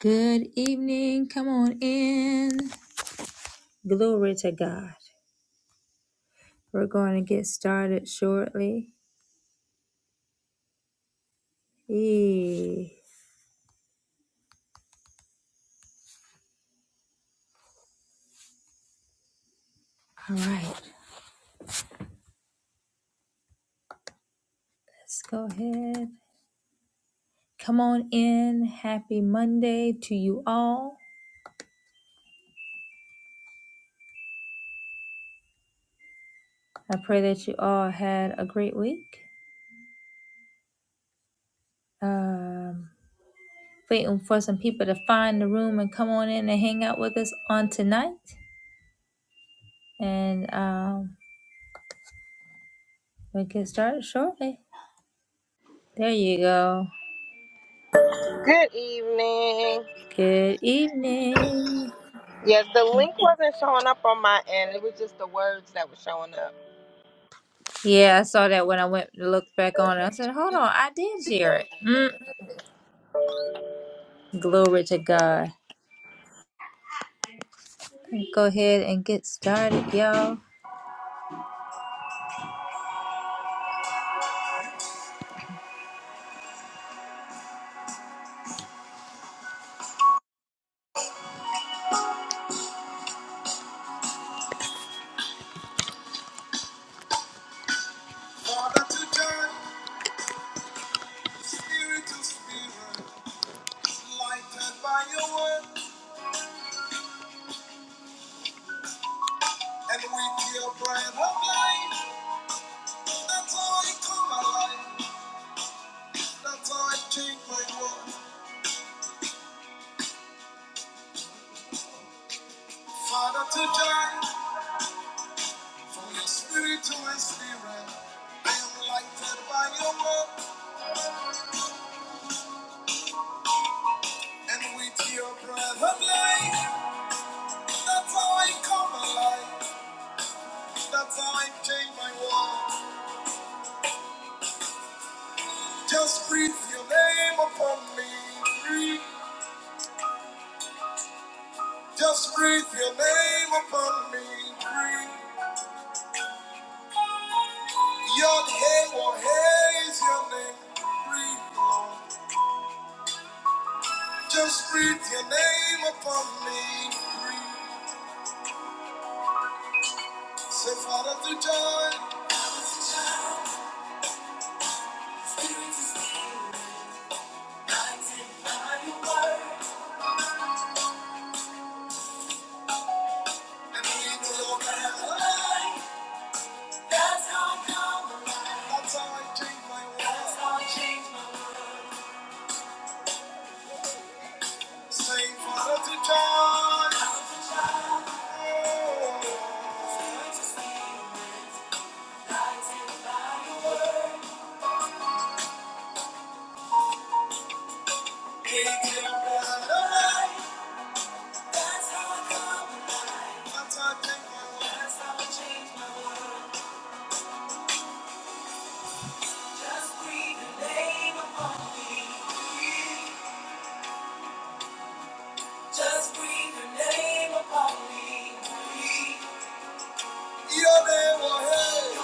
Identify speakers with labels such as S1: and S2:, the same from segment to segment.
S1: Good evening. Come on in. Glory to God. We're going to get started shortly. Yee. All right. Let's go ahead. Come on in. Happy Monday to you all. I pray that you all had a great week. Um, waiting for some people to find the room and come on in and hang out with us on tonight. And um, we get started shortly. There you go.
S2: Good evening.
S1: Good evening.
S2: Yes, the link wasn't showing up on my end. It was just the words that were showing up.
S1: Yeah, I saw that when I went to look back on it. I said, hold on, I did hear it. Mm. Glory to God. Go ahead and get started, y'all. Father, today, spirit to spirit, lighted by your word, and with your breath of life, that's how I come alive, that's how I change my world. Father, today, from your spirit to my spirit, I am lighted by your word, and with your breath of life. That's how I come alive. That's how I change my world. Just breathe your name upon me. Breathe. Just breathe your name upon me. Breathe. Yod hey or hey is your name. Breathe, Lord. Just breathe your name upon me. Breathe. Say, Father, to joy. spirit is here. Lighted by your word And lead to your man. That's how I come. That's how I change my world. That's how I change my world. Sing for such a time. Oh. It's good to see you rise in my world. It's your light. That's how I come alive. That's how I change my world. Just breathe your name upon me. Just breathe your name upon me. Breathe. Your name will hate.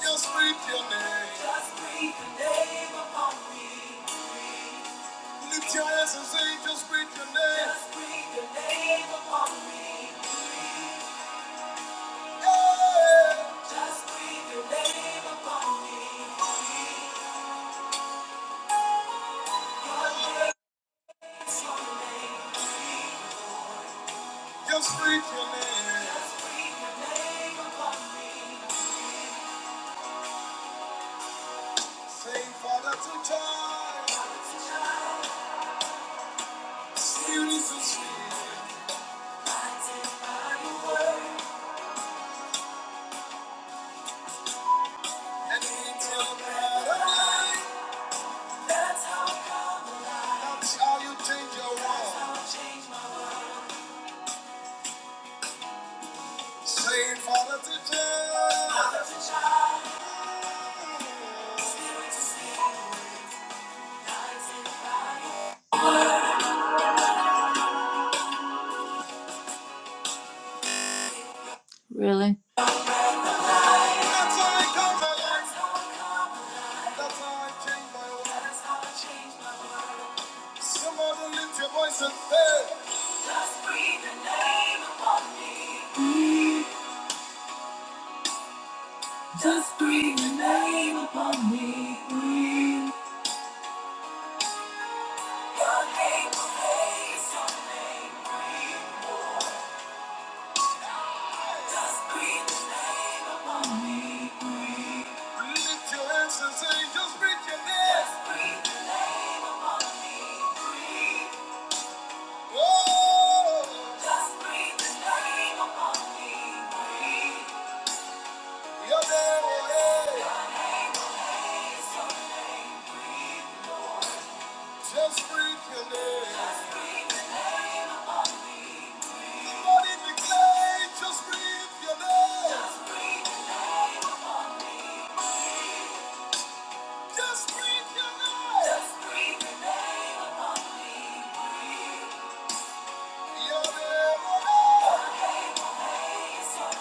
S1: Just breathe your name. Lift your hands and say, just breathe your name. Hey. Just breathe your name. really. That's how I come by That's how I change my world. Somebody lift your voice and say, Just breathe the name upon me. Breathe. Just breathe the name upon me. Breathe. Your name will raise your name. Breathe. Just breathe your name. Somebody declare, just breathe your name. Just breathe your name. Your name, oh, name.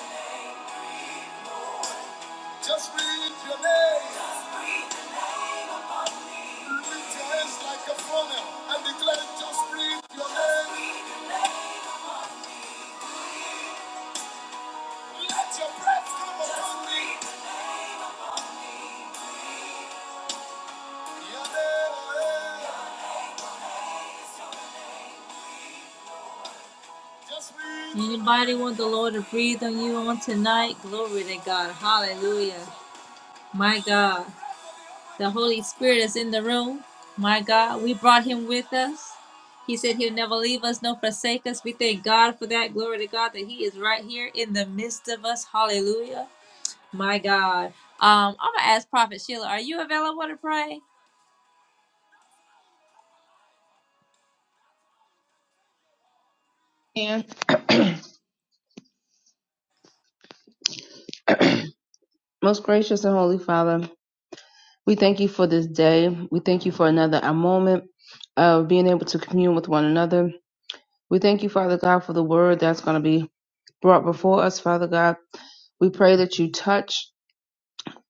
S1: Just breathe your name. like oh, yeah. Anybody want the Lord to breathe on you on tonight? Glory to God. Hallelujah. My God. The Holy Spirit is in the room. My God. We brought him with us. He said he'll never leave us nor forsake us. We thank God for that. Glory to God that he is right here in the midst of us. Hallelujah. My God. Um, I'm gonna ask Prophet Sheila, are you available to pray?
S3: And most gracious and holy Father, we thank you for this day. We thank you for another a moment of being able to commune with one another. We thank you, Father God, for the word that's going to be brought before us, Father God. We pray that you touch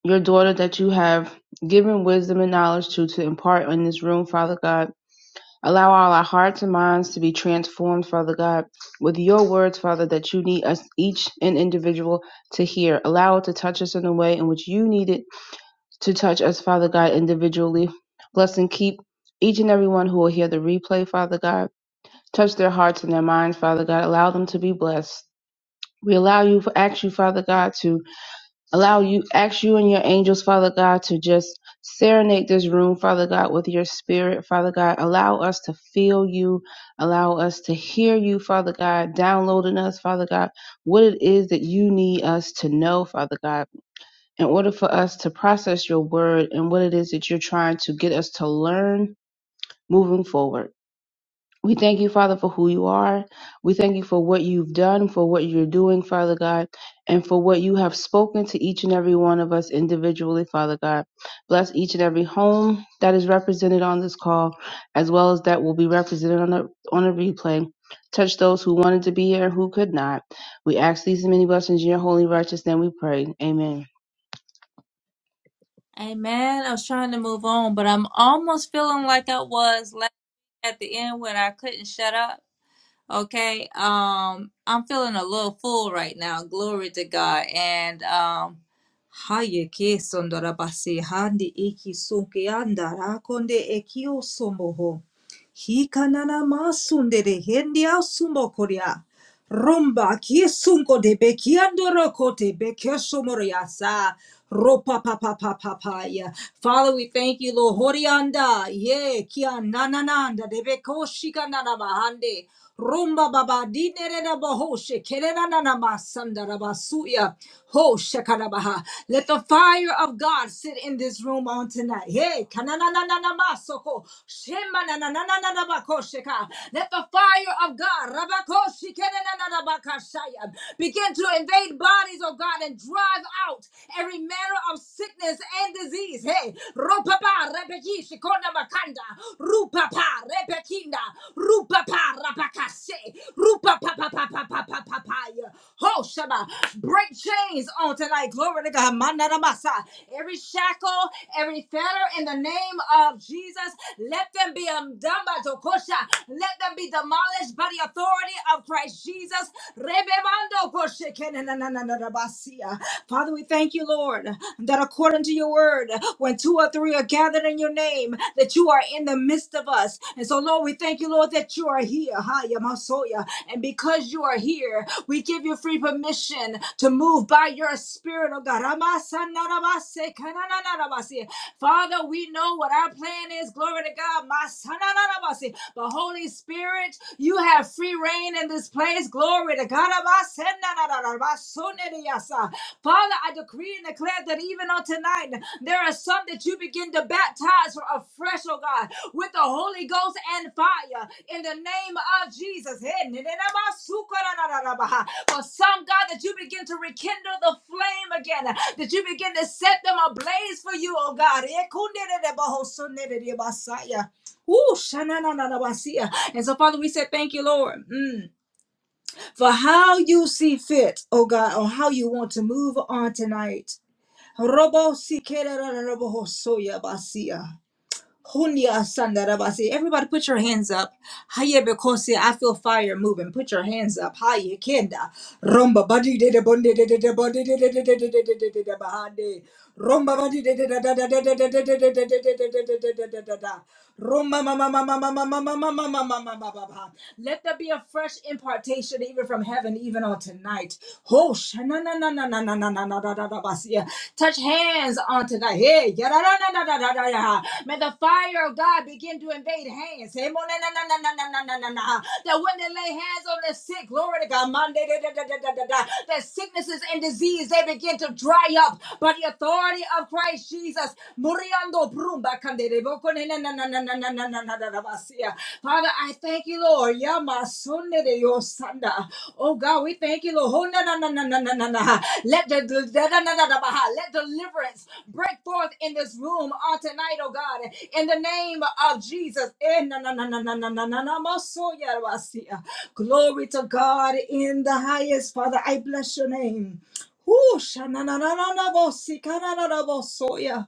S3: your daughter that you have given wisdom and knowledge to to impart in this room, Father God. Allow all our hearts and minds to be transformed, Father God, with your words, Father, that you need us each and individual to hear. Allow it to touch us in the way in which you need it to touch us, Father God, individually. Bless and keep each and every one who will hear the replay, Father God. Touch their hearts and their minds, Father God. Allow them to be blessed. We allow you, ask you, Father God, to allow you ask you and your angels father god to just serenade this room father god with your spirit father god allow us to feel you allow us to hear you father god downloading us father god what it is that you need us to know father god in order for us to process your word and what it is that you're trying to get us to learn moving forward we thank you, Father, for who you are. We thank you for what you've done, for what you're doing, Father God, and for what you have spoken to each and every one of us individually, Father God. Bless each and every home that is represented on this call, as well as that will be represented on a, on a replay. Touch those who wanted to be here and who could not. We ask these and many blessings in your holy righteous name we pray. Amen.
S1: Amen. I was trying to move on, but I'm almost feeling like I was la- at the end when I couldn't shut up. Okay. Um, I'm feeling a little full right now. Glory to God. And um Haye ke sondora basi handi iki sunke anda rakonde ekio Hikanana masundere hendia sumokoria. Rumba kisunko de bekiandoro kote bekesomoriasa. Ropa pa pa pa pa pa ya. Father, we thank you, Lord. Horianda, ye kia nanananda debeko shika nana mahande. Rumba baba dinere na bohoshe kerena nana masanda rabasuya. Ho shakarabaha. Let the fire of God sit in this room on tonight. Hey, kanana kanananana masoko. Shema nananana bakosheka. Let the fire of God rabakoshi kerena nana bakashaya begin to invade bodies, of God, and drive out every manner of sickness and disease. Hey, Ropapa Rebeki Shikona Makanda, Rupapa Rebekinda, Rupapa Rapakase, Rupapa Papa Papa Papaya. Ho Shaba, break chains on tonight. Glory to God. Manadamasa. Every shackle, every fetter in the name of Jesus, let them be undone by Tokosha. Let them be demolished by the authority of Christ Jesus. Rebemando Koshe Kenananananabasia. Father, we thank you, Lord, that according to your word, when two or three are gathered in your name, that you are in the midst of us. And so, Lord, we thank you, Lord, that you are here. Ha, Yamasoya. And because you are here, we give you free permission to move by your spirit, oh God. Ramasanarabase, kananarabase. Father, we know what our plan is. Glory to God. Masanarabase. But Holy Spirit, you have free reign in this place. Glory to God. Ramasanarabase. Father, I decree and declare that even on tonight, there are some that you begin to baptize for afresh, oh God, with the Holy Ghost and fire in the name of Jesus. For some, God, that you begin to rekindle the flame again, that you begin to set them ablaze for you, oh God. Ooh, shananananabasia. And so, Father, we said, Thank you, Lord. Mm for how you see fit, oh God, on how you want to move on tonight. Robo si kererererebo hosoya basia. Hunya sandarabasi. Everybody put your hands up. Haye bekose. I feel fire moving. Put your hands up. Haye kenda. Romba badi de de bonde de de de bonde de de de de de de de de de de bahande. Romba badi de de da da da da da da da da da da da da da da da da da da da. Romba ma ma ma ma ma ma ma ma ma ma ma ma ma ma ma ma. Let there be a fresh impartation even from heaven even on tonight. Ho shana na na na na na na na na na na na na basia. Touch hands on today. Hey, yadadadadadadada. May the fire of God begin to invade hands. Hey, mo- na- na- na- na- na- na- na- na- na. That when they lay hands on the sick, glory to God, Monday, da- da- da- da- da- da- da, that sicknesses and disease, they begin to dry up by the authority of Christ Jesus. Muriando brumba kandere boko na- na- na- na- na- na- na- na- na- na- na- basia. Father, I thank you, you, Lord. Yamasunde de yosanda. Oh God, we thank you, Lord. Oh, na, na, na, na, na, na, na, na. Let the da, da, na, na, na, bah. let deliverance break forth in this room on tonight, oh God. In the name of Jesus. Eh, na, na, na, na, na, na, na, na, na, masoya rabasia. Glory to God in the highest. Father, I bless your name. Whoo, sha, na, na, na, na, na, bosi, ka, na, na, na, bosoya.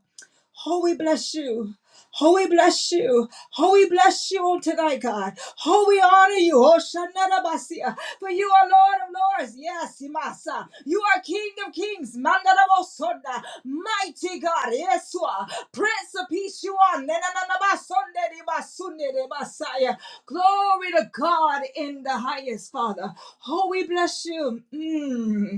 S1: Oh, we bless you. Oh, we bless you. Oh, we bless you all tonight, God. Oh, we honor you. Oh, Shanarabasia. For you are Lord of Lords. Yes, Imasa. You are King of Kings. Mandarabosonda. Mighty God. Yes, you are. Prince of Peace, you are. Nenanabasonde de basunde de basaya. Glory to God in the highest, Father. Oh, we bless you. Mm.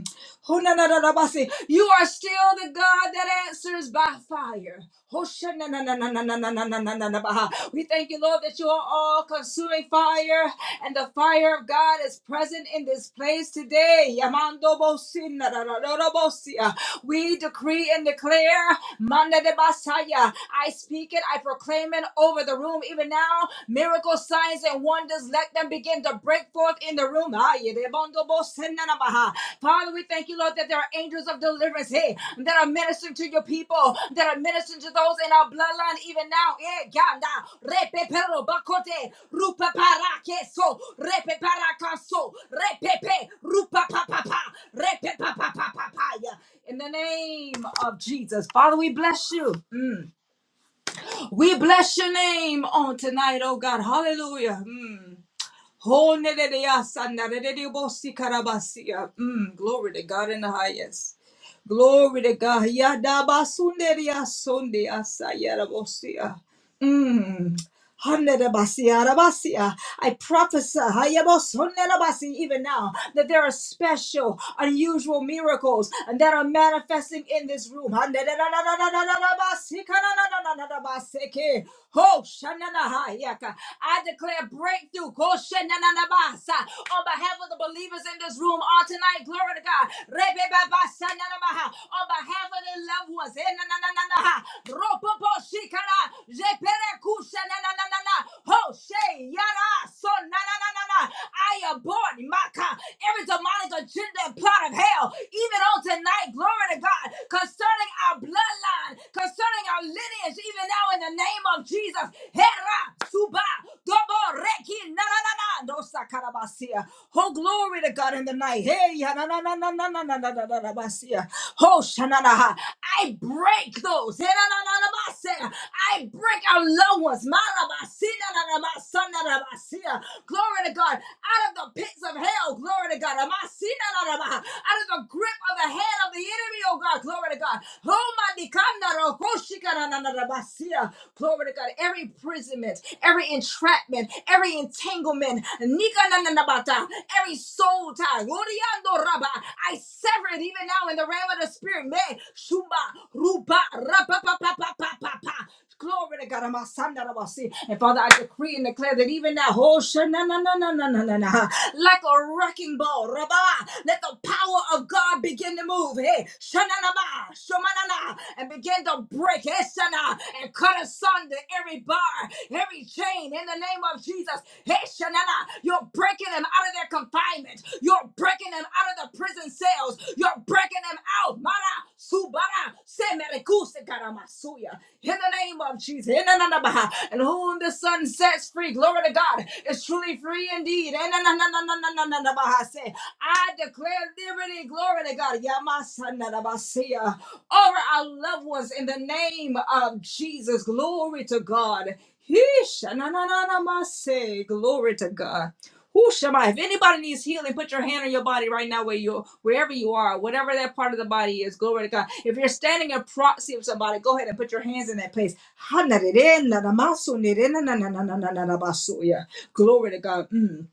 S1: Honanarabasi. You are still the God that answers by fire. Hoshananananananananananananananabaha. We thank you, Lord, that you are all consuming fire, and the fire of God is present in this place today. Yamando bosinarararabosia. We decree and declare. Manda de Basaya. I speak it, I proclaim it over the room. Even now, miracle signs and wonders, let them begin to break forth in the room. Ay, de bondo bo senanabaha. Father, we thank you, Lord, that there are angels of deliverance here that are ministering to your people, that are ministering to those in our bloodline even now. Eh, ganda, repe pero bakote, rupa para keso, repe para kaso, repe pe, rupa pa pa pa, repe pa pa pa pa pa ya. In the name of Jesus. Father, we bless you. Mm. We bless your name on tonight, oh God. Hallelujah. Mm. Ho ne de de si si Mm. Glory to God in the highest. Glory to God. Ya da so si Mm. Hanerabasi, arabasia. I prophesy hayabosonerabasi, even now that there are special, unusual miracles and that are manifesting in this room. Hanerabasi, kanananananabaseke. Ho, shananahayaka. I declare breakthrough Ko, shanananabasa. on behalf of the believers in this room on tonight. Glory to God. Rebebabasananabaha. On behalf of their loved ones. eh, nanananaha shikara jepere kushana na na na na hoshe yara so na na na na na I abort maka every demonic agenda and plot of hell even on tonight glory to God concerning our bloodline concerning our lineage even now in the name of Jesus hera suba dobo reki na na na na no sakarabasia oh glory to God in the night hey ya na na na na na na na na na na basia oh shanana I break those. I break our low ones. Glory to God. Out of the pits of hell. Glory to God. Out of the grip of the hand of the enemy, oh God. Glory to God. Glory to God. Every imprisonment, every entrapment, every entanglement, every soul tie. I sever it even now in the realm of the spirit. May Shumba Ruba Rapa pa pa pa pa pa pa. Glory to God. I'm a son that I will see. And Father, I decree and declare that even that whole shana na na na na na na na like a wrecking ball. Rabba, let the power of God begin to move. Hey, shana na shananaba, na, and begin to break hey, shana, and cut asunder every bar, every chain in the name of Jesus. Hey, shanana, you're breaking them out of their confinement. You're you're breaking them out of the prison cells. You're breaking them out. Mara, subara, semerekuse karamasuya. In the name of Jesus. In the name of- And whom the Son sets free, glory to God, is truly free indeed. In the name of- I declare liberty, glory to God. Yamasanadabasiya over our loved ones in the name of Jesus. Glory to God. Yeesh, na, na, na, na, ma, say, Glory to God. Who Shabbat. If anybody needs healing, put your hand on your body right now where you wherever you are, whatever that part of the body is, Glory to God. If you're standing in proxy of somebody, go ahead and put your hands in that place. Glory to God. Mm.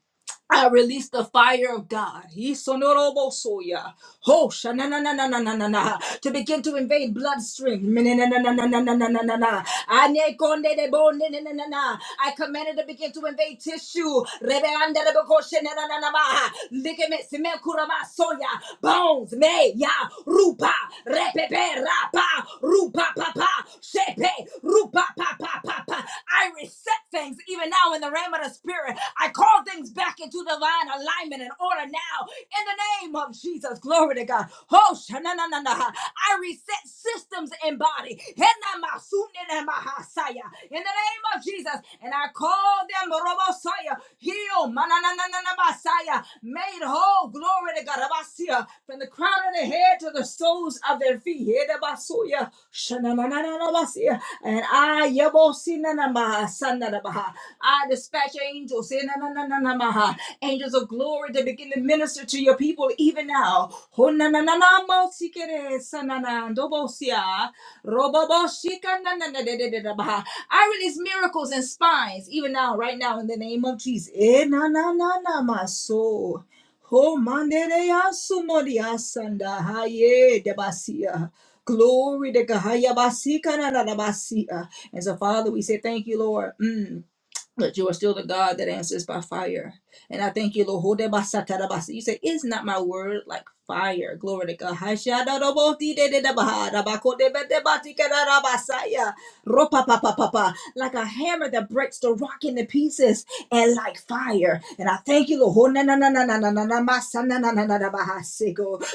S1: I release the fire of God. Yisonorobosoya. Ho, shananananananana. To begin to invade bloodstream. Menenananananananana. Anekondelebonenenanana. I command it to begin to invade tissue. Rebeandelebekoshenananama. Ligaments, mekuramasoya. bones, meya, rupa, repepera, pa, rupa, papa, shepe, rupa, papa, up. I reset things even now in the realm of the spirit. I call things back into divine alignment and order now in the name of Jesus. Glory to God. Oh, shananana. I reset systems and body. Henamasunenemahasaya. In the name of Jesus. And I call them Robosaya, healed, mananananamashaya, made whole. Glory to God. Rabasia. From the crown of the head to the soles of their their feet. Hedabasuya, shananananabasiya. And I, yabosinanamaha, sananabaha. I dispatch angels, senanananamaha, angels of glory to begin to minister to your people even now. Honanananamasikere, sananandobosiya, roboboshikanananadadadadabaha. I release miracles and spines even now, right now, in the name of Jesus. Eh, na, na, na, na, my soul. Ho mandereya sumoria sanda haye debasia. Glory to God. Haya basi kanana na basia. And so, Father, we say thank you, Lord. Mm. That you are still the God that answers by fire. And I thank you, Lord. Ho de basa ta da basi. You say, Is not my word like fire? Glory to God. Hasha da do bo ti de de da baha. Da ba ko de be de ba ti ka da da basaya. Ro pa pa pa pa pa. Like a hammer that breaks the rock into pieces and like fire. And I thank you, Lord. Oh, na, na, na, na, na, na, na, na, my son, na, na, na, na, na, my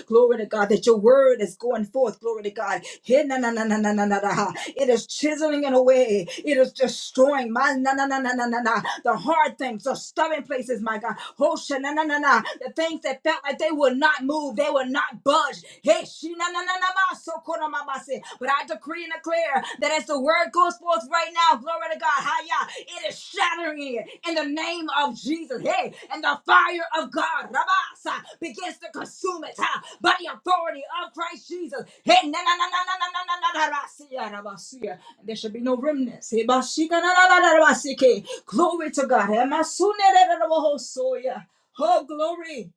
S1: Glory to God that your word is going forth. Glory to God. Hey, na, na, na, na, na, na, na, na, ha. It is chiseling it away. It is destroying my na, na, na, na, na, na, na. the hard things, the stubborn places, my God. Oh, sha, na, na, na, na. The things that felt like they would not move, they would not budge. Hey, she, na, na, na, na, ma, so, ko, na, ma, ma, se. But I decree and declare that as the word goes forth right now, glory to God, haya, it is shattering it in the name of Jesus. Hey, and the fire of God, rabasa, begins to consume it ha, by the authority of Christ Jesus. Hey, na na na na na na na na na na rasia, rabasia. There should be no remnants. Hey, bashika na na na na rabasike. Glory to God. Hey, masune re re re wohosoya. Oh glory.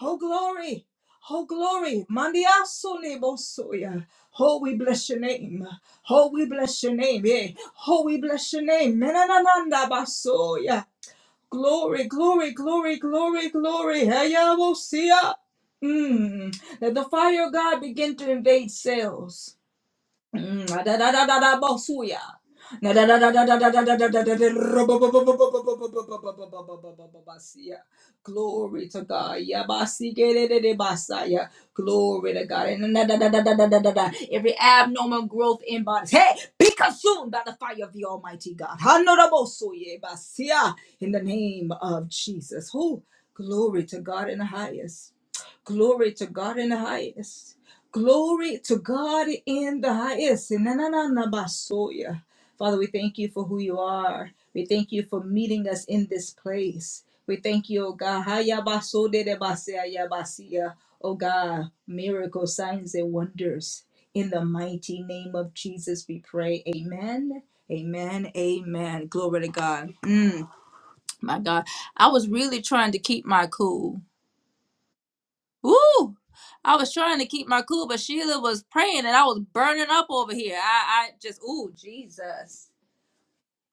S1: Oh glory. Oh, glory. Mandiasole bosoya. Oh, we bless your name. Oh, we bless your name. Yeah. Oh, we bless your name. Menananda basoya. Glory, glory, glory, glory, glory. Heya bosia. Mm. Let the fire of God begin to invade cells. Mm, da- da- da- da- da- bosuya. Na- da- da- da- da- da- da- da- da- da- da- da- ro- bo- bo- bo- bo- bo- bo- bo- bo- bo- bo- bo- bo- bo- bo- bo- bo- basia. Glory to God. Ya basi ke de- de- de basaya. Glory to God. And na- da- da- da- da- da- da- da- da. Every abnormal growth in bodies, hey, be consumed by the fire of the Almighty God. Honorable soye basia. In the name of Jesus. Who? Glory to God in the highest. Glory to God in the highest. Glory to God in the highest. Na, na, na, na, basoya. Father, we thank you for who you are. We thank you for meeting us in this place. We thank you, oh God. Haya baso de de basea ya basia. Oh God, miracles, signs, and wonders. In the mighty name of Jesus, we pray. Amen. Amen. Amen. Glory to God. Mm, my God. I was really trying to keep my cool Woo! I was trying to keep my cool, but Sheila was praying and I was burning up over here. I, I just, ooh, Jesus.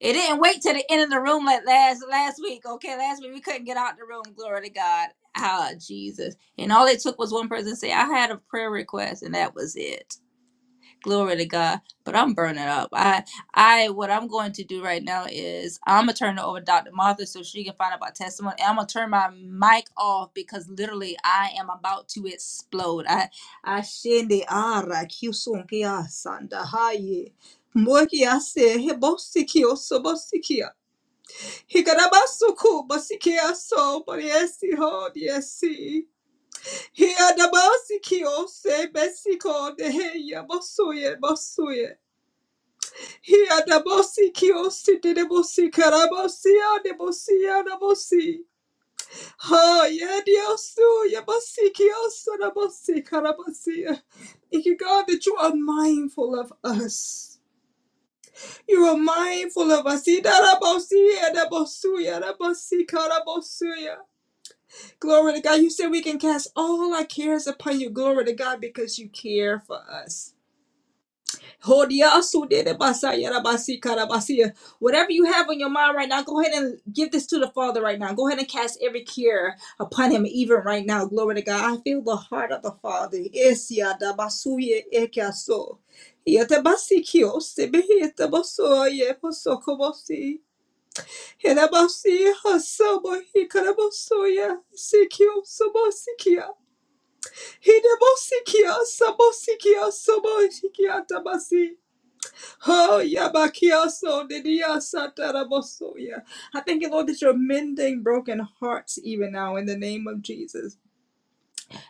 S1: It didn't wait till the end of the room like last last week. Okay, last week we couldn't get out the room. Glory to God. Ah, Jesus. And all it took was one person to say, I had a prayer request, and that was it. Glory to God. But I'm burning up. I I what I'm going to do right now is I'm gonna turn it over to Dr. Martha so she can find out about testimony. And I'm gonna turn my mic off because literally I am about to explode. I I shende ara kiusunkia sanda haye. Mokia se hebosikia so bosikia. Hikarabasuku bosikia so boriesi ho diesi. Hiadabasikia se besiko de heya bosuye bosuye. He the bossy kiosi de bossy carabosia de bossia de bossi. Ha ye diosu ye bossy kiosu de bossy carabosia. Thank you, God, that you are mindful of us. You are mindful of us. Ida da bossi, ida bossu, ida bossi, carabosia. Glory to God. You said we can cast all our cares upon you. Glory to God because you care for us. Hodiasuderabasayarabasikarabasiya. Whatever you have on your mind right now, go ahead and give this to the Father right now. Go ahead and cast every care upon Him, even right now. Glory to God. I feel the heart of the Father. Esiadabasuye ekiaso. Yetabasikiyosebehietabasoye posokobosi. Hedabasi hasabohikarabosoya sikiosobosikia. Hidabosikia sabosikia sobosikia tabasi. Oh, yabakiaso, didiasatarabosoya. I thank you, Lord, that you're mending broken hearts even now in the name of Jesus.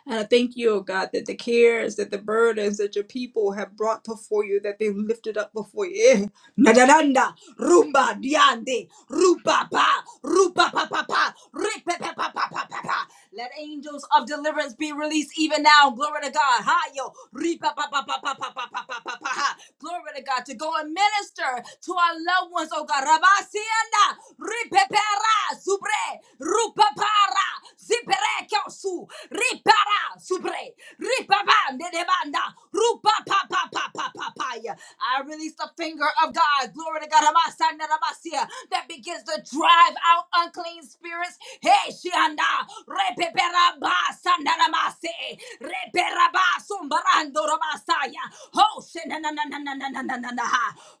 S1: And I thank you, oh God, that the cares, that the burdens that your people have brought before you, that they lifted up before you. Eh, Nadaranda, rumba, diande, rupa pa, rupa pa pa pa, ripe pa pa pa pa pa pa. Let angels of deliverance be released even now. Glory to God. Hi, yo. Ripa pa pa pa pa pa pa pa pa pa pa. ha. Glory to God. To go and minister to our loved ones, oh God. Rabasianda, ripepera, subre, rupa para zibere su ripara subre ripaba nedebanda rupa pa pa pa pa pa pa ya. I release the finger of God, glory to God, Amasa, Nanamasia, that begins to drive out unclean spirits. Hey, Shianda, repeperaba sananamase, reperaba sumbarando ramasaya. Ho, shenanananananananana,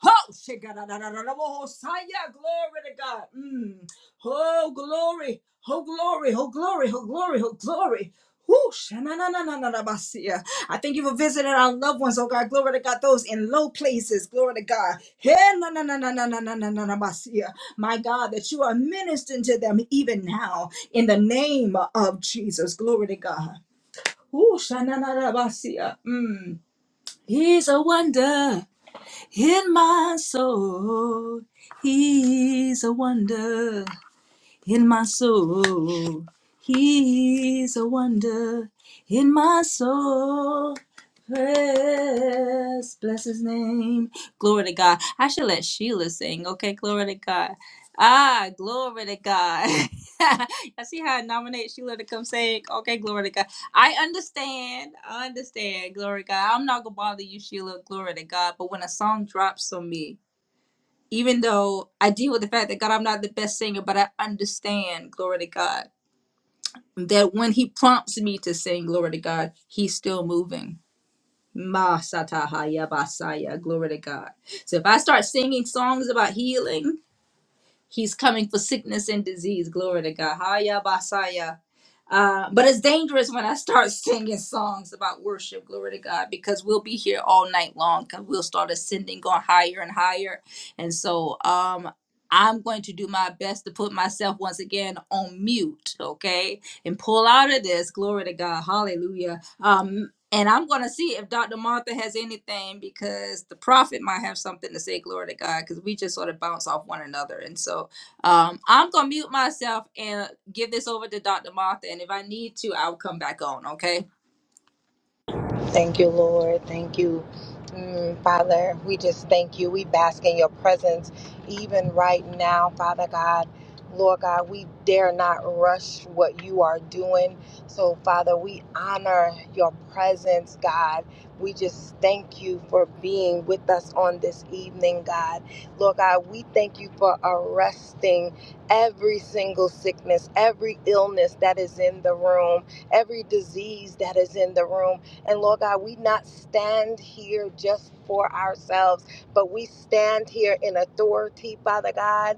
S1: ho, shigarararararabo, hosaya. glory to God. Mm. Oh glory, oh glory, oh glory, oh glory, oh glory. Whoosh. Na-na-na-na-na-na-basia. I thank you for visiting our loved ones, oh God. Glory to God, those in low places. Glory to God. Hey, na-na-na-na-na-na-na-na-na-basia. My God, that you are ministering to them even now in the name of Jesus. Glory to God. Whoosh. Na-na-na-na-basia. Mm. He's a wonder in my soul. He's a wonder in my soul. He's a wonder in my soul. Bless, bless his name. Glory to God. I should let Sheila sing. Okay, glory to God. Ah, glory to God. I see how I nominate Sheila to come sing. Okay, glory to God. I understand. I understand. Glory to God. I'm not gonna bother you, Sheila. Glory to God. But when a song drops on me, even though I deal with the fact that God, I'm not the best singer, but I understand, glory to God, that when He prompts me to sing, glory to God, He's still moving. Ma satahaya basaya, glory to God. So if I start singing songs about healing, He's coming for sickness and disease, glory to God. Haya basaya. Uh, but it's dangerous when I start singing songs about worship, glory to God, because we'll be here all night long because we'll start ascending, going higher and higher. And so um, I'm going to do my best to put myself once again on mute, okay, and pull out of this, glory to God, hallelujah. Um, and I'm going to see if Dr. Martha has anything because the prophet might have something to say, glory to God, because we just sort of bounce off one another. And so um, I'm going to mute myself and give this over to Dr. Martha, and if I need to, I'll come back on, okay?
S2: Thank you, Lord. Thank you, Mm, Father. We just thank you. We bask in your presence even right now, Father God. Lord God, we dare not rush what you are doing. So, Father, we honor your presence, God. We just thank you for being with us on this evening, God. Lord God, we thank you for arresting every single sickness, every illness that is in the room, every disease that is in the room. And Lord God, we not stand here just for ourselves, but we stand here in authority, Father God,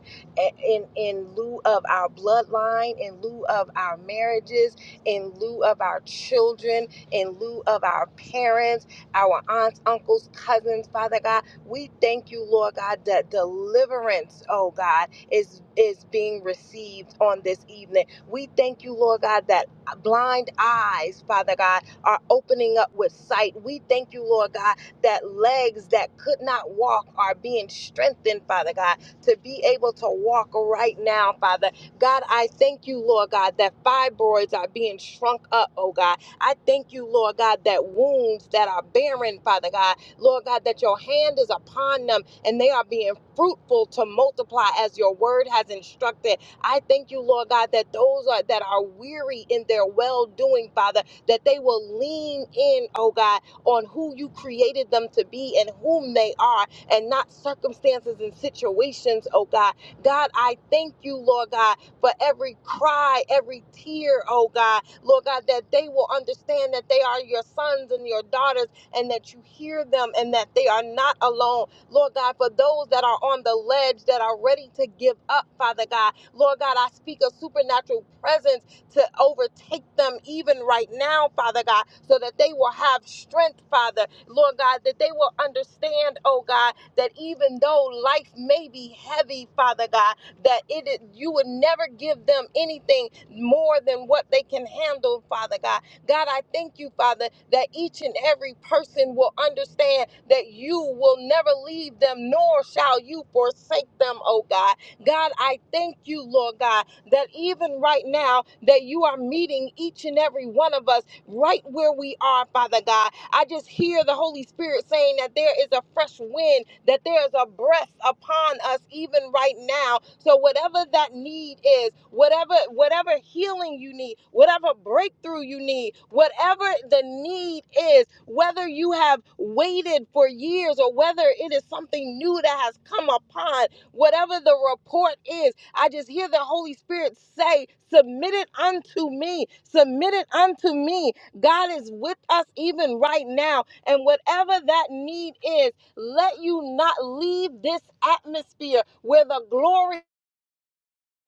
S2: in, in lieu of our bloodline, in lieu of our marriages, in lieu of our children, in lieu of our parents, our aunts, uncles, cousins, Father God. We thank you, Lord God, that deliverance, oh God, is is being received on this evening. We thank you, Lord God, that blind eyes, Father God are opening up with sight. We thank you, Lord God, that legs that could not walk are being strengthened, Father God, to be able to walk right now, Father. God, I thank you, Lord God, that fibroids are being shrunk up, oh God. I thank you, Lord God, that wounds that are barren, Father God, Lord God, that your hand is upon them and they are being fruitful to multiply as your word has instructed. I thank you, Lord God, that those are, that are weary in their well doing, Father that they will lean in, oh God, on who you created them to be and whom they are, and not circumstances and situations, oh God. God, I thank you, Lord God, for every cry, every tear, oh God, Lord God, that they will understand that they are your sons and your daughters and that you hear them and that they are not alone. Lord God, for those that are on the ledge that are ready to give up, Father God, Lord God, I speak a supernatural presence to overtake them even right now, Father God, so that they will have strength, Father, Lord God, that they will understand, oh God, that even though life may be heavy, Father God, that it is, you would never give them anything more than what they can handle, Father God. God, I thank you, Father, that each and every person will understand that you will never leave them, nor shall you forsake them, oh God. God, I thank you, Lord God, that even right now that you are meeting each and every one of us right where we are, Father God. I just hear the Holy Spirit saying that there is a fresh wind, that there is a breath upon us even right now. So whatever that need is, whatever whatever healing you need, whatever breakthrough you need, whatever the need is, whether you have waited for years or whether it is something new that has come upon whatever the report is. I just hear the Holy Spirit say, Submit it unto me, submit it unto me. God is with us even right now. And whatever that need is, let you not leave this atmosphere where the glory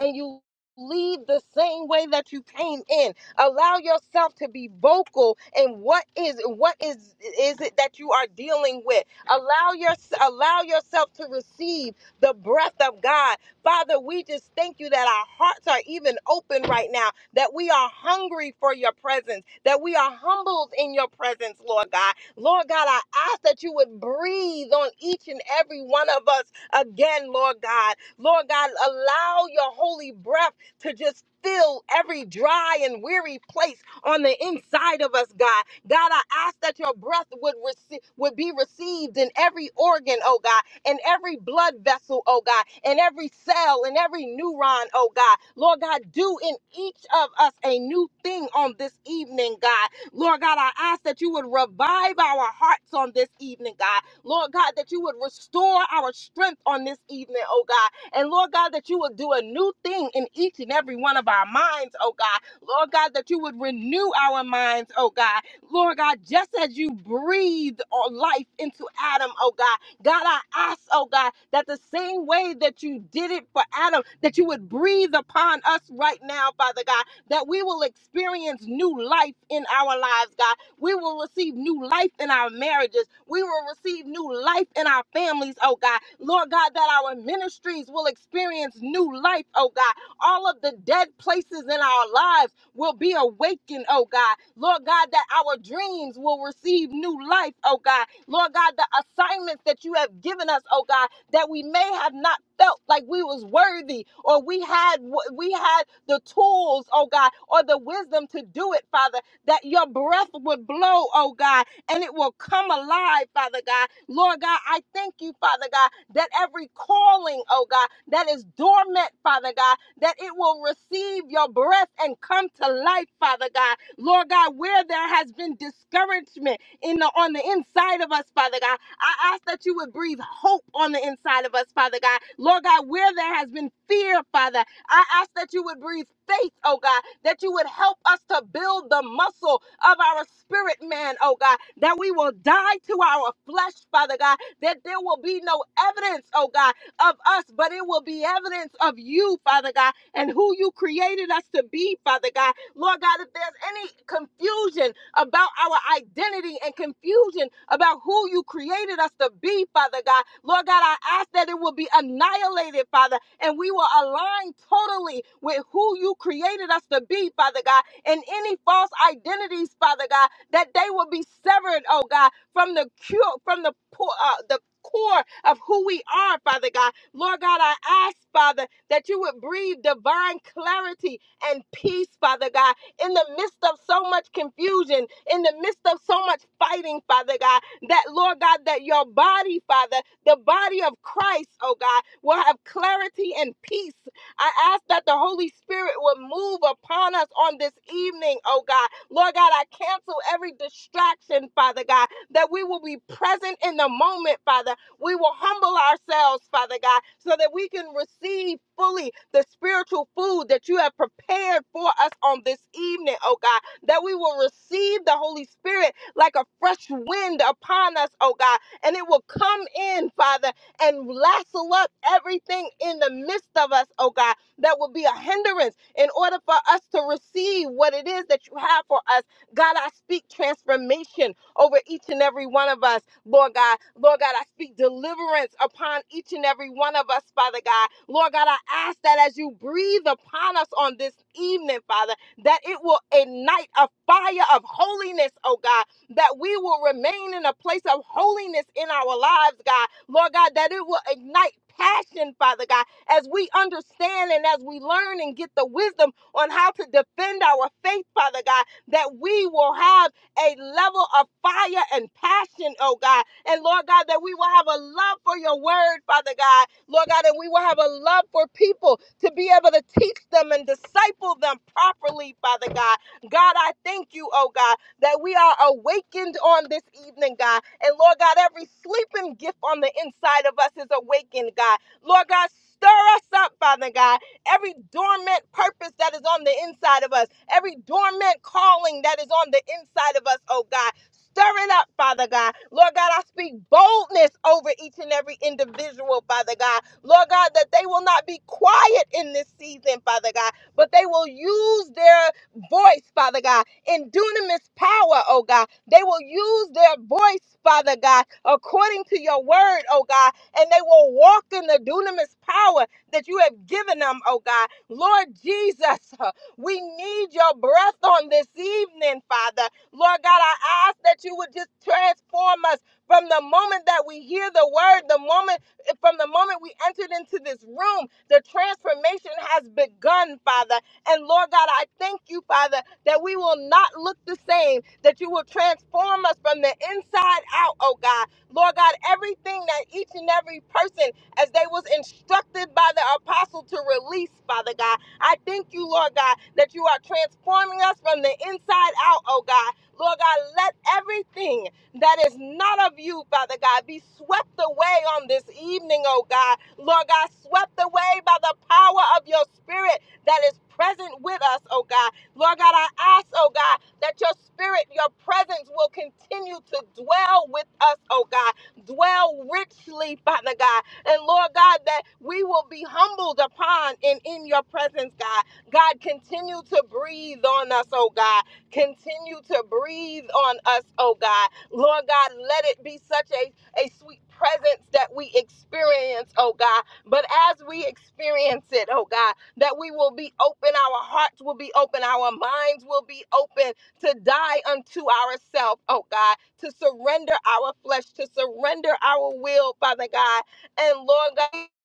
S2: and you leave the same way that you came in allow yourself to be vocal in what is what is is it that you are dealing with allow your allow yourself to receive the breath of god father we just thank you that our hearts are even open right now that we are hungry for your presence that we are humbled in your presence lord god lord god i ask that you would breathe on each and every one of us again, Lord God. Lord God, allow your holy breath to just fill every dry and weary place on the inside of us, God. God, I ask that your breath would receive would be received in every organ, oh God, in every blood vessel, oh God, in every cell, in every neuron, oh God. Lord God, do in each of us a new thing on this evening, God. Lord God, I ask that you would revive our hearts on this evening, God. Lord God, that you would restore our strength on this evening, oh God. And Lord God, that you would do a new thing in each and every one of our minds, oh God. Lord God, that you would renew our minds, oh God. Lord God, just as you breathed life into Adam, oh God. God, I ask, oh God, that the same way that you did it for Adam, that you would breathe upon us right now, Father God, that we will experience new life in our lives, God we will receive new life in our marriages. We will receive new life in our families, oh God. Lord God, that our ministries will experience new life, oh God. All of the dead places in our lives will be awakened, oh God. Lord God, that our dreams will receive new life, oh God. Lord God, the assignments that you have given us, oh God, that we may have not felt like we was worthy or we had we had the tools, oh God, or the wisdom to do it, Father that your breath would blow, oh God, and it will come alive, Father God. Lord God, I thank you, Father God, that every calling, oh God, that is dormant, Father God, that it will receive your breath and come to life, Father God. Lord God, where there has been discouragement in the on the inside of us, Father God, I ask that you would breathe hope on the inside of us, Father God. Lord God, where there has been fear, Father, I ask that you would breathe faith, oh God, that you would help us to build the muscle of our spirit man, oh God, that we will die to our flesh, Father God, that there will be no evidence, oh God, of us, but it will be evidence of you, Father God, and who you created us to be, Father God. Lord God, if there's any confusion about our identity and confusion about who you created us to be, Father God, Lord God, I ask that it will be annihilated, Father, and we will align totally with who you created us to be, Father God, and any false identities, Father God, that they will be severed, oh God, from the cure, from the po- uh, the core of who we are, Father God. Lord God, I ask, Father, that you would breathe divine clarity and peace, Father God, in the midst of so much confusion, in the midst of so much fighting, Father God that, Lord God, that your body, Father, the body of Christ, oh God, will have clarity and peace. I ask that the Holy Spirit will move upon us on this evening, oh God. Lord God, I cancel every distraction, Father God, that we will be present in the moment, Father. We will humble ourselves, Father God, so that we can receive fully the spiritual food that you have prepared for us on this evening, oh God, that we will receive the Holy Spirit like a fresh wind upon us, oh God. And it will come in, Father, and lasso up everything in the midst of us, oh God, that will be a hindrance in order for us to receive what it is that you have for us. God, I speak transformation over each and every one of us, Lord God. Lord God, I speak deliverance upon each and every one of us, Father God. Lord God, I ask that as you breathe upon us on this evening, Father, that it will ignite a fire of holiness, oh God that we will remain in a place of holiness in our lives, God. Lord God, that it will ignite passion, Father God, as we understand and as we learn and get the wisdom on how to defend our faith, Father God, that we will have a level of fire and passion, oh God. And Lord God, that we will have a love for your word, Father God. Lord God, and we will have a love for people to be able to teach them and disciple them properly, Father God. God, I thank you, oh God that we are awakened on this evening, God. And Lord God, every sleeping gift on the inside of us is awakened, God. Lord God, stir us up, Father God. Every dormant purpose that is on the inside of us, every dormant calling that is on the inside of us, oh God. Stir it up, Father God. Lord God, I speak boldness over each and every individual, Father God. Lord God, that they will not be quiet in this season, Father God, but they will use their voice, Father God in dunamis power, oh God. They will use their voice, Father God, according to your word, oh God, and they will walk in the dunamis power that you have given them, oh God. Lord Jesus, we need your breath on this evening, Father. Lord God, I ask that you would just transform us from the moment that we hear the word, the moment from the moment we entered into this room, the transformation has begun, Father. And Lord God, I thank you, Father that we will not look the same, that you will transform us from the inside out, oh God. Lord God, everything that each and every person, as they was instructed by the apostle to release, Father God, I thank you, Lord God, that you are transforming us from the inside out, oh God. Lord God, let everything that is not of you, Father God, be swept away on this evening, oh God. Lord God, swept away by the power of your spirit that is present with us, oh God. Lord God, I ask, oh God, that your spirit, your presence will continue to dwell with us, oh God. Dwell richly, Father God. And Lord God, that we will be humbled upon and in your presence, God. God, continue to breathe on us, oh God. Continue to breathe on us, oh God. Lord God, let it be such a, a sweet presence that we experience, oh God. But as we experience it, oh God, that we will be open, our hearts will be open, our minds will be open to die unto ourselves, oh God, to surrender our flesh, to surrender our will, Father God. And Lord God,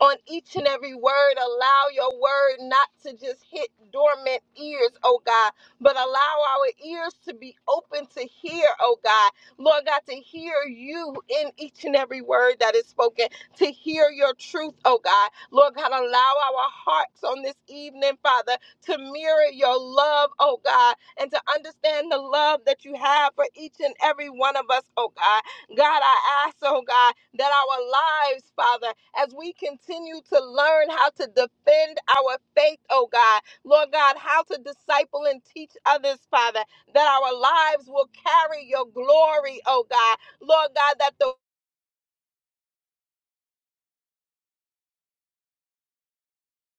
S2: on each and every word. Allow your word not to just hit dormant ears, oh God, but allow our ears to be open to hear, oh God. Lord God, to hear you in each and every word that is spoken, to hear your truth, oh God. Lord God, allow our hearts on this evening, Father, to mirror your love, oh God, and to understand the love that you have for each and every one of us, oh God. God, I ask, oh God, that our lives, Father, as we continue to learn how to defend our faith, oh God, Lord God, how to disciple and teach others, Father, that our lives will carry your glory, oh God, Lord God, that the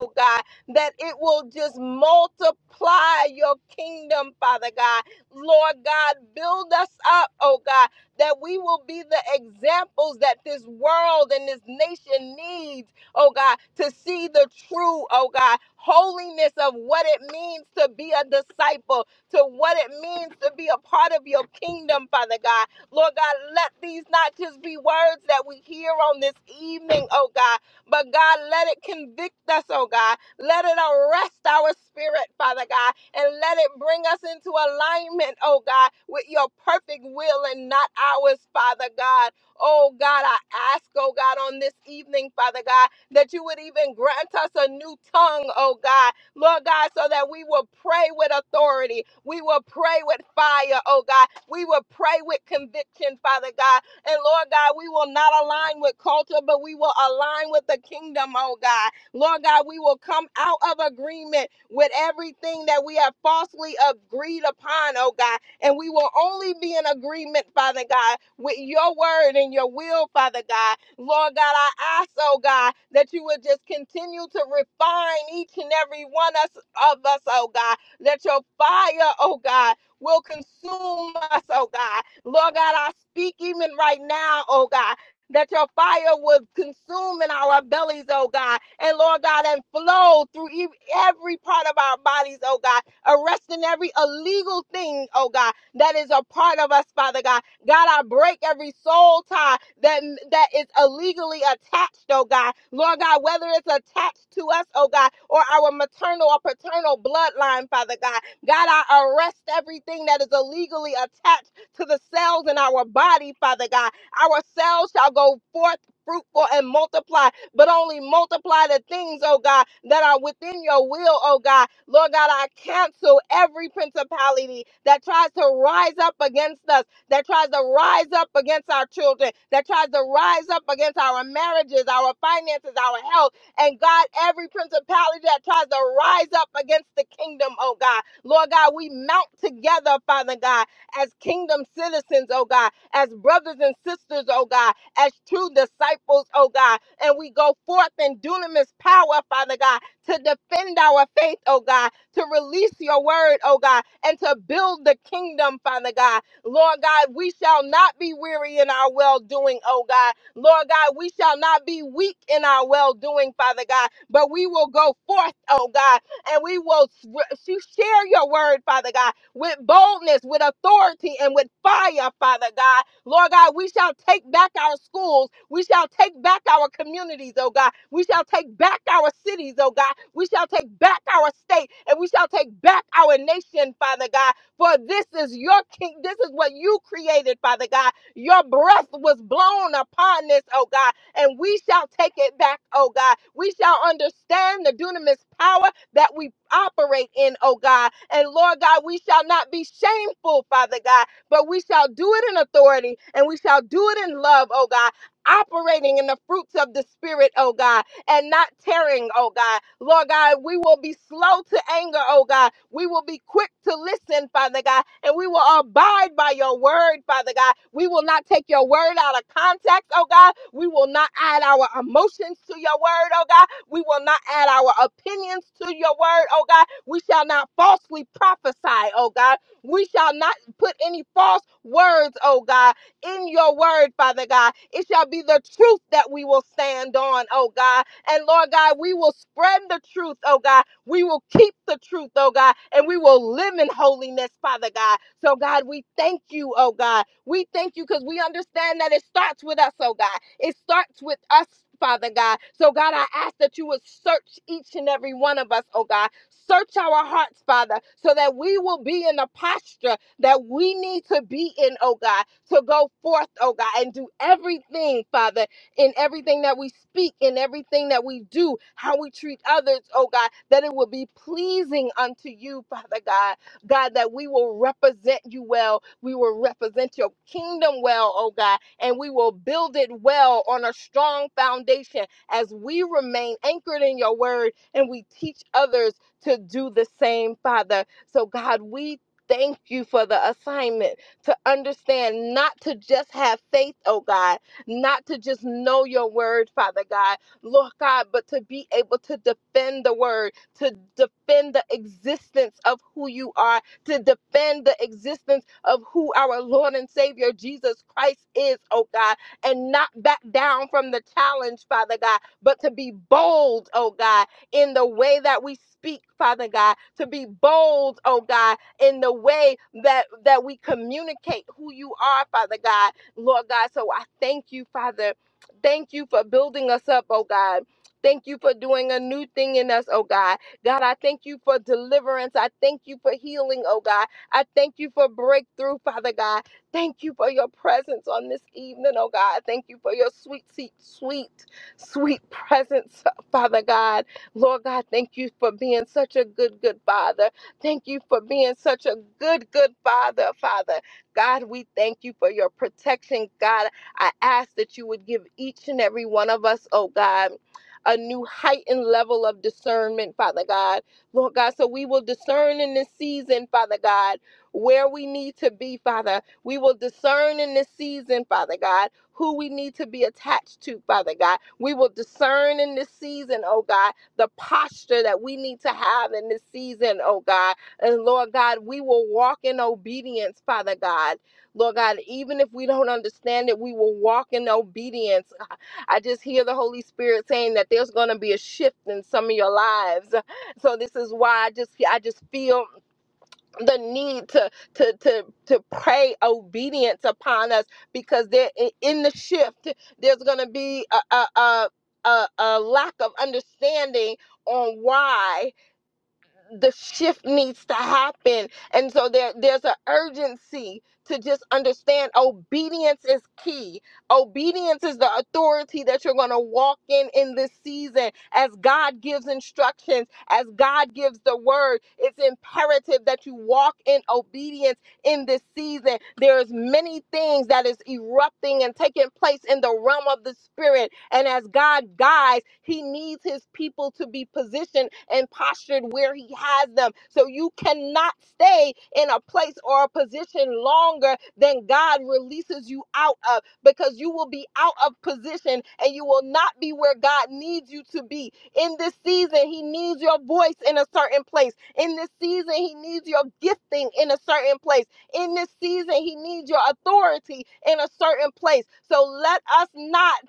S2: oh God, that it will just multiply your kingdom, Father God. Lord God, build us up, oh God, that we will be the examples that this world and this nation needs, oh God, to see the true, oh God, holiness of what it means to be a disciple, to what it means to be a part of your kingdom, Father God. Lord God, let these not just be words that we hear on this evening, oh God, but God, let it convict us, oh God. Let it arrest our spirit, Father God, and let it bring us into alignment, oh God, with your perfect will and not ours, Father God. Oh God, I ask, oh God, on this evening, Father God, that you would even grant us a new tongue, oh God, Lord God, so that we will pray with authority. We will pray with fire, oh God. We will pray with conviction, Father God and Lord God, we will not align with culture, but we will align with the kingdom, oh God. Lord God, we will come out of agreement with everything that we have falsely agreed upon, oh God. And we will only be in agreement, Father God, with your word and your will, Father God. Lord God, I ask, oh God, that you would just continue to refine each and every one us, of us, oh God. That your fire, oh God, will consume us, oh God Lord God, I speak even right now, oh God. That your fire would consume in our bellies, oh God, and Lord God, and flow through ev- every part of our bodies, oh God, arresting every illegal thing, oh God, that is a part of us, Father God. God, I break every soul tie that that is illegally attached, oh God. Lord God, whether it's attached to us, oh God, or our maternal or paternal bloodline, Father God. God, I arrest everything that is illegally attached, to the cells in our body, Father God. Our cells shall go forth fruitful and multiply, but only multiply the things, oh God, that are within your will, oh God. Lord God, I cancel every principality that tries to rise up against us, that tries to rise up against our children, that tries to rise up against our marriages, our finances, our health, and God, every principality that tries to rise up against the kingdom, oh God. Lord God, we mount together, Father God as kingdom citizens, oh God, as brothers and sisters, oh God, as true disciples, oh God. And we go forth in dunamis power, Father God, to defend our faith, oh God, to release your word, oh God, and to build the kingdom, Father God. Lord God, we shall not be weary in our well doing, oh God. Lord God, we shall not be weak in our well doing, Father God, but we will go forth, oh God, and we will s- re- share your word, Father God with boldness, with authority, and with fire, Father God. Lord God, we shall take back our schools. We shall take back our communities, oh God. We shall take back our cities, oh God. We shall take back our state and we shall take back our nation, Father God. For this is your king. This is what you created, Father God. Your breath was blown upon this, oh God, and we shall take it back, oh God. We shall understand the dunamis power that we operate in, oh God. And Lord God, we shall not be shameful, Father God, but we shall do it in authority and we shall do it in love, oh God. Operating in the fruits of the Spirit, oh God, and not tearing, oh God. Lord God, we will be slow to anger, oh God. We will be quick to listen, Father God, and we will abide by your word, Father God. We will not take your word out of context, oh God. We will not add our emotions to your word, oh God we will not add our opinions to your word, oh God. We shall not falsely prophesy, oh God. We shall not put any false words, oh God, in your word, Father God. It shall be the truth that we will stand on, oh God. And Lord God, we will spread the truth, oh God. We will keep the truth, oh God, and we will live in holiness, Father God. So, God, we thank you, oh God. We thank you because we understand that it starts with us, oh God. It starts with us. Father God. So, God, I ask that you would search each and every one of us, oh God. Search our hearts, Father, so that we will be in the posture that we need to be in, oh God, to go forth, oh God, and do everything, Father, in everything that we speak, in everything that we do, how we treat others, oh God, that it will be pleasing unto you, Father God. God, that we will represent you well. We will represent your kingdom well, oh God, and we will build it well on a strong foundation as we remain anchored in your word and we teach others to do the same, Father. So, God, we thank you for the assignment to understand not to just have faith, oh God not to just know your word, Father God, Lord God, but to be able to defend the word, to defend the existence of who you are, to defend the existence of who our Lord and Savior Jesus Christ is, oh God, and not back down from the challenge, Father God, but to be bold, oh God, in the way that we speak, Father God, to be bold, oh God, in the way that that we communicate who you are, Father God Lord God. So I thank you, Father. Thank you for building us up, oh God. Thank you for doing a new thing in us, oh God. God, I thank you for deliverance. I thank you for healing, oh God. I thank you for breakthrough, Father God. Thank you for your presence on this evening, oh God. Thank you for your sweet, sweet, sweet, sweet presence, Father God. Lord God, thank you for being such a good, good Father. Thank you for being such a good, good Father, Father. God, we thank you for your protection. God, I ask that you would give each and every one of us, oh God, a new heightened level of discernment, Father God. Lord God, so we will discern in this season, Father God, where we need to be, Father. We will discern in this season, Father God, who we need to be attached to, Father God. We will discern in this season, oh God, the posture that we need to have in this season, oh God. And Lord God, we will walk in obedience, Father God. Lord God, even if we don't understand it, we will walk in obedience. I just hear the Holy Spirit saying that there's going to be a shift in some of your lives. So this is why I just I just feel the need to to to to pray obedience upon us because there in the shift there's going to be a a, a a a lack of understanding on why the shift needs to happen. And so there, there's an urgency to just understand obedience is key. Obedience is the authority that you're going to walk in in this season. As God gives instructions, as God gives the word, it's imperative that you walk in obedience in this season. There's many things that is erupting and taking place in the realm of the spirit. And as God guides, He needs His people to be positioned and postured where He has them. So you cannot stay in a place or a position longer than God releases you out of because you will be out of position and you will not be where God needs you to be. In this season, He needs your voice in a certain place. In this season, He needs your gifting in a certain place. In this season, he needs your authority in a certain place. So let us not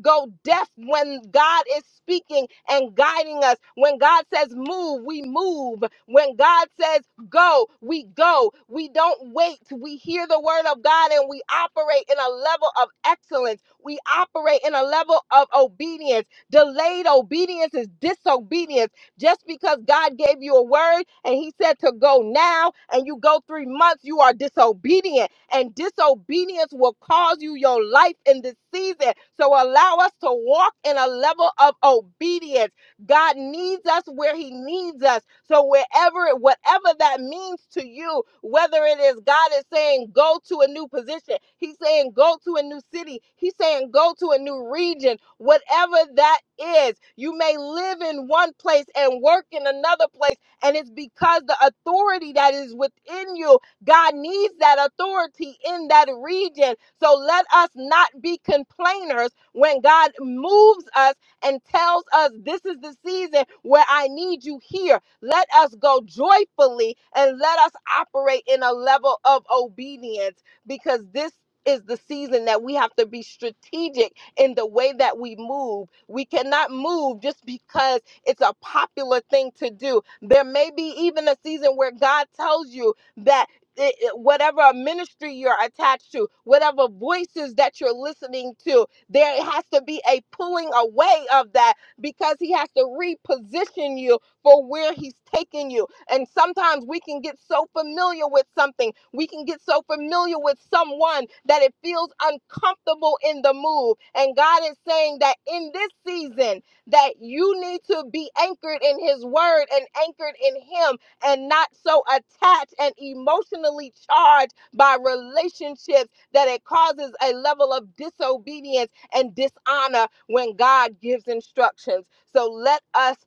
S2: go deaf when God is speaking and guiding us. When God says move, we move. When God says go, we go. We don't wait. We hear the word of God and we operate in a level of excellence. We operate in a level of obedience. Delayed obedience is disobedience just because God gave you a word and He said to go now, and you go three months, you are disobedient. And disobedience will cause you your life in this season. So allow us to walk in a level of obedience God needs us where He needs us. So, wherever, whatever that means to you, whether it is God is saying go to a new position, He's saying go to a new city, He's saying go to a new region, whatever that is, you may live in one place and work in another place. And it's because the authority that is within you God needs that authority in that region. So let us not be complainers when God moves us and tells us this is the season where I need you here. Let us go joyfully and let us operate in a level of obedience because this is the season that we have to be strategic in the way that we move. We cannot move just because it's a popular thing to do. There may be even a season where God tells you that it- it- whatever ministry you're attached to, whatever voices that you're listening to, there has to be a pulling away of that because he has to reposition you for where he's taking you. And sometimes we can get so familiar with something, we can get so familiar with someone that it feels uncomfortable in the move. And God is saying that in this season that you need to be anchored in his word and anchored in him and not so attached and emotionally charged by relationships that it causes a level of disobedience and dishonor when God gives instructions. So let us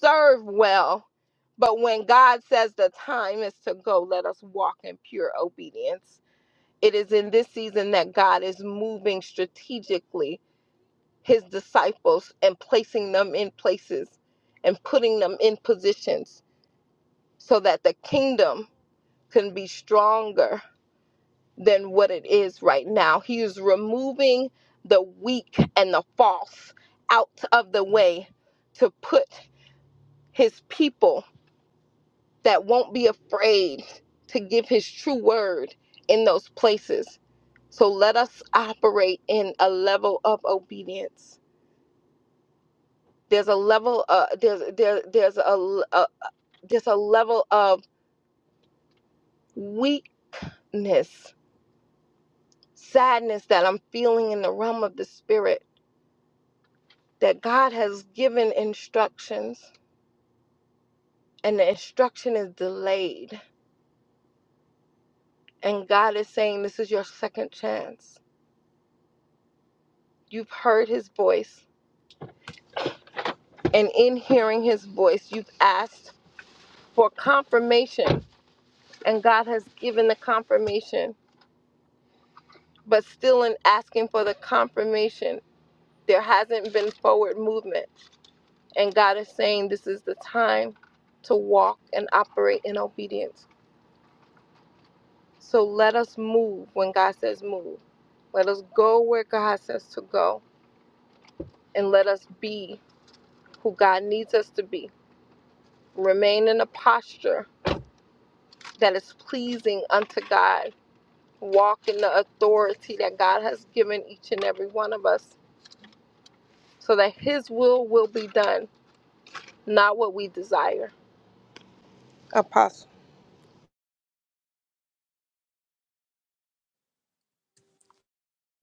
S2: serve well, but when God says the time is to go, let us walk in pure obedience. It is in this season that God is moving strategically his disciples and placing them in places and putting them in positions so that the kingdom can be stronger than what it is right now. He is removing the weak and the false out of the way to put his people that won't be afraid to give his true word in those places. So let us operate in a level of obedience. There's a level uh, there's there, there's a uh there's a level of weakness, sadness that I'm feeling in the realm of the spirit that God has given instructions and the instruction is delayed. And God is saying, This is your second chance. You've heard his voice, and in hearing his voice, you've asked for confirmation, and God has given the confirmation. But still, in asking for the confirmation, there hasn't been forward movement. And God is saying, This is the time to walk and operate in obedience. So let us move when God says move. Let us go where God says to go and let us be who God needs us to be. Remain in a posture that is pleasing unto God. Walk in the authority that God has given each and every one of us so that His will will be done, not what we desire.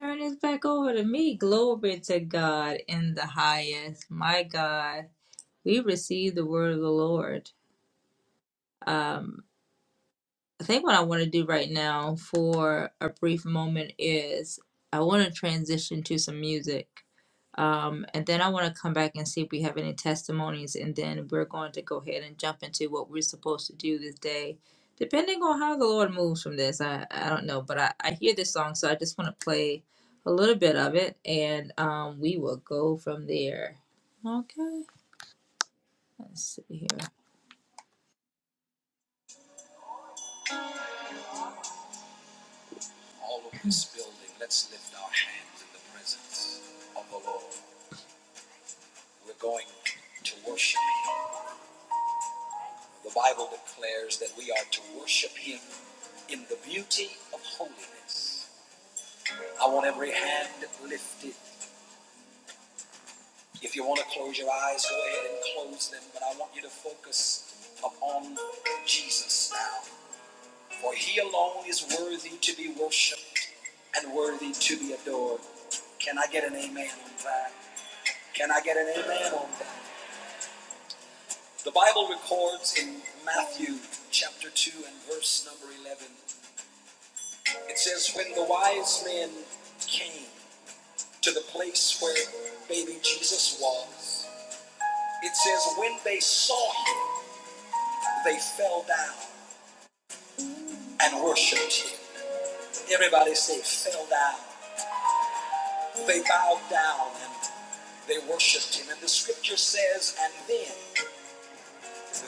S1: Turn this back over to me. Glory to God in the highest. My God, we receive the word of the Lord. Um, I think what I want to do right now for a brief moment is I want to transition to some music. Um, and then I want to come back and see if we have any testimonies, and then we're going to go ahead and jump into what we're supposed to do this day, depending on how the Lord moves from this. I, I don't know, but I, I hear this song, so I just want to play a little bit of it, and um, we will go from there. Okay, let's see here. All of this building, let's lift our hands in the presence of the Lord. We're going to worship. The Bible declares that we are to worship Him in the beauty of holiness. I want every hand lifted. If you want to close your eyes, go ahead and close them, but I want you to focus upon Jesus now. For He alone is worthy to be worshiped and worthy to be adored. Can I get an amen on that? Can I get an amen on that? The Bible records in Matthew chapter 2 and verse number 11 It says, When the wise men came to the place where baby Jesus was, it says, When they saw him, they fell down and worshiped him. Everybody say, fell down. They bowed down and they worshiped him. And the scripture says, And then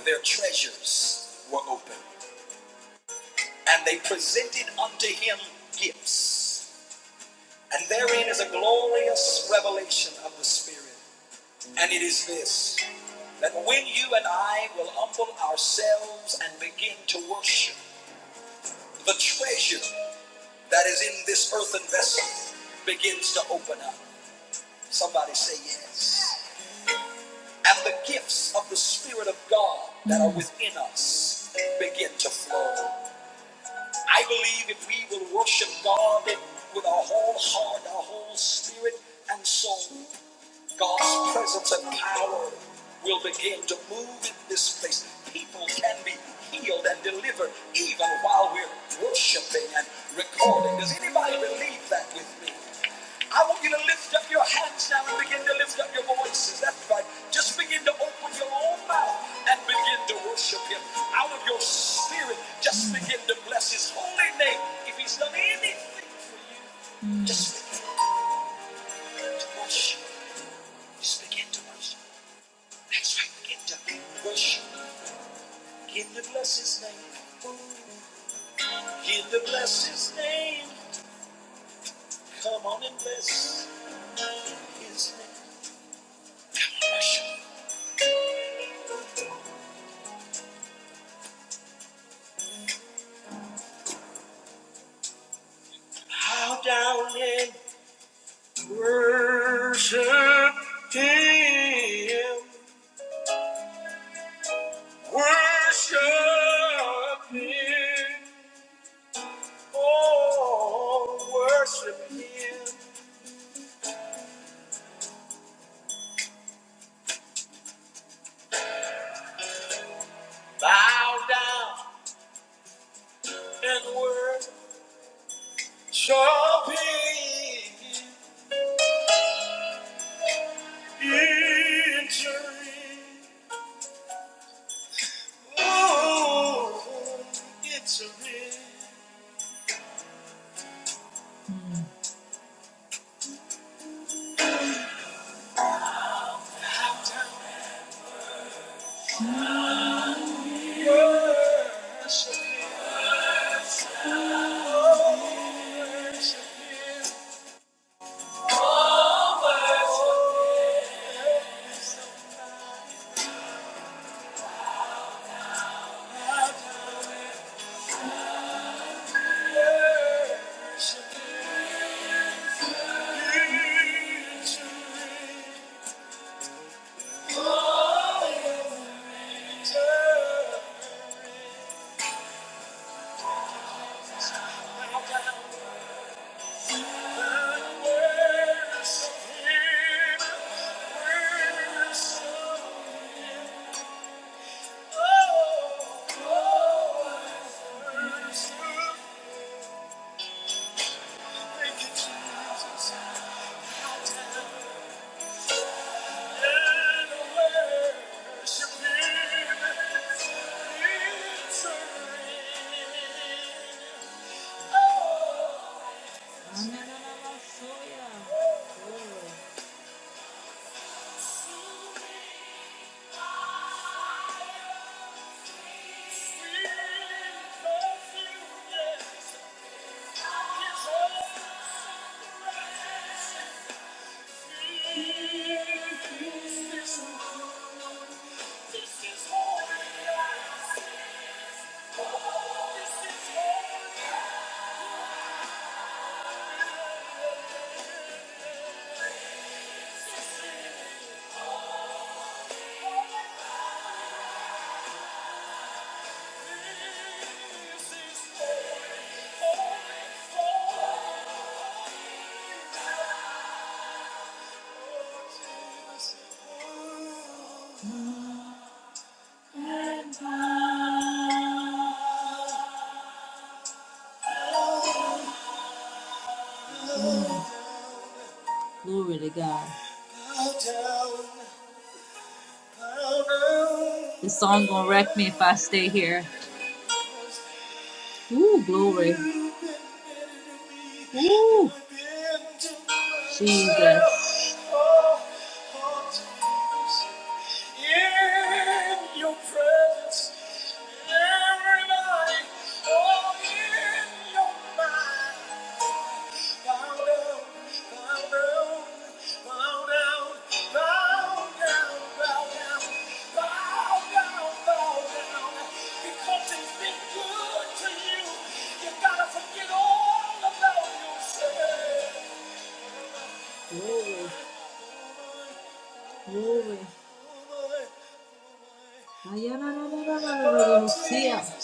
S1: their treasures were opened, and they presented unto him gifts. And therein is a glorious revelation of the Spirit. And it is this. that when you and I will humble ourselves and begin to worship, the treasure that is in this earthen vessel begins to open up. Somebody say yes. And the gifts of the Spirit of God that are within us begin to flow. I believe if we will worship God with our whole heart, our whole spirit and soul, God's presence and power will begin to move in this place. People can be healed and delivered even while we're worshiping and recording. Does anybody believe that with me? I want you to lift up your hands now and begin to lift up your voices. That's right. Just begin to open your own mouth and begin to worship Him. Out of your spirit, just begin to bless His holy name. If He's done anything, just begin to worship. Just begin to worship. That's right. Get up worship. Begin to bless his name. Begin to bless his name. Come on and bless his name. Come on, worship. Bow down and worship him. Worship him. Oh, worship him. Bow down and worship him. Victory. Oh, it's a real worship him. Oh, worship him. Oh, worship him. Worship him. It's a I'm not gonna love you. This Thank you. Glory to God. This song gonna wreck me if I stay here. Ooh, glory. Ooh. Jesus. In your presence, everybody, oh, in your mind. Bow down, bow down, bow down, bow down, bow down, bow down, bow down. Because it's been good to you, you gotta forget all about yourself. Ayana,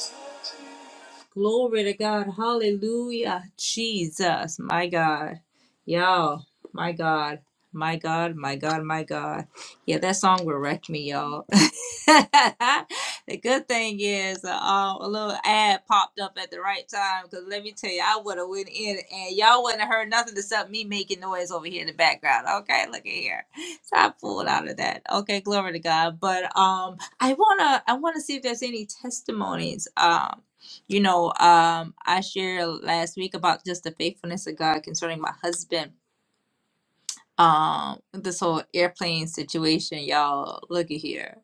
S1: Glory to God. Hallelujah. Jesus, my God. Y'all, my God. My God, my God, my God. Yeah, that song will wreck me, y'all. the good thing is, uh, um, a little ad popped up at the right time because let me tell you, I would have went in and y'all wouldn't have heard nothing except me making noise over here in the background. Okay, look at here. So I pulled out of that. Okay, glory to God. But um, I wanna, I wanna see if there's any testimonies. Um, you know, um, I shared last week about just the faithfulness of God concerning my husband. Um, this whole airplane situation, y'all. Look at here.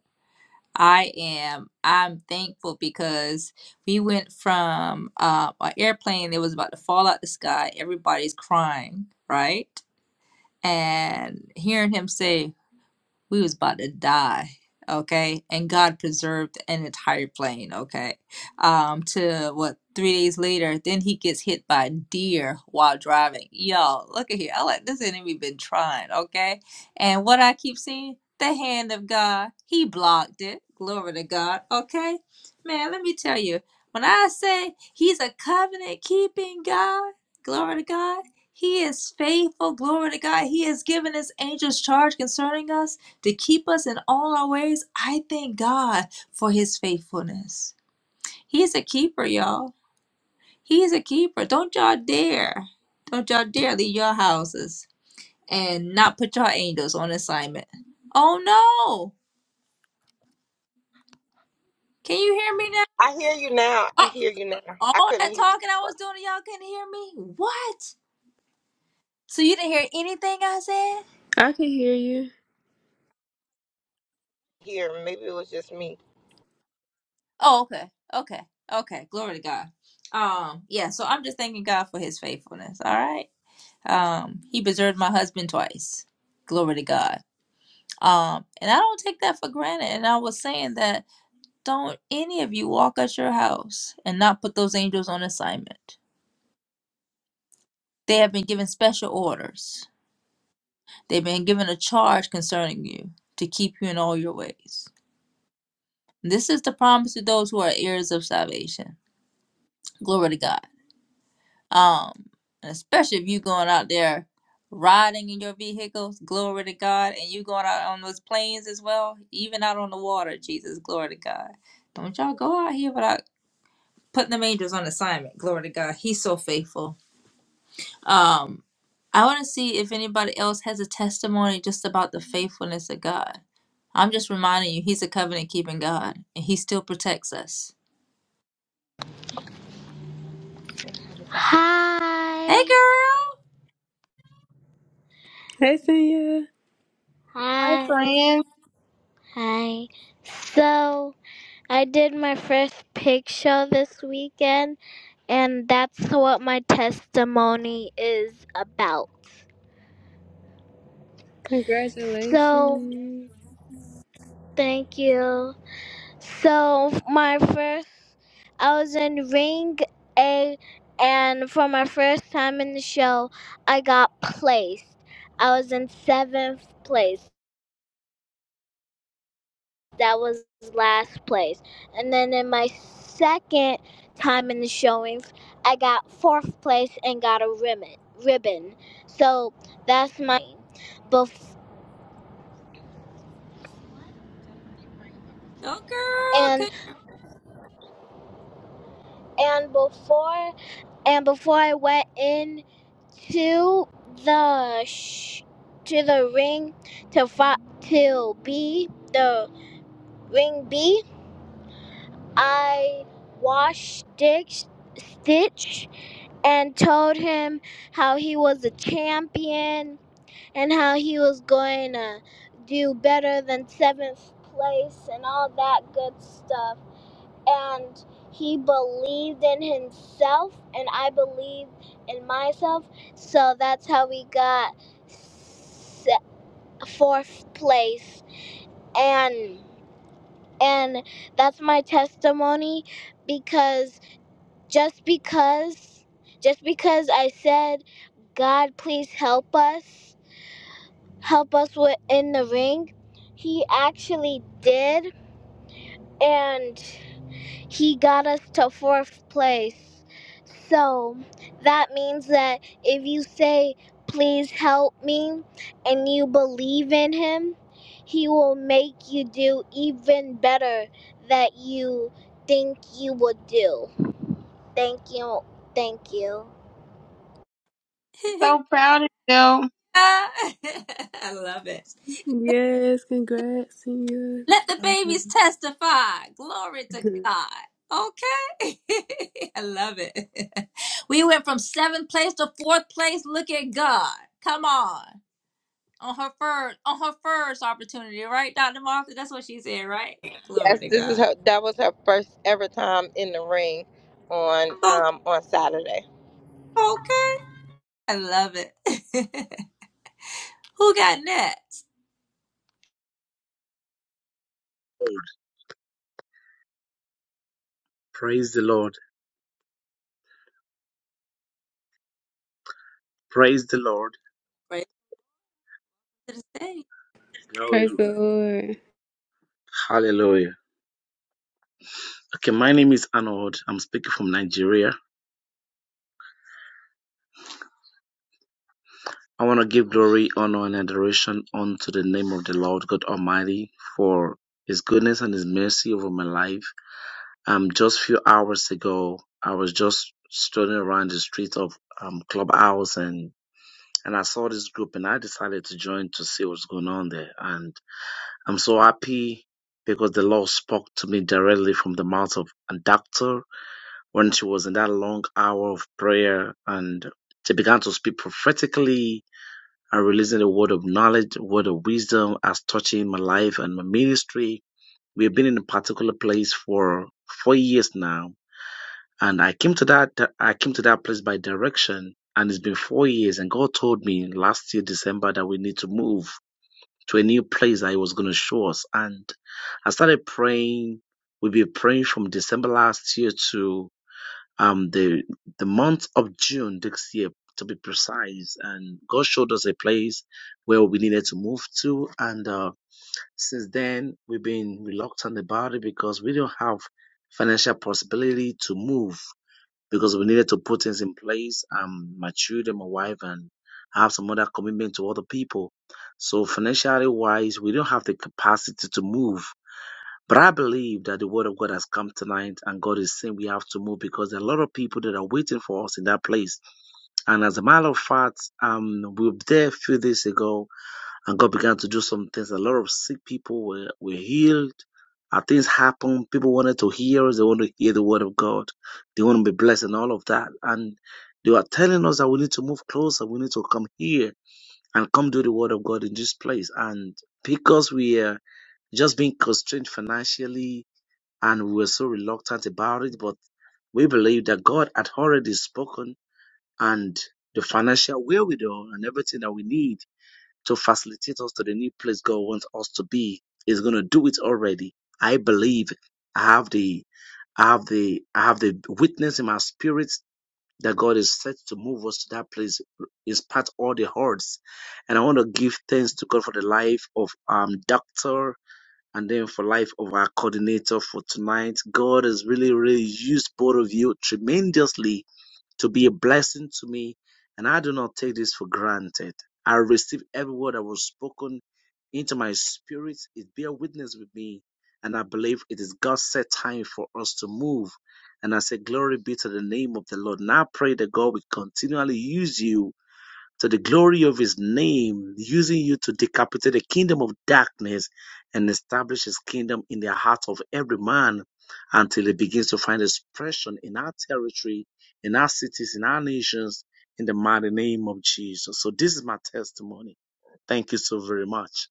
S1: I am. I'm thankful because we went from uh, an airplane that was about to fall out the sky. Everybody's crying, right? And hearing him say, we was about to die okay and god preserved an entire plane okay um to what three days later then he gets hit by a deer while driving y'all look at here i like this enemy been trying okay and what i keep seeing the hand of god he blocked it glory to god okay man let me tell you when i say he's a covenant keeping god glory to god he is faithful glory to god he has given his angels charge concerning us to keep us in all our ways. I thank God for his faithfulness. He's a keeper, y'all. He's a keeper. Don't y'all dare. Don't y'all dare leave your houses and not put your angels on assignment. Oh no. Can you hear me now?
S2: I hear you now. I
S1: Uh,
S2: hear you now. I
S1: all
S2: couldn't
S1: that
S2: hear you
S1: talking I
S2: before.
S1: was doing, and y'all couldn't hear me? What? So you didn't hear anything I said?
S4: I can hear you.
S2: Here, maybe it was just me.
S1: Oh, okay. Okay. Okay. Glory to God. Um, yeah, so I'm just thanking God for his faithfulness. All right. Um, he preserved my husband twice. Glory to God. Um, and I don't take that for granted. And I was saying that don't any of you walk out your house and not put those angels on assignment. They have been given special orders. They've been given a charge concerning you to keep you in all your ways. This is the promise to those who are heirs of salvation. Glory to God. Um, and especially if you going out there riding in your vehicles, glory to God, and you going out on those planes as well, even out on the water, Jesus, glory to God. Don't y'all go out here without putting them angels on assignment, glory to God. He's so faithful. Um, I want to see if anybody else has a testimony just about the faithfulness of God. I'm just reminding you, He's a covenant keeping God, and He still protects us. Hey,
S2: Hi.
S4: Hey, Senya.
S3: Hi,
S2: Hi.
S3: friends.
S2: Hi. So. I did my first pig show this weekend, and that's what my testimony is about. So,
S4: Congratulations.
S2: thank you. So, my first, I was in Ring A, and for my first time in the show, I got placed. I was in seventh place. that was last place. And then in my second time in the showings, I got fourth place and got a ribbon. Ribbon. So that's my bef-
S1: girl! Go,
S2: and
S1: girl!
S2: and before and before I went in to the sh- to the ring to fi- to be the ring B. I washed Stitch, Stitch and told him how he was a champion and how he was going to do better than seventh place and all that good stuff. And he believed in himself, and I believed in myself. So that's how we got se- fourth place. And and that's my testimony because just because just because I said, God, please help us. Help us in the ring. He actually did and he got us to fourth place. So that means that if you say, please help me, and you believe in him, he will make you do even better than you think you would do. Thank you. Thank you.
S3: So proud of you. Let
S1: I love it.
S4: Yes, congrats, Senya.
S1: Let the
S4: That's awesome.
S1: babies testify. Glory to God. Okay. I love it. We went from seventh place to fourth place. Look at God. Come on. On her first on her first opportunity, right, Dr. Martha? That's what she said, right? Glory
S2: Yes,
S1: to
S2: this is
S1: God.
S2: her. That was her first ever time in the ring on
S1: Okay.
S2: um on Saturday.
S1: okay. I love it. Who got next?
S5: Lord, praise the Lord, praise the Lord,
S1: Praise to the stage.
S5: glory
S4: Praise
S5: to
S4: the
S5: God,
S4: Lord.
S5: hallelujah. Okay, my name is Arnold. I'm speaking from Nigeria. I want to give glory, honor, and adoration unto the name of the Lord God Almighty for His goodness and His mercy over my life. Um, just few hours ago, I was just strolling around the streets of um Clubhouse and and I saw this group and I decided to join to see what's going on there. and. I'm so happy because the Lord spoke to me directly from the mouth of a doctor when she was in that long hour of prayer and she began to speak prophetically and releasing a word of knowledge, a word of wisdom as touching my life and my ministry. We have been in a particular place for four years now. And I came to that I came to that place by direction and it's been four years and God told me last year December that we need to move to a new place that he was going to show us. And I started praying. We've been praying from December last year to um, the the month of June this year, to be precise. And God showed us a place where we needed to move to. And uh, since then, we've been reluctant about it because we don't have financial possibility to move because we needed to put things in place. Um, my children, my wife, and I have some other commitment to other people. So financially wise, we don't have the capacity to move. But I believe that the word of God has come tonight, and God is saying we have to move because there are a lot of people that are waiting for us in that place. And as a matter of fact, um, we were there a few days ago, and God began to do some things. A lot of sick people were, were healed. And things happened. People wanted to hear us. They want to hear the word of God. They want to be blessed and all of that. And they were telling us that we need to move closer. We need to come here and come do the word of God in this place. And because we are just being constrained financially and we were so reluctant about it, but we believe that God had already spoken and the financial wherewithal and everything that we need to facilitate us to the new place God wants us to be. He's gonna do it already. I believe I have the I have the I have the witness in my spirit that God is set to move us to that place, impart all the hurts. And I want to give thanks to God for the life of um doctor and then for life of our coordinator for tonight. God has really, really used both of you tremendously to be a blessing to me, and I do not take this for granted. I receive every word that was spoken into my spirit. It bear witness with me, and I believe it is God's set time for us to move. And I say, Glory be to the name of the Lord. And I pray that God will continually use you to the glory of his name, using you to decapitate the kingdom of darkness and establish his kingdom in the heart of every man until it begins to find expression in our territory, in our cities, in our nations, in the mighty name of Jesus. So this is my testimony. Thank you so very much.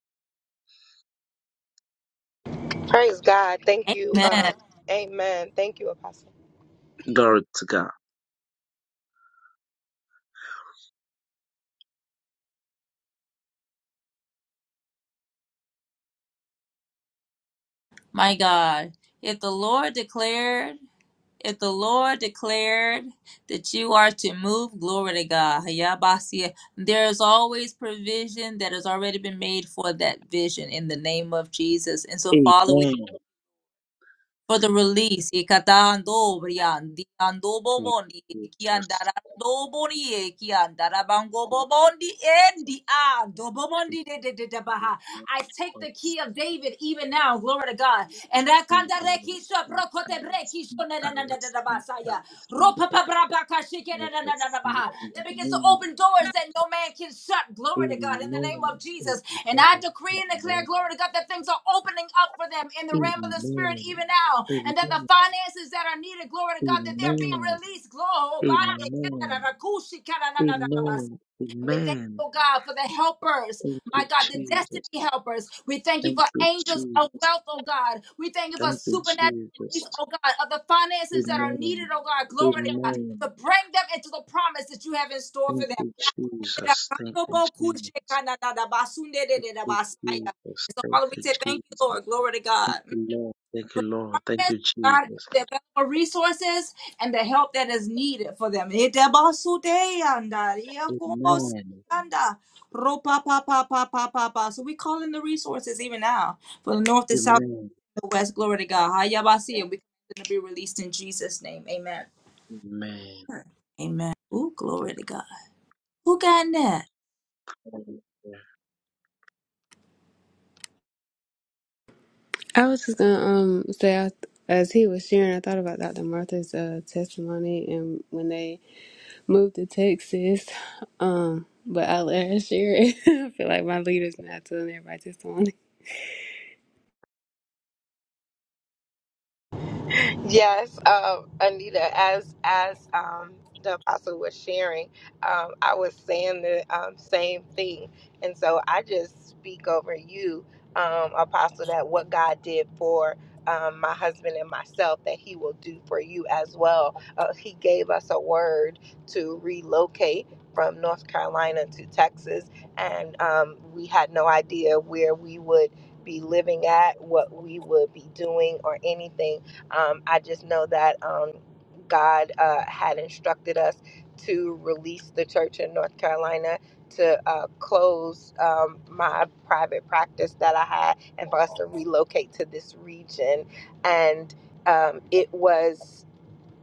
S2: Praise God. Thank you.
S1: Amen.
S2: Um, amen. Thank you, Apostle.
S5: Glory to God.
S1: My God, if the Lord declared, if the Lord declared that you are to move, glory to God. Hayabasia. There is always provision that has already been made for that vision in the name of Jesus. And so,
S5: Amen.
S1: Father, we for the release. Ikatando briandi, ando
S5: Thank
S1: bomoni,
S5: you, Jesus.
S1: kiandarando boni, kiandarabango
S5: Thank
S1: bobondi, endi, ando
S5: you.
S1: bomondi de de de de baha. I take
S5: Thank
S1: the
S5: you.
S1: key of David even now, glory to God. And I can't
S5: sleep, I was
S1: kandareki so
S5: asleep, I
S1: brokote
S5: was
S1: breki so
S5: asleep,
S1: na
S5: I
S1: na na na
S5: was
S1: na na
S5: asleep, I
S1: basaya.
S5: was asleep,
S1: Ropa pa bra ba ka shike
S5: I
S1: na na
S5: was
S1: na na na
S5: asleep
S1: baha.
S5: in
S1: That
S5: the
S1: begins to
S5: name of
S1: open doors that no man can shut. Glory to
S5: Amen.
S1: God in the name
S5: Amen.
S1: of Jesus. And I decree and declare, glory to God, that things are opening up for them in the realm of the spirit
S5: Amen.
S1: even now. And that the
S5: Amen. Amen.
S1: finances that are needed, glory to God, that they're being
S5: Amen.
S1: released. Glory.
S5: Amen. Amen.
S1: We thank
S5: Amen.
S1: you, oh God, for the helpers,
S5: Thank
S1: my
S5: you,
S1: God, the
S5: Jesus.
S1: destiny helpers. We thank you
S5: Thank
S1: for
S5: you,
S1: angels
S5: Jesus.
S1: of wealth, oh God. We thank you for
S5: Thank you,
S1: supernatural
S5: Jesus.
S1: release, oh God, of the finances that are needed,
S5: Amen.
S1: oh God. Glory to God. To
S5: Amen.
S1: bring them into the promise that you have in store for
S5: Thank you,
S1: them.
S5: Jesus. Thank you, Jesus. Thank you, Jesus.
S1: So,
S5: Thank
S1: Father, we say
S5: you,
S1: thank you,
S5: Jesus.
S1: Lord. Glory to God
S5: Lord. Thank you,
S1: for the
S5: Lord. Thank
S1: promise,
S5: you,
S1: oh God,
S5: Jesus.
S1: the available resources and the help that is needed for them. Itebasudeanda,
S5: Amen.
S1: iakobosianda, ropapapapapapapa. So we call in the resources even now for the north, the south,
S5: Amen.
S1: and the west. Glory to God. Hayabasi, and we're going to be released in Jesus' name. Amen.
S5: Amen.
S1: Amen. Ooh, glory to God. Who got that?
S5: Yeah.
S4: I was just gonna um say I, as he was sharing, I thought about Dr. Martha's uh, testimony and when they moved to Texas. Um, but I let her share it. I feel like my leader's not telling everybody testimony.
S2: Yes, um, Anita, as as um, the apostle was sharing, um, I was saying the um, same thing, and so I just speak over you, um, apostle, that what God did for. Um, my husband and myself, that he will do for you as well. Uh, he gave us a word to relocate from North Carolina to Texas, and um, we had no idea where we would be living at, what we would be doing, or anything um, I just know that um, God uh, had instructed us to release the church in North Carolina to uh, close um, my private practice that I had and for us to relocate to this region. And um, it was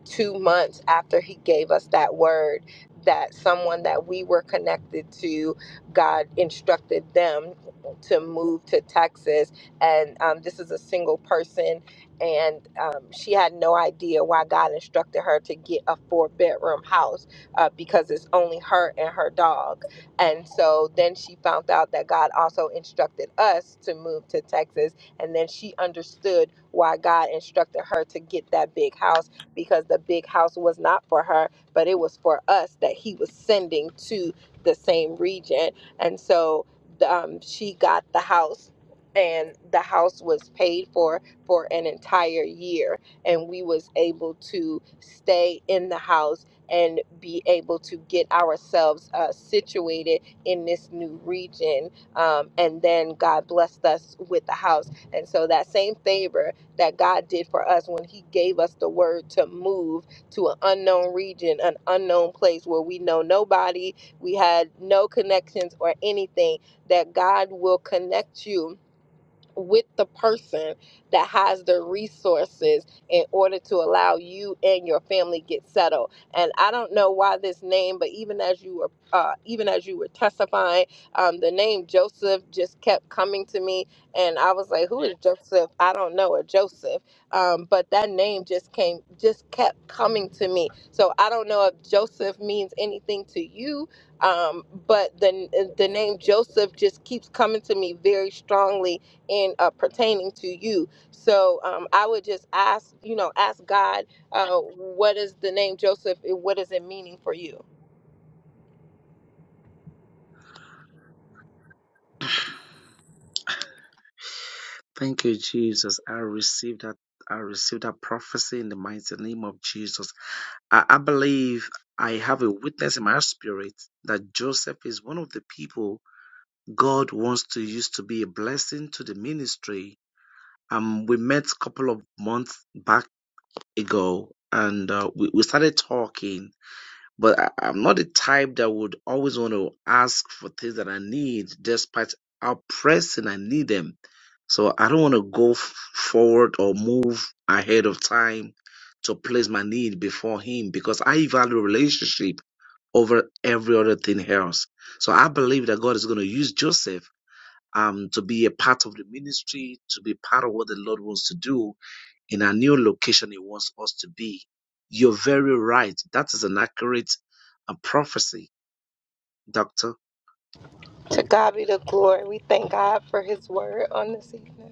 S2: two months after he gave us that word that someone that we were connected to god instructed them to move to texas and um, this is a single person and um, she had no idea why god instructed her to get a four bedroom house uh, because it's only her and her dog and so then she found out that god also instructed us to move to texas and then she understood why god instructed her to get that big house because the big house was not for her, but it was for us that he was sending to the same region. And so um, she got the house. And the house was paid for for an entire year, and we was able to stay in the house and be able to get ourselves uh, situated in this new region. Um, and then God blessed us with the house, and so that same favor that God did for us when He gave us the word to move to an unknown region, an unknown place where we know nobody, we had no connections or anything, that God will connect you with the person that has the resources in order to allow you and your family get settled. And I don't know why this name, but even as you were uh, even as you were testifying, um, the name Joseph just kept coming to me, and I was like, "Who is Joseph? I don't know a Joseph." Um, but that name just came, just kept coming to me. So I don't know if Joseph means anything to you, um, but the the name Joseph just keeps coming to me very strongly in uh, pertaining to you. So um, I would just ask, you know, ask God, uh, what is the name Joseph? and What is it meaning for you?
S5: Thank you, Jesus. I received that. I received that prophecy in the mighty name of Jesus. I, I believe I have a witness in my spirit that Joseph is one of the people God wants to use to be a blessing to the ministry. Um, we met a couple of months back ago and uh, we, we started talking But I, I'm not the type that would always want to ask for things that I need, despite how pressing I need them. So I don't want to go f- forward or move ahead of time to place my need before Him because I value relationship over every other thing else. So I believe that God is going to use Joseph um, to be a part of the ministry, to be part of what the Lord wants to do in a new location He wants us to be. You're very right. That is an accurate uh, prophecy, Doctor.
S2: To God be the glory. We thank God for His word on this evening.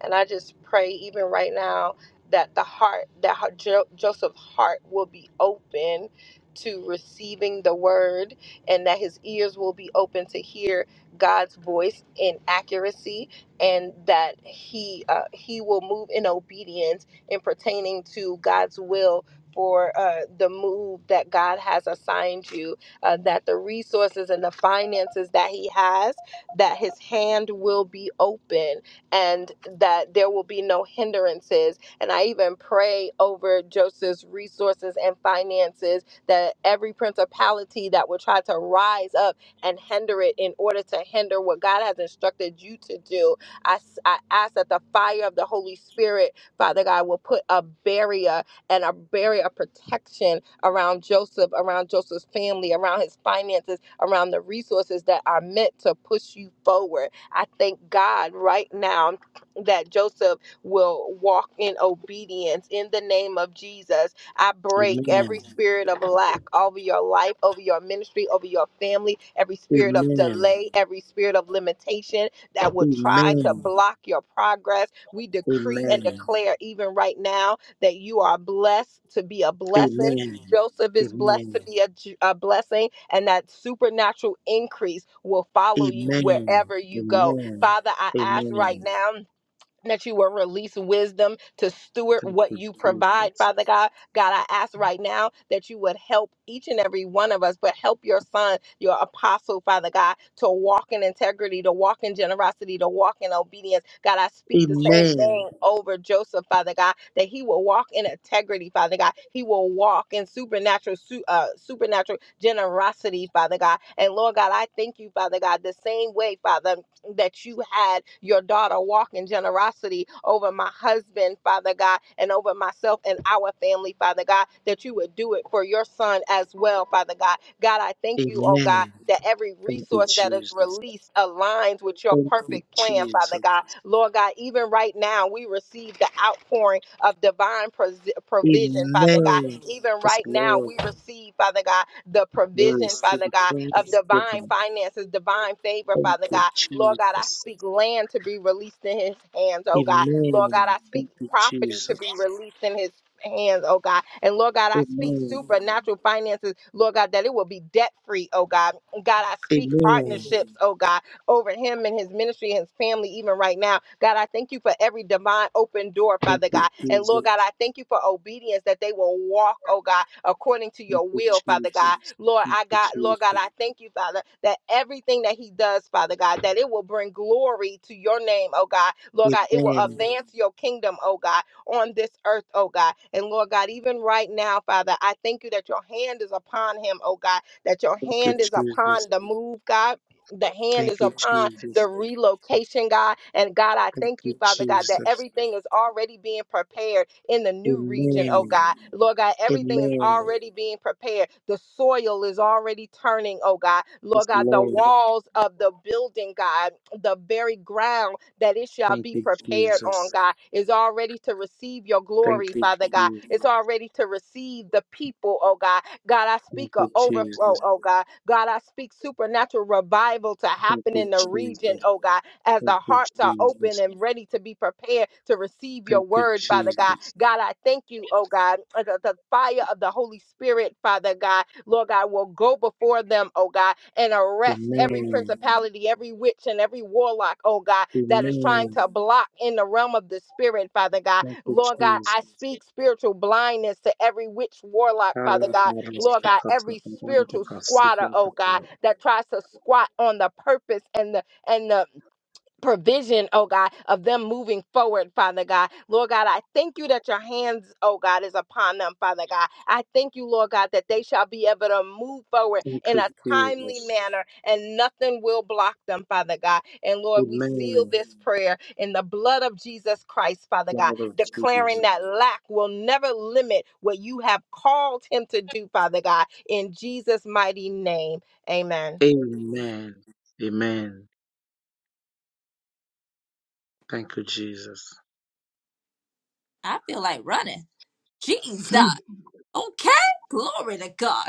S2: And I just pray, even right now, that the heart, that her- Jo- Joseph's heart will be open to receiving the word and that his ears will be open to hear God's voice in accuracy and that he uh, he will move in obedience in pertaining to God's will for uh, the move that God has assigned you uh, that the resources and the finances that he has that his hand will be open and that there will be no hindrances. And I even pray over Joseph's resources and finances that every principality that will try to rise up and hinder it in order to hinder what God has instructed you to do. I, s- I ask that the fire of the Holy Spirit, Father God, will put a barrier and a barrier of protection around Joseph, around Joseph's family, around his finances, around the resources that are meant to push you forward I thank God right now that Joseph will walk in obedience in the name of Jesus. I break
S5: Amen.
S2: every spirit of lack over your life, over your ministry, over your family, every spirit of
S5: Amen.
S2: delay, every spirit of limitation that will try to
S5: Amen.
S2: block your progress. We decree and
S5: Amen.
S2: declare, even right now that you are blessed to be a blessing.
S5: Amen.
S2: Joseph is blessed
S5: Amen.
S2: to be a, j- a blessing, and that supernatural increase will follow you
S5: Amen.
S2: wherever you go.
S5: Amen.
S2: Father, I ask
S5: Amen.
S2: right now that you will release wisdom to steward
S5: Thank
S2: what you
S5: you,
S2: provide,
S5: Jesus.
S2: Father God. God, I ask right now that you would help each and every one of us, but help your son, your apostle, Father God, to walk in integrity, to walk in generosity, to walk in obedience. God, I speak the same
S5: Amen.
S2: thing over Joseph, Father God, that he will walk in integrity, Father God. He will walk in supernatural, su- uh, supernatural generosity, Father God. And Lord God, I thank you, Father God, the same way, Father that you had your daughter walk in generosity over my husband, Father God, and over myself and our family, Father God, that you would do it for your son as well, Father God. God, I thank you, oh God,
S5: Amen.
S2: that every
S5: Thank you,
S2: resource that is
S5: Jesus.
S2: released aligns with your
S5: Thank you,
S2: perfect plan,
S5: Jesus.
S2: Father God. Lord God, even right now right now we receive the outpouring of divine pros- provision,
S5: Amen.
S2: Father God. Even
S5: Yes,
S2: right now,
S5: Lord,
S2: we receive, Father God, the
S5: we
S2: provision,
S5: receive
S2: Father God, of divine
S5: thanksgiving.
S2: finances, divine favor,
S5: Thank
S2: Father
S5: you,
S2: God. Lord God, I
S5: Jesus.
S2: speak land to be released in his hands, oh God. Lord God,
S5: Amen.
S2: I speak
S5: Thank you,
S2: property to
S5: Jesus.
S2: be released in his hands, oh God. And Lord God, I speak
S5: Amen.
S2: supernatural finances, Lord God, that it will be debt free, oh God. God, I speak
S5: Amen.
S2: partnerships, oh God over him and his ministry and his family, even right now. God, I thank you for every divine open door,
S5: Thank
S2: Father
S5: you,
S2: God. And
S5: Jesus.
S2: Lord God, I thank you for obedience that they will walk, oh God, according to
S5: Thank
S2: your
S5: you,
S2: will, Father God.
S5: Jesus.
S2: Lord,
S5: Thank
S2: I
S5: you,
S2: got, Lord God, I
S5: Jesus.
S2: thank you, Father, that everything that he does, Father God, that it will bring glory to your name, oh God. Lord God, it will
S5: Amen.
S2: advance your kingdom, oh God, on this earth, oh God. And Lord God, even right now, Father, I thank you that your hand is upon him, oh God, that your
S5: Thank you,
S2: hand is
S5: Jesus.
S2: upon the move, God the hand
S5: Thank
S2: is
S5: you,
S2: upon the
S5: Jesus.
S2: relocation, God. And God, I
S5: Thank
S2: thank
S5: you,
S2: you, Father God, that
S5: Jesus.
S2: everything is already being prepared in the new region,
S5: Amen.
S2: oh God. Lord God, everything is
S5: Amen.
S2: already being prepared. The soil is already turning, oh God.
S5: Yes,
S2: Lord God, the
S5: Lord.
S2: walls of the building, God, the very ground that it that it shall
S5: Thank
S2: be
S5: you,
S2: prepared on
S5: Jesus.
S2: God. It's all ready to receive your
S5: Thank
S2: glory,
S5: you,
S2: Father God.
S5: Jesus.
S2: It's all ready to receive the people, oh God. God, I
S5: Thank
S2: speak a
S5: you, Jesus.
S2: overflow, oh God. God, I speak supernatural revival to
S5: Thank
S2: happen
S5: you,
S2: in the region,
S5: Jesus.
S2: oh God, as
S5: Thank
S2: the
S5: you,
S2: hearts are open
S5: Jesus.
S2: and ready to be prepared to receive your
S5: Thank you,
S2: word, Father God.
S5: Jesus.
S2: God, I thank you, oh God. uh, The, the fire of the Holy Spirit, Father God, Lord God, will go before them, oh God, and arrest every
S5: Amen.
S2: principality, every witch, and every warlock, oh God, that is trying
S5: Amen.
S2: to block in the realm of the Spirit, Father God.
S5: Thank you,
S2: Lord God,
S5: Jesus.
S2: I speak spiritual blindness to every witch, warlock, Father
S5: Allah
S2: God. Lord
S5: Marisco
S2: God, every
S5: Katabaranda
S2: spiritual squatter,
S5: Kasidia
S2: oh God, that tries to squat on the purpose and the and the provision, oh God, of them moving forward, Father God. Lord God, I thank you that your hands, oh God, is upon them, Father God. I thank you, Lord God, that they shall be able to move forward
S5: Thank
S2: in
S5: you,
S2: a timely
S5: Jesus.
S2: manner and nothing will block them, Father God. And Lord, we seal
S5: Amen.
S2: this prayer in the blood of Jesus Christ, Father
S5: Blood
S2: God,
S5: of Jesus.
S2: declaring that lack will never limit what you have called him to do, Father God, in Jesus' mighty name. Amen.
S5: Amen. Amen. Thank you, Jesus.
S1: I feel like running. Jesus.
S5: Mm.
S1: Okay. Glory to God.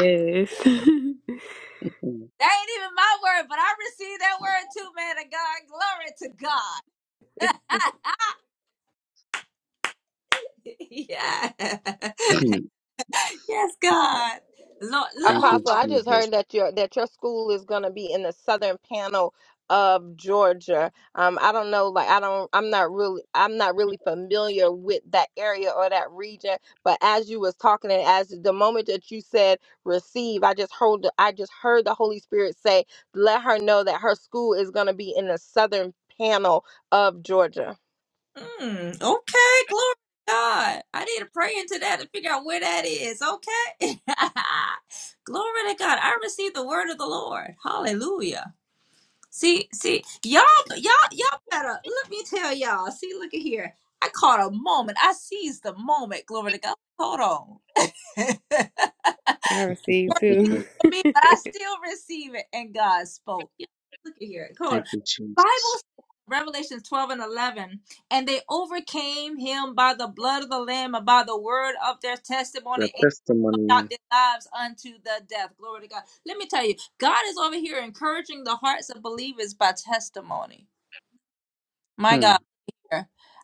S5: Mm.
S1: That ain't even my word, but I received that word too, man of God. Glory to God. yeah. Yes, God. Lord, look,
S5: Thank
S1: hold-
S5: you,
S2: Apostle, I just
S5: Jesus.
S2: heard that your that your school is going to be in the southern panel of Georgia. Um, I don't know, like I don't, I'm not really, I'm not really familiar with that area or that region. But as you was talking, and as the moment that you said receive, I just heard, the- I just heard the Holy Spirit say, let her know that her school is going to be in the southern panel of Georgia.
S1: mm, okay, glory to God. I need to pray into that to figure out where that is. Okay. glory to God. I received the word of the Lord. Hallelujah. See, see, y'all, y'all, y'all better let me tell y'all. See, look at here. I caught a moment. I seized the moment. Glory to God. Hold on.
S4: I received
S1: need
S5: Mm.
S4: too.
S1: for me, but I still receive it. And God spoke. Yeah, Look at here. Hold on.
S5: Thank you,
S1: Bible
S5: Jesus.
S1: says, Revelations 12 and 11. And they overcame him by the blood of the Lamb and by the word of their
S5: The
S1: testimony and loved
S5: testimony.
S1: not their lives unto the death. Glory to God. Let me tell you, God is over here encouraging the hearts of believers by testimony. My
S5: Hmm.
S1: God.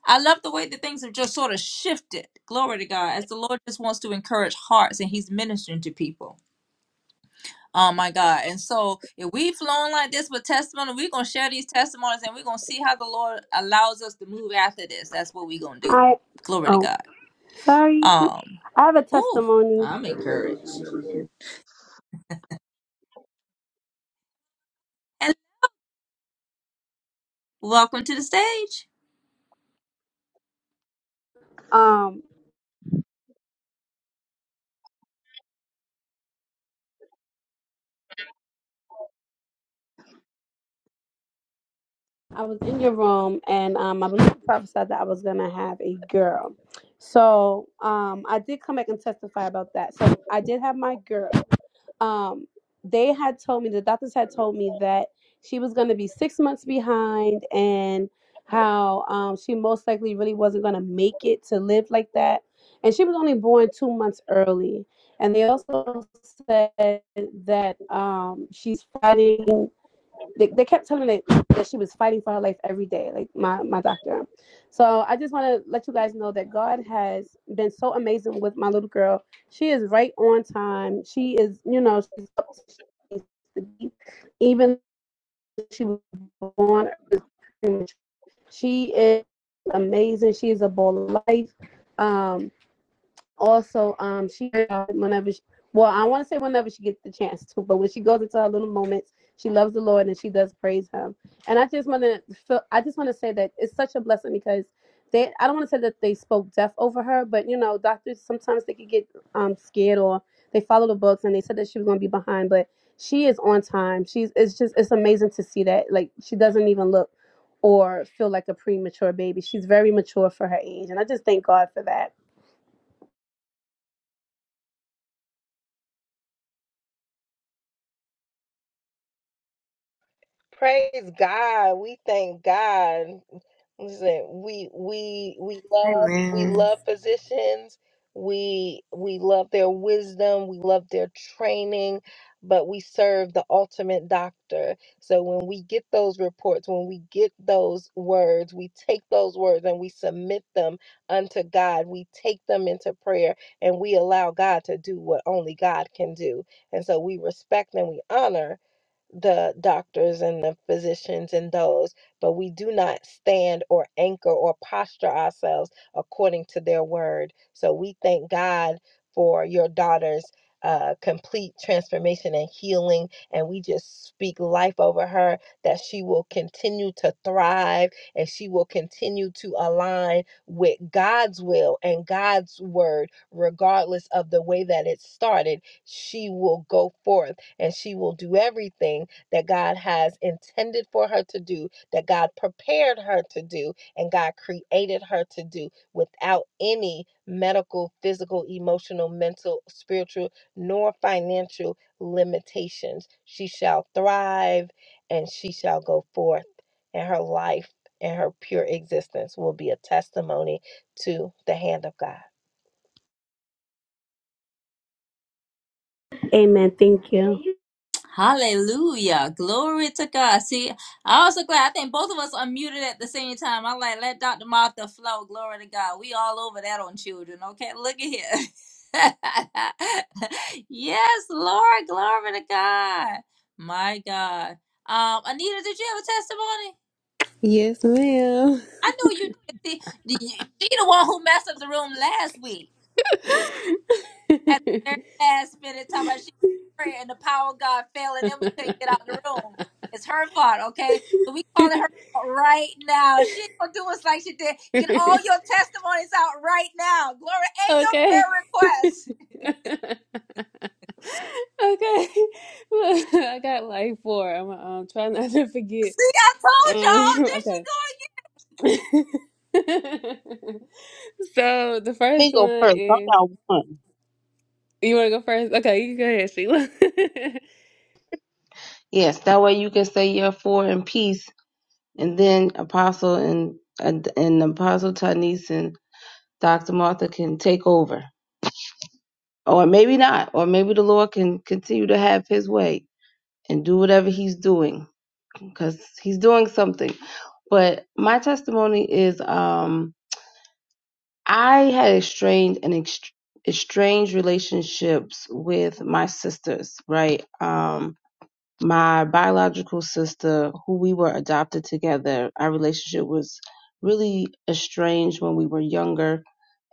S1: I love the way that things have just sort of shifted. Glory to God. As the Lord just wants to encourage hearts and he's ministering to people. Oh my God. And so if we flown like this with testimony, we're gonna share these testimonies and we're gonna see how the Lord allows us to move after this. That's what we're gonna do.
S6: I
S1: Glory to
S6: oh
S1: God.
S6: sorry.
S1: Um
S6: I have a
S1: ooh,
S6: testimony.
S1: I'm encouraged. And welcome to the stage.
S6: Um, I was in your room and um, I believe you prophesied that I was gonna have a girl. So um, I did come back and testify about that. So I did have my girl. um they had told me the doctors had told me that she was going to be six months behind and how um she most likely really wasn't going to make it to live like that and she was only born two months early and they also said that um she's fighting they, they kept telling me that, that she was fighting for her life every day, like my, my doctor. So I just want to let you guys know that God has been so amazing with my little girl. She is right on time. She is, you know, she's up to Even she was born, she is amazing. She is a bowl of life. Um, also um she uh, whenever she, well i want to say whenever she gets the chance to but when she goes into her little moments she loves the lord and she does praise him and i just want to i just want to say that it's such a blessing because they i don't want to say that they spoke death over her but you know doctors sometimes they could get um scared or they follow the books and they said that she was going to be behind but she is on time she's it's just it's amazing to see that like she doesn't even look or feel like a premature baby she's very mature for her age and i just thank god for that
S2: Praise God. We thank God. Listen, we we we love we
S4: Amen.
S2: love physicians. We we love their wisdom, we love their training, but we serve the ultimate doctor. So when we get those reports, when we get those words, we take those words and we submit them unto God. We take them into prayer and we allow God to do what only God can do. And so we respect and we honor the doctors and the physicians and those, but we do not stand or anchor or posture ourselves according to their word. So we thank God for your daughter's uh, complete transformation and healing. And we just speak life over her that she will continue to thrive and she will continue to align with God's will and God's word, regardless of the way that it started she will go forth and she will do everything that God has intended for her to do, that God prepared her to do, and God created her to do without any medical, physical, emotional, mental, spiritual, nor financial limitations. She shall thrive and she shall go forth, and her life and her pure existence will be a testimony to the hand of God.
S6: Amen. Thank you.
S1: Hallelujah. Glory to God. See, I am also glad I think both of us unmuted at the same time. I'm like, let Dr. Martha flow. Glory to God. We all over that on children. Okay, look at here. yes, Lord, glory to God. My God. Um, Anita, did you have a testimony?
S4: yes, ma'am.
S1: I knew you did. See, the- she the one who messed up the room last week. at the very last minute talking about she prayed and the power of God fell and then we couldn't get out the room. It's her fault, okay? So we calling her out right now. She gonna do us like she did. Get all your testimonies out right now. Glory and your prayer
S4: Okay.
S1: requests.
S4: Okay. Look, I got like four. I'm um trying not to forget.
S1: See, I told
S4: Um,
S1: y'all. There she
S4: okay.
S1: go
S4: So the first
S3: me go
S4: one
S3: first. I
S4: is
S3: got one.
S4: you wanna go first? Okay, you can go ahead, Sheila.
S3: Yes, that way you can say your four in peace and then Apostle and and and Apostle Tanis and Dr. Martha can take over, or maybe not, or maybe the Lord can continue to have His way and do whatever He's doing because He's doing something. But my testimony is, um, I had strained and ex- estranged relationships with my sisters, right? Um, my biological sister, who we were adopted together, our relationship was really estranged when we were younger.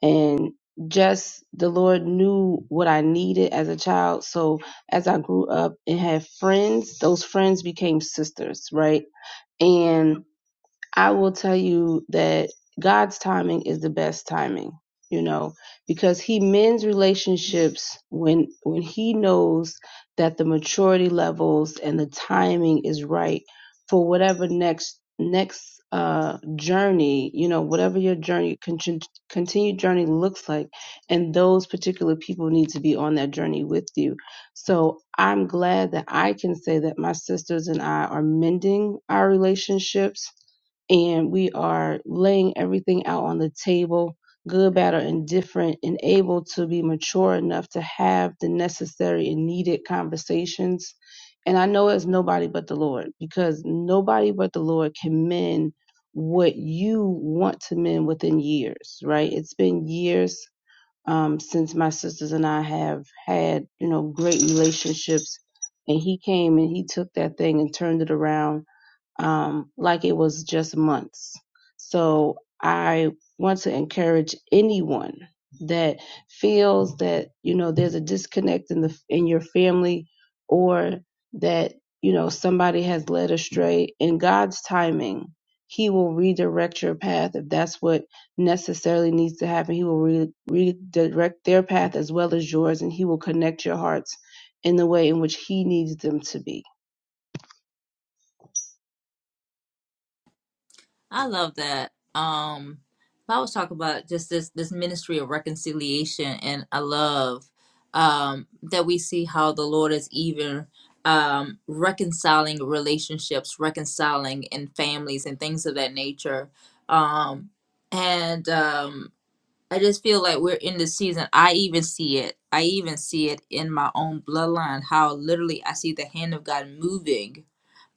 S3: And just the Lord knew what I needed as a child. So as I grew up and had friends, those friends became sisters, right? And I will tell you that God's timing is the best timing, you know, because he mends relationships when when he knows that the maturity levels and the timing is right for whatever next next uh journey, you know, whatever your journey con- continued journey looks like and those particular people need to be on that journey with you. So, I'm glad that I can say that my sisters and I are mending our relationships and we are laying everything out on the table, good, bad, or indifferent, and able to be mature enough to have the necessary and needed conversations. And I know it's nobody but the Lord because nobody but the Lord can mend what you want to mend within years, right? It's been years um, since my sisters and I have had, you know, great relationships. And he came and he took that thing and turned it around um, like it was just months. So I want to encourage anyone that feels that you know there's a disconnect in the in your family or that you know somebody has led astray in God's timing he will redirect your path if that's what necessarily needs to happen he will re- redirect their path as well as yours and he will connect your hearts in the way in which he needs them to be
S1: I love that. Um, I was talking about just this this ministry of reconciliation, and I love um, that we see how the Lord is even um, reconciling relationships, reconciling in families, and things of that nature. Um, and um, I just feel like we're in this season. I even see it. I even see it in my own bloodline. How literally I see the hand of God moving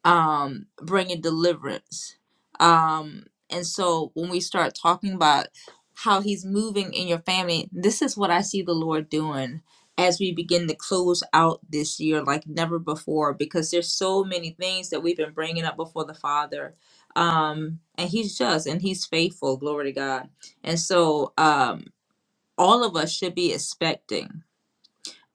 S1: um, bringing deliverance. Um, and so when we start talking about how he's moving in your family, this is what I see the Lord doing as we begin to close out this year like never before because there's so many things that we've been bringing up before the Father. Um, and he's just and he's faithful, glory to God. And so um, all of us should be expecting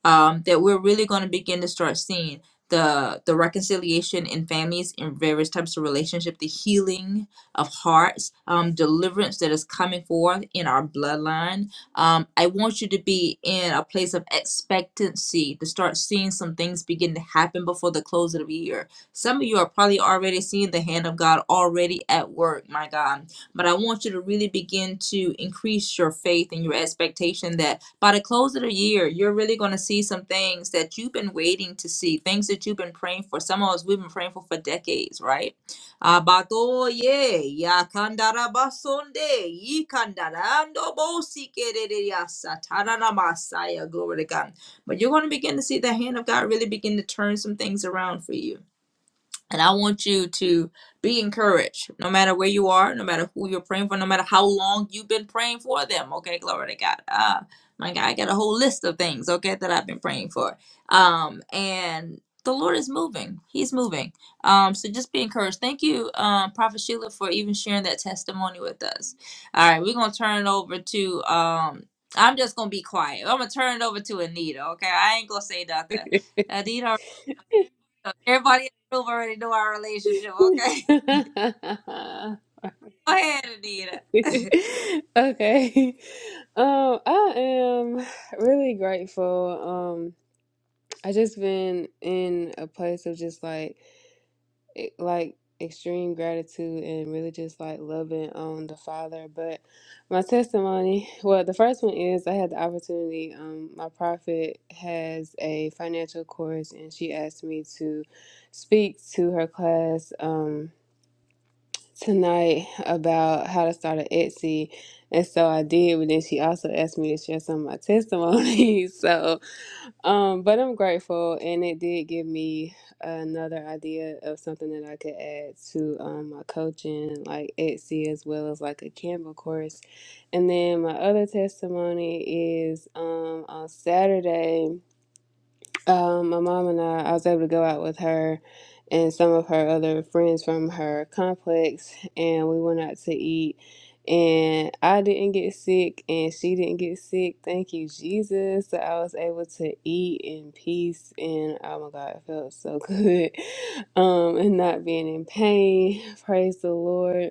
S1: um, that we're really going to begin to start seeing the the reconciliation in families in various types of relationship the healing of hearts um, deliverance that is coming forth in our bloodline um, i want you to be in a place of expectancy to start seeing some things begin to happen before the close of the year some of you are probably already seeing the hand of god already at work my god but I want you to really begin to increase your faith and your expectation that by the close of the year, you're really going to see some things that you've been waiting to see, things that you've been praying for. Some of us, we've been praying for for decades, right? Abatoye, yakandarabasonde, yikandarandobosikeriasa, taranamasaya, Glory to God. But you're going to begin to see the hand of God really begin to turn some things around for you. And I want you to be encouraged no matter where you are, no matter who you're praying for, no matter how long you've been praying for them. Okay, glory to God. Uh, my God, I got a whole list of things, okay, that I've been praying for. Um, and the Lord is moving, He's moving. Um, so just be encouraged. Thank you, um, Prophet Sheila, for even sharing that testimony with us. All right, we're going to turn it over to. Um, I'm just gonna be quiet. I'm gonna turn it over to Anita. Okay, I ain't gonna say nothing. Anita, so everybody in the room already know our relationship, okay? Go ahead, Anita.
S4: Okay. Um, I am really grateful. Um, I just been in a place of just like e- like extreme gratitude and really just like loving on the father but my testimony well the first one is i had the opportunity um my prophet has a financial course and she asked me to speak to her class um tonight about how to start an etsy and so i did but then she also asked me to share some of my testimonies so um, but I'm grateful, and it did give me another idea of something that I could add to um, my coaching, like Etsy, as well as like a Canva course. And then my other testimony is um, on Saturday. Um, my mom and I, I was able to go out with her and some of her other friends from her complex, and we went out to eat. And I didn't get sick, and she didn't get sick. Thank you, Jesus. So I was able to eat in peace, and oh my God, it felt so good. Um, and not being in pain. Praise the Lord.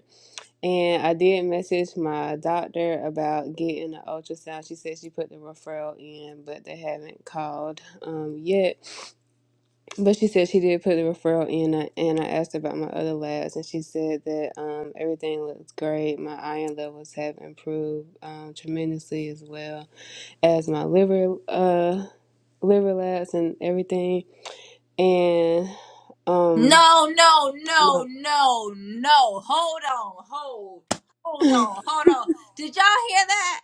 S4: And I did message my doctor about getting an ultrasound. She said she put the referral in, but they haven't called um, yet. But she said she did put the referral in, uh, and I asked about my other labs, and she said that um, everything looks great. My iron levels have improved um, tremendously as well as my liver uh, liver labs and everything. And um,
S1: no, no,
S4: my-
S1: no, no, no. Hold on, hold, hold on, hold on. Did y'all hear that?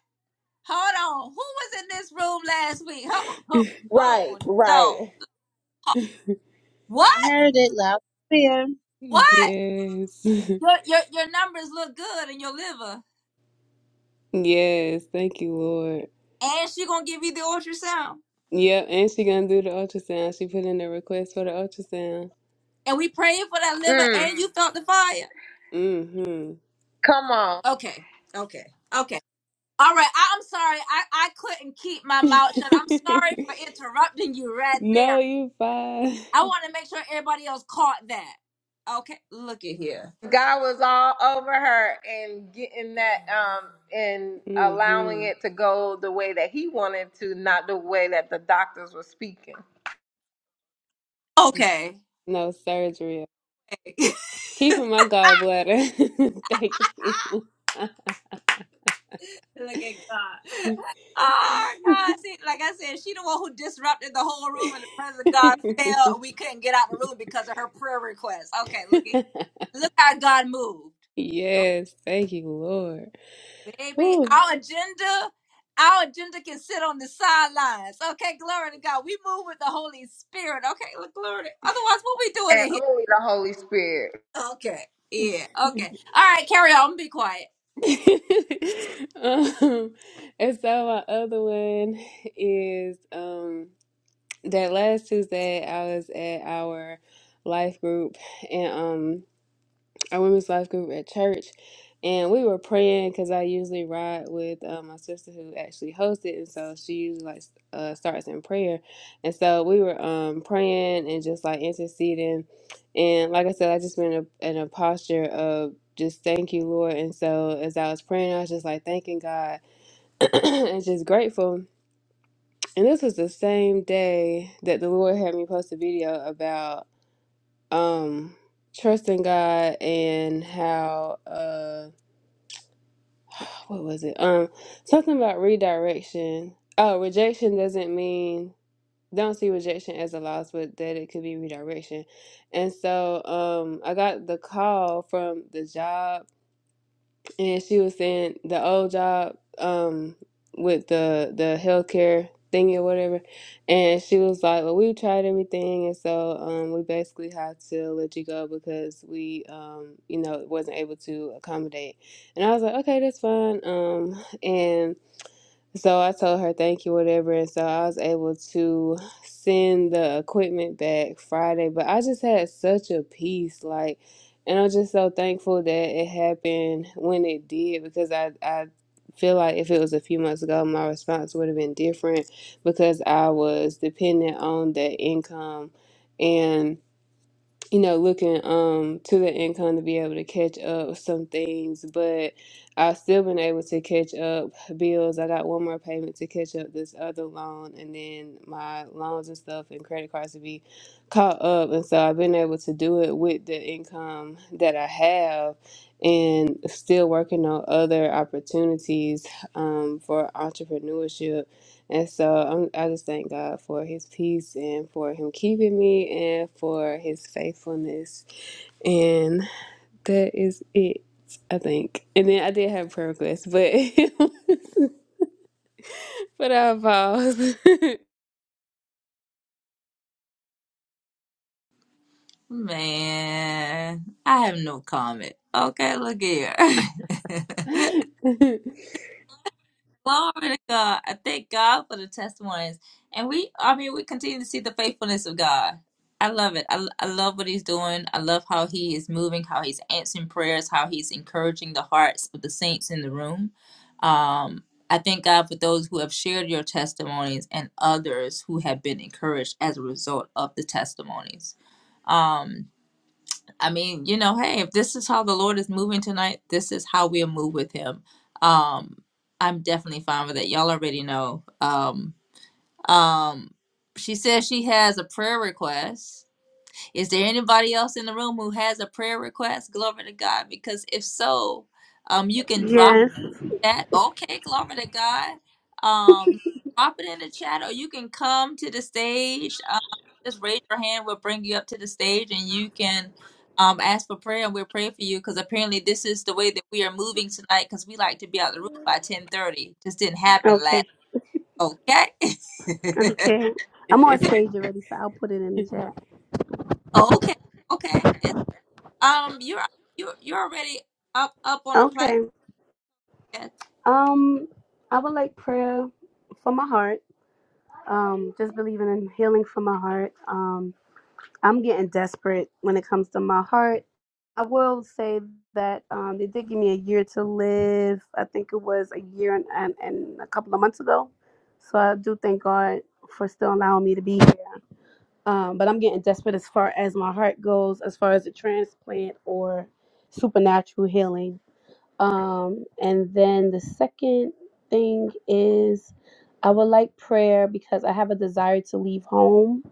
S1: Hold on. Who was in this room last week? Hold,
S2: Right,
S1: hold
S2: right.
S1: on.
S3: I
S1: What?
S3: heard it loud and clear.
S1: What?
S4: yes,
S1: Your, your your numbers look good in your liver,
S4: yes, thank you, Lord.
S1: and she gonna give you the ultrasound.
S4: Yep, and she gonna do the ultrasound. She put in a request for the ultrasound.
S1: And we praying for that liver,
S2: Mm,
S1: and you felt the fire.
S4: Mm-hmm.
S2: come on.
S1: Okay, okay, okay. All right, I, I'm sorry. I, I couldn't keep my mouth shut. I'm sorry for interrupting you right there.
S4: no, you fine.
S1: I want to make sure everybody else caught that. Okay, look at here.
S2: God was all over her and getting that um and allowing
S4: Mm-hmm.
S2: it to go the way that he wanted to, not the way that the doctors were speaking.
S1: Okay,
S4: No surgery. Keep from my gallbladder. Thank you.
S1: look at God. Oh God! See, like I said, she the one who disrupted the whole room, and the presence of God fell. and We couldn't get out the room because of her prayer request. Okay, look at look how God moved.
S4: yes, thank you, Lord.
S1: Baby,
S4: Ooh.
S1: our agenda, our agenda can sit on the sidelines. Okay, glory to God. We move with the Holy Spirit. Okay, look, glory. to- Otherwise, what we doing
S2: And
S1: in here?
S2: only the Holy Spirit.
S1: Okay, yeah, okay. All right, carry on. Be quiet.
S4: um, and so my other one is um. that last Tuesday I was at our life group and um our women's life group at church and we were praying because I usually ride with uh, my sister who actually hosts it and so she usually like s- uh, starts in prayer and so we were um praying and just like interceding and like I said I just been in a, in a posture of just thank you Lord and so as I was praying I was just like thanking God and just grateful and this was the same day that the Lord had me post a video about um trusting God and how uh what was it? Um something about redirection. Oh, rejection doesn't mean don't see rejection as a loss, but that it could be redirection. And so um I got the call from the job and she was saying the old job um with the the healthcare thingy or whatever and she was like well we tried everything and so um we basically had to let you go because we um you know wasn't able to accommodate and i was like okay that's fine um and so I told her thank you, whatever. And so I was able to send the equipment back Friday. But I just had such a peace, like, and I'm just so thankful that it happened when it did because I, I feel like if it was a few months ago, my response would have been different because I was dependent on that income. and you know, looking um to the income to be able to catch up with some things, but I've still been able to catch up bills. I got one more payment to catch up this other loan, and then my loans and stuff and credit cards to be caught up. And so I've been able to do it with the income that I have, and still working on other opportunities um, for entrepreneurship and so I'm, I just thank God for his peace and for him keeping me and for his faithfulness. And that is it, I think. And then I did have a prayer request, but but I paused.
S1: Man, I have no comment. Okay, look here. Glory to God. I thank God for the testimonies. And we, I mean, we continue to see the faithfulness of God. I love it. I, I love what he's doing. I love how he is moving, how he's answering prayers, how he's encouraging the hearts of the saints in the room. Um, I thank God for those who have shared your testimonies and others who have been encouraged as a result of the testimonies. Um, I mean, you know, hey, if this is how the Lord is moving tonight, this is how we'll move with Him. Um, I'm definitely fine with it. Y'all already know. Um, um, she says she has a prayer request. Is there anybody else in the room who has a prayer request? Glory to God. Because if so, um, you can drop
S6: Yes.
S1: that Okay, glory to God. Um, you can drop it in the chat, or you can come to the stage. Um, just raise your hand. We'll bring you up to the stage, and you can um ask for prayer, and we'll pray for you. Because apparently, this is the way that we are moving tonight. Because we like to be out of the room by ten thirty. Just didn't happen
S6: Okay.
S1: last. Okay.
S6: Okay. I'm on stage already, so I'll put it in the chat.
S1: okay. Okay. It's, um, you're you are you're already up up on the platform,
S6: Okay.
S1: Yes.
S6: Um, I would like prayer for my heart. Um, just believing in healing for my heart. Um, I'm getting desperate when it comes to my heart. I will say that um, they did give me a year to live. I think it was a year and, and, and a couple of months ago. So I do thank God for still allowing me to be here. Um, but I'm getting desperate as far as my heart goes, as far as a transplant or supernatural healing. Um, and then the second thing is I would like prayer because I have a desire to leave home.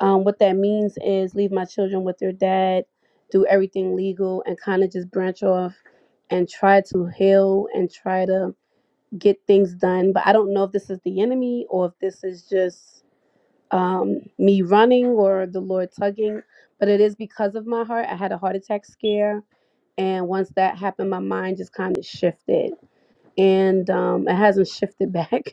S6: Um, what that means is leave my children with their dad, do everything legal, and kind of just branch off and try to heal and try to get things done. But I don't know if this is the enemy or if this is just um, me running or the Lord tugging, but it is because of my heart. I had a heart attack scare. And once that happened, my mind just kind of shifted. And um, it hasn't shifted back.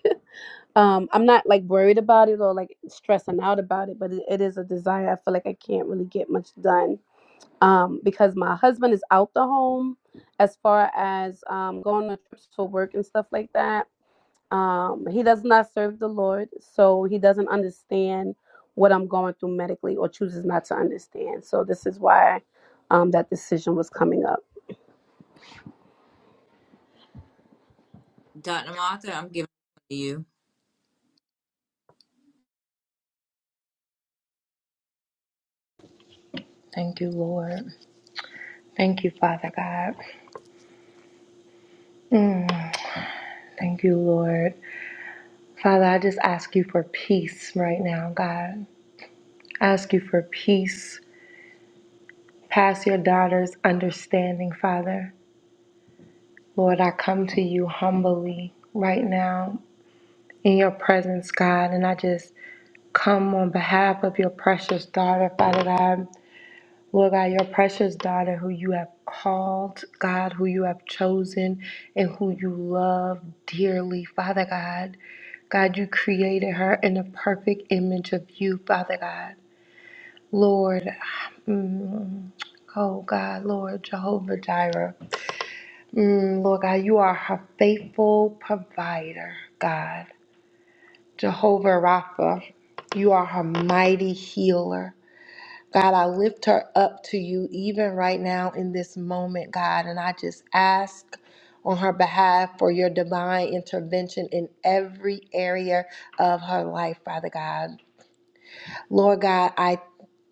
S6: um, I'm not like worried about it or like stressing out about it, but it, it is a desire. I feel like I can't really get much done um, because my husband is out the home as far as um, going on trips for work and stuff like that um he does not serve the lord so he doesn't understand what i'm going through medically or chooses not to understand so this is why um that decision was coming up
S1: Dr. Martha. I'm giving it to you.
S2: Peter, your heart, presence, Father God. Lord God, your precious daughter who you have called, God, who you have chosen, and who you love dearly, Father God. God, you created her in the perfect image of you, Father God. Lord, mm, oh God, Lord Jehovah Jireh. Mm, Lord God, you are her faithful provider, God. Jehovah Rapha, you are her mighty healer. God, I lift her up to you even right now in this moment, God, and I just ask on her behalf for your divine intervention in every area of her life, Father God. Lord God, I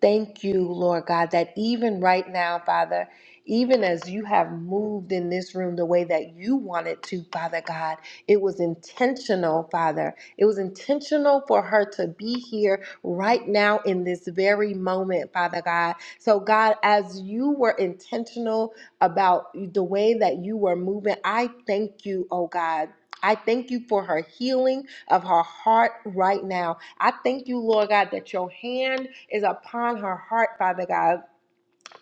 S2: thank you, Lord God, that even right now, Father, even as you have moved in this room the way that you wanted to, Father God, it was intentional, Father. It was intentional for her to be here right now in this very moment, Father God. So, God, as you were intentional about the way that you were moving, I thank you, oh God. I thank you for her healing of her heart right now. I thank you, Lord God, that your hand is upon her heart, Father God.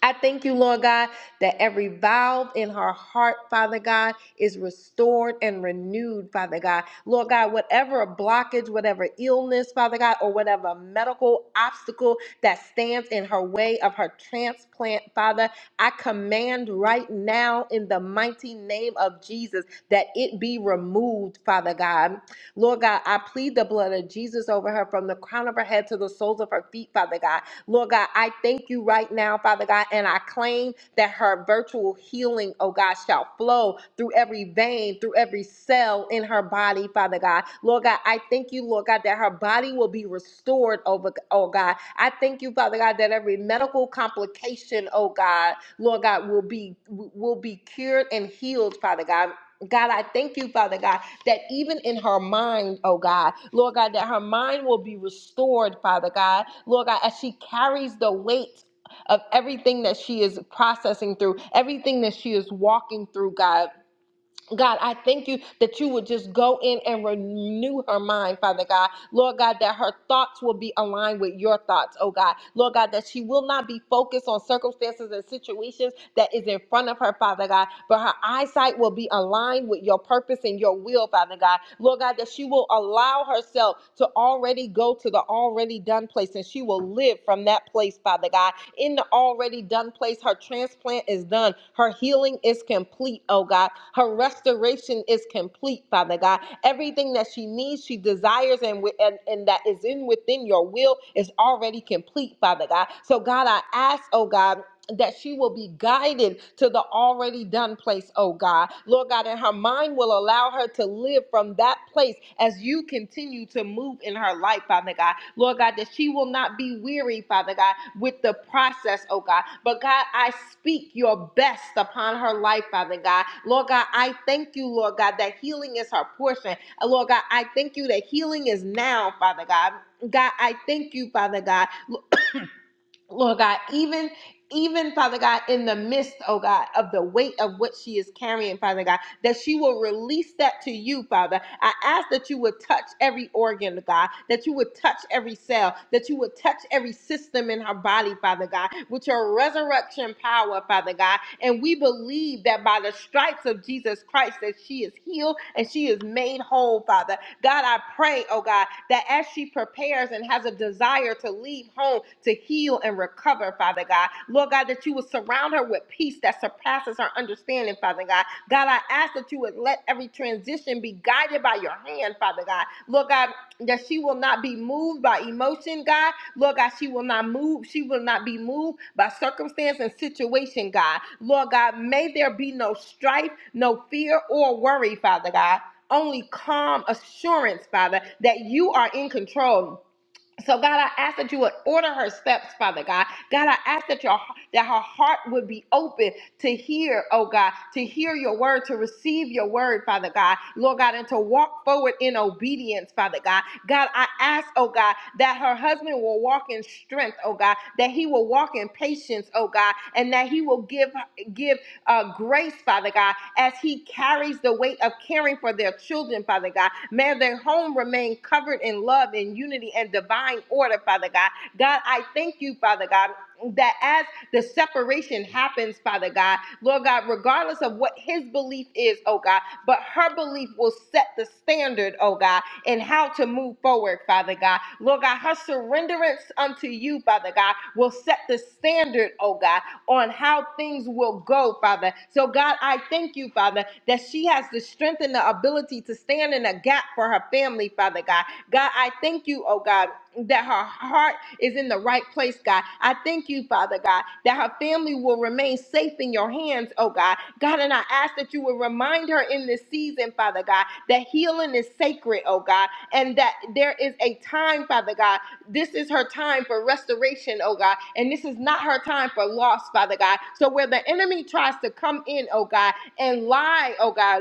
S2: I thank you, Lord God, that every valve in her heart, Father God, is restored and renewed, Father God. Lord God, whatever blockage, whatever illness, Father God, or whatever medical obstacle that stands in her way of her transplant, Father, I command right now in the mighty name of Jesus that it be removed, Father God. Lord God, I plead the blood of Jesus over her from the crown of her head to the soles of her feet, Father God. Lord God, I thank you right now, Father God, and I claim that her virtual healing, oh God, shall flow through every vein, through every cell in her body, Father God. Lord God, I thank you, Lord God, that her body will be restored, over, oh God. I thank you, Father God, that every medical complication, oh God, Lord God, will be will be cured and healed, Father God. God, I thank you, Father God, that even in her mind, oh God, Lord God, that her mind will be restored, Father God, Lord God, as she carries the weight of everything that she is processing through, everything that she is walking through, God. God, I thank you that you would just go in and renew her mind, Father God. Lord God, that her thoughts will be aligned with your thoughts, oh God. Lord God, that she will not be focused on circumstances and situations that is in front of her, Father God, but her eyesight will be aligned with your purpose and your will, Father God. Lord God, that she will allow herself to already already go to the already done place and she will live from that place, Father God. In the already done place, her transplant is done. Her healing is complete, oh God. Her restoration is complete, Father God. Everything that she needs, she desires, and, wi- and, and that is in within your will is already complete, Father God. So, God, I ask, oh God that she will be guided to the already done place, oh God. Lord God, and her mind will allow her to live from that place as you continue to move in her life, Father God. Lord God, that she will not be weary, Father God, with the process, oh God. But God, I speak your best upon her life, Father God. Lord God, I thank you, Lord God, that healing is her portion. Uh, Lord God, I thank you that healing is now, Father God. God, I thank you, Father God. Lord God, even even Father God, in the midst, oh God, of the weight of what she is carrying, Father God that she will release that to you, Father. I ask that you would touch every organ, God, that you would touch every cell, that you would touch every system in her body, Father God, with your resurrection power, Father God. And we believe that by the stripes of Jesus Christ that she is healed and she is made whole, Father. God, I pray, oh God, that as she prepares and has a desire to leave home to heal and recover, Father God, Lord God, that you would surround her with peace that surpasses her understanding, Father God God, I ask that you would let every transition be guided by your hand, Father God. Lord God, that she will not be moved by emotion, God. Lord God, she will not move. She will not be moved by circumstance and situation, God. Lord God, may there be no strife, no fear or worry, Father God. Only calm assurance, Father, that you are in control so, God, I ask that you would order her steps, Father God. God, I ask that your that her heart would be open to hear, oh God, to hear your word, to receive your word, Father God, Lord God, and to walk forward in obedience, Father God. God, I ask, oh God, that her husband will walk in strength, oh God, that he will walk in patience, oh God, and that he will give give uh, grace, Father God, as he carries the weight of caring for their children, Father God. May their home remain covered in love and unity and divine order, Father God. God, I thank you, Father God, that as the separation happens, Father God, Lord God, regardless of what his belief is, oh God, but her belief will set the standard, oh God, in how to move forward, Father God. Lord God, her surrenderance unto you, Father God, will set the standard, oh God on how things will go, Father. So, God, I thank you, Father, that she has the strength and the ability to stand in a gap for her family, Father God. God, I thank you, oh God, that her heart is in the right place, God. I thank you, Father God, that her family will remain safe in your hands, oh God. God, and I ask that you will remind her in this season, Father God, that healing is sacred, oh God, and that there is a time, Father God, this is her time for restoration, oh God. And this is not her time for loss, Father God. So where the enemy tries to come in, oh God, and lie, oh God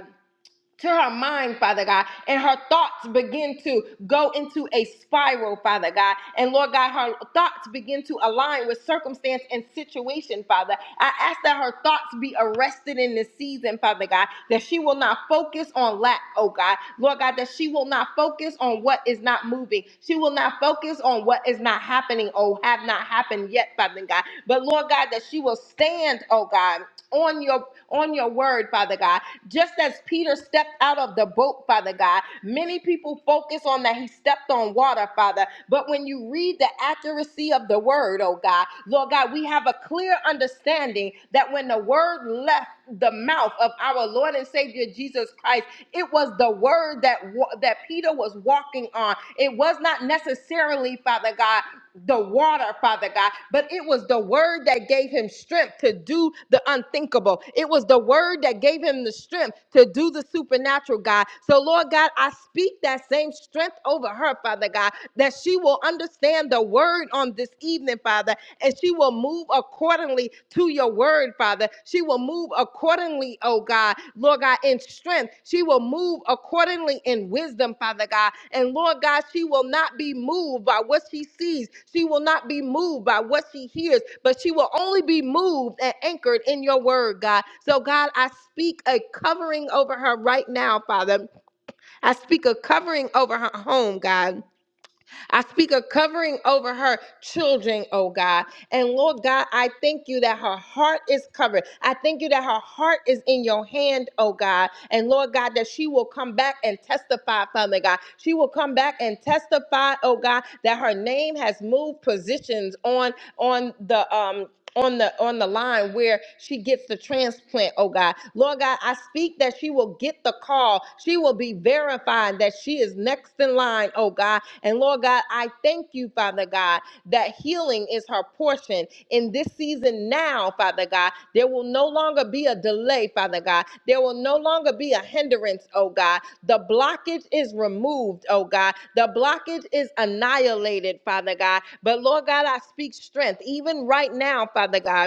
S2: to her mind, Father God, and her thoughts begin to go into a spiral, Father God. And Lord God, her thoughts begin to align with circumstance and situation, Father. I ask that her thoughts be arrested in this season, Father God, that she will not focus on lack, oh God. Lord God, that she will not focus on what is not moving. She will not focus on what is not happening, oh, have not happened yet, Father God. But Lord God, that she will stand, oh God, on your on your word, Father God just as Peter stepped out of the boat, Father God, many people focus on that he stepped on water, Father. But when you read the accuracy of the word, oh God, Lord God, we have a clear understanding that when the word left the mouth of our Lord and Savior Jesus Christ, it was the word that wa- that Peter was walking on. It was not necessarily, Father God, the water, Father God, but it was the word that gave him strength to do the unthinkable. It was the word that gave him the strength to do the supernatural, God. So, Lord God, I speak that same strength over her, Father God, that she will understand the word on this evening, Father, and she will move accordingly to your word, Father. She will move accordingly, oh God, Lord God, in strength. She will move accordingly in wisdom, Father God. And Lord God, she will not be moved by what she sees. She will not be moved by what she hears, but she will only be moved and anchored in your word, God. So, God, I speak a covering over her right now, Father. I speak a covering over her home, God. I speak a covering over her children, oh God. And Lord God, I thank you that her heart is covered. I thank you that her heart is in your hand, oh God. And Lord God, that she will come back and testify, Father God. She will come back and testify, oh God, that her name has moved positions on on the um on the on the line where she gets the transplant oh god lord god i speak that she will get the call she will be verified that she is next in line oh god and Lord God, I thank you, Father God, that healing is her portion in this season now, Father God. There will no longer be a delay, Father God. There will no longer be a hindrance, oh God. The blockage is removed, oh God. The blockage is annihilated, Father God. But Lord God, I speak strength even right now, Father God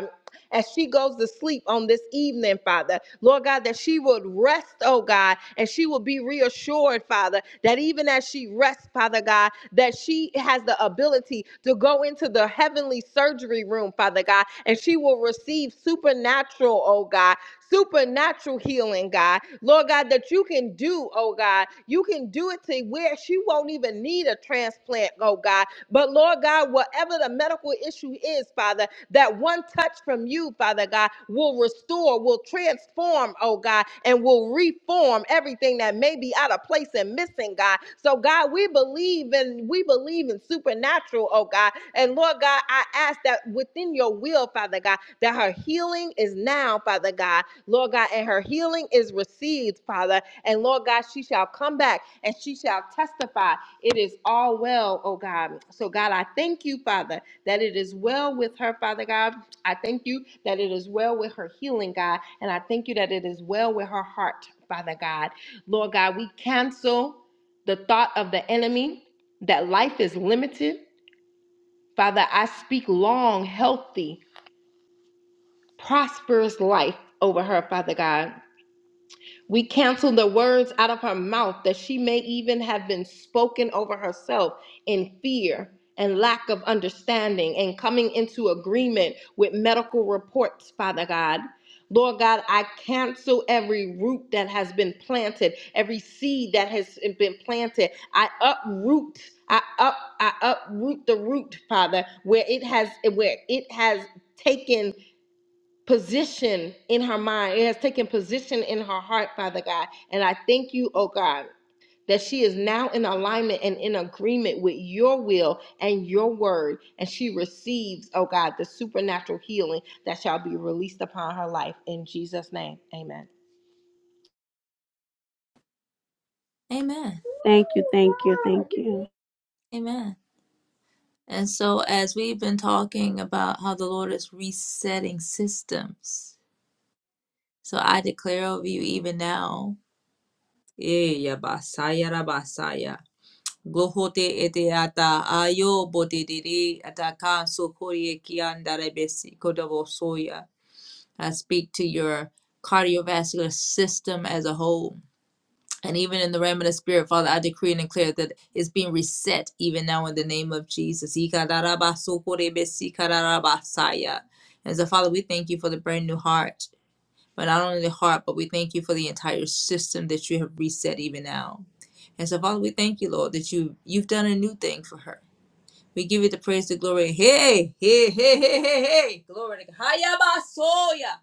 S2: as she goes to sleep on this evening, Father. Lord God, that she would rest, oh God, and she will be reassured, Father, that even as she rests, Father God, that she has the ability to go into the heavenly surgery room, Father God, and she will receive supernatural, oh God, supernatural healing, God. Lord God, that you can do, oh God, you can do it to where she won't even need a transplant, oh God but Lord God, whatever the medical issue is, Father, that one touch from you, Father God, will restore, will transform, oh God, and will reform everything that may be out of place and missing, God. So God, we believe in we believe in supernatural, oh God. And Lord God, I ask that within your will, Father God, that her healing is now, Father God, Lord God, and her healing is received, Father. And Lord God, she shall come back and she shall testify it is all well, oh God. So, God, I thank you, Father, that it is well with her, Father God. I thank you that it is well with her healing, God. And I thank you that it is well with her heart, Father God. Lord God, we cancel the thought of the enemy that life is limited. Father, I speak long, healthy, prosperous life over her, Father God. We cancel the words out of her mouth that she may even have been spoken over herself in fear and lack of understanding and coming into agreement with medical reports, Father God. Lord God, I cancel every root that has been planted, every seed that has been planted. I uproot, I up, I uproot the root, Father, where it has where it has taken position in her mind. It has taken position in her heart, Father God. And I thank you, oh God, that she is now in alignment and in agreement with your will and your word. And she receives, oh God, the supernatural healing that shall be released upon her life. In Jesus' name, amen.
S1: Amen.
S6: thank you thank you thank you
S1: Amen. And so, as we've been talking about how the Lord is resetting systems, so I declare over you even now. Eh, ya basaya ra basaya. Gohote ete ata ayo bote dere ataka sokoye kiandare besi kodobo soya. I speak to your cardiovascular system as a whole. And even in the realm of the spirit, Father, I decree and declare that it's being reset even now in the name of Jesus. Ikararabasukorebesikarabarabasaya. And so, Father, we thank you for the brand new heart, but not only the heart, but we thank you for the entire system that you have reset even now. And so, Father, we thank you, Lord, that you you've done a new thing for her. We give you the praise, the glory. Hey, hey, hey, hey, hey, hey. Glory to God. Hayabasoya.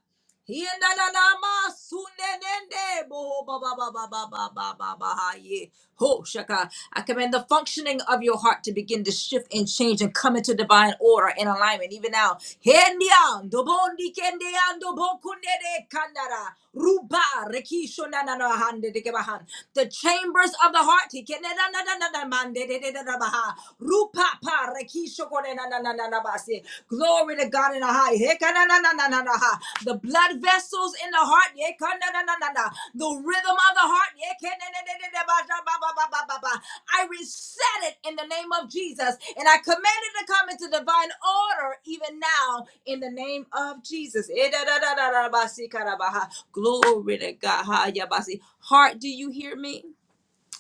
S1: Hiyananama sunenende boho ba ba ba ba ba ba ba ba ba ha ye. Ho shaka. I command the functioning of your heart to begin to shift and change and come into divine order and alignment even now. Hendian dobondi kendian dobokunede kandara. Ruba rekisho na na na hande de kebahan. The chambers of the heart. he kene na na na na na mande de de de na baha. Rupa pa rekisho kone na na na na na basi. Glory to God in the high. He kana na na na na na na ha. The blood vessels in the heart. Ye kana na na na na. na. The rhythm of the heart. Ye kene de de de de ba ba ba ba ba ba ba. I reset it in the name of Jesus, and I command it to come into divine order even now in the name of Jesus. Eh, da, da, da, da, da, ba, si, ka, da, ba, ha. Glory to God. Ha, Yabasi. Heart, do you hear me?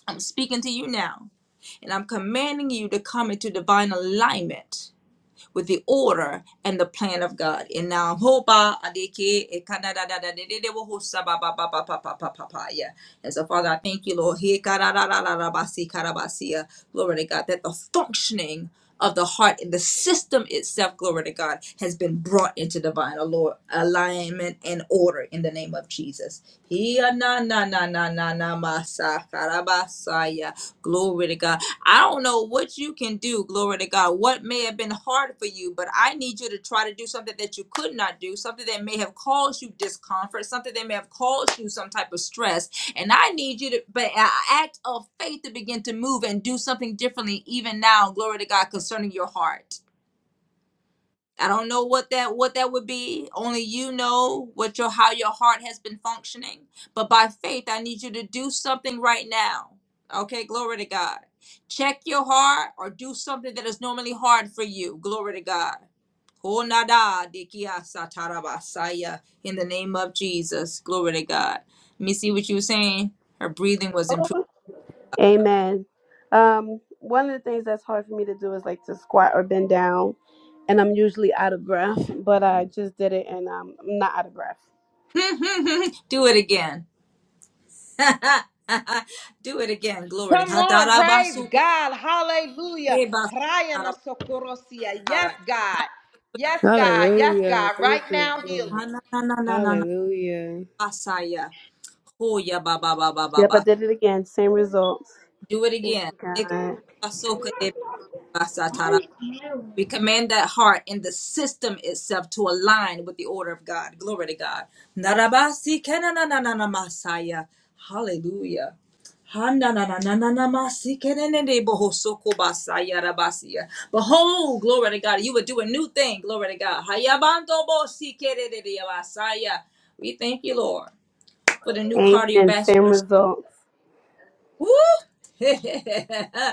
S1: I'm speaking to you now, and I'm commanding you to come into divine alignment with the order and the plan of God. And now hoba adeke ekanada da da de de wo hosa ba ba ba ba ba ba ba ba. yeah. And so Father, I thank you, Lord. He kararararabasi karabasia. Glory to God. That the functioning of the heart and the system itself, glory to God, has been brought into divine allo- alignment and order in the name of Jesus. He na na na na na na masaya. Glory to God. I don't know what you can do, glory to God, what may have been hard for you, but I need you to try to do something that you could not do, something that may have caused you discomfort, something that may have caused you some type of stress. And I need you to, but an act of faith to begin to move and do something differently, even now, glory to God, concerning your heart. I don't know what that what that would be. Only you know what your how your heart has been functioning. But by faith, I need you to do something right now. Okay, glory to God. Check your heart or do something that is normally hard for you. Glory to God. Honada dikia satarabasaya. In the name of Jesus. Glory to God. Let me see what you were saying. Her breathing was improved.
S6: amen um one of the things that's hard for me to do is like to squat or bend down and i'm usually out of breath but i just did it and um, i'm not out of breath
S1: do it again. do it again. Glory
S2: Come,
S1: to
S2: yeah,
S1: God. God.
S2: right, Yeah.
S4: Hallelujah. Thank you, Lord.
S1: Ananananana
S4: Hallelujah.
S1: basaya. Hoya ba ba ba ba ba
S6: yep i
S1: ba.
S6: did it again same results
S1: Do it
S6: thank
S1: again.
S6: you
S1: Eka
S6: god
S1: de basatara. We command that heart and the system itself to align with the order of God. Glory to God. Narabasi kenanananana masaya. Hallelujah. Hanananananamasi kenenene bohosoko basaya rabasiya. Behold, glory to God, you would do a new thing, glory to God. Hayabandobosikederediabasaya. We thank you, Lord. for the new
S6: amen same
S1: cardiovascular.
S6: results
S1: Woo!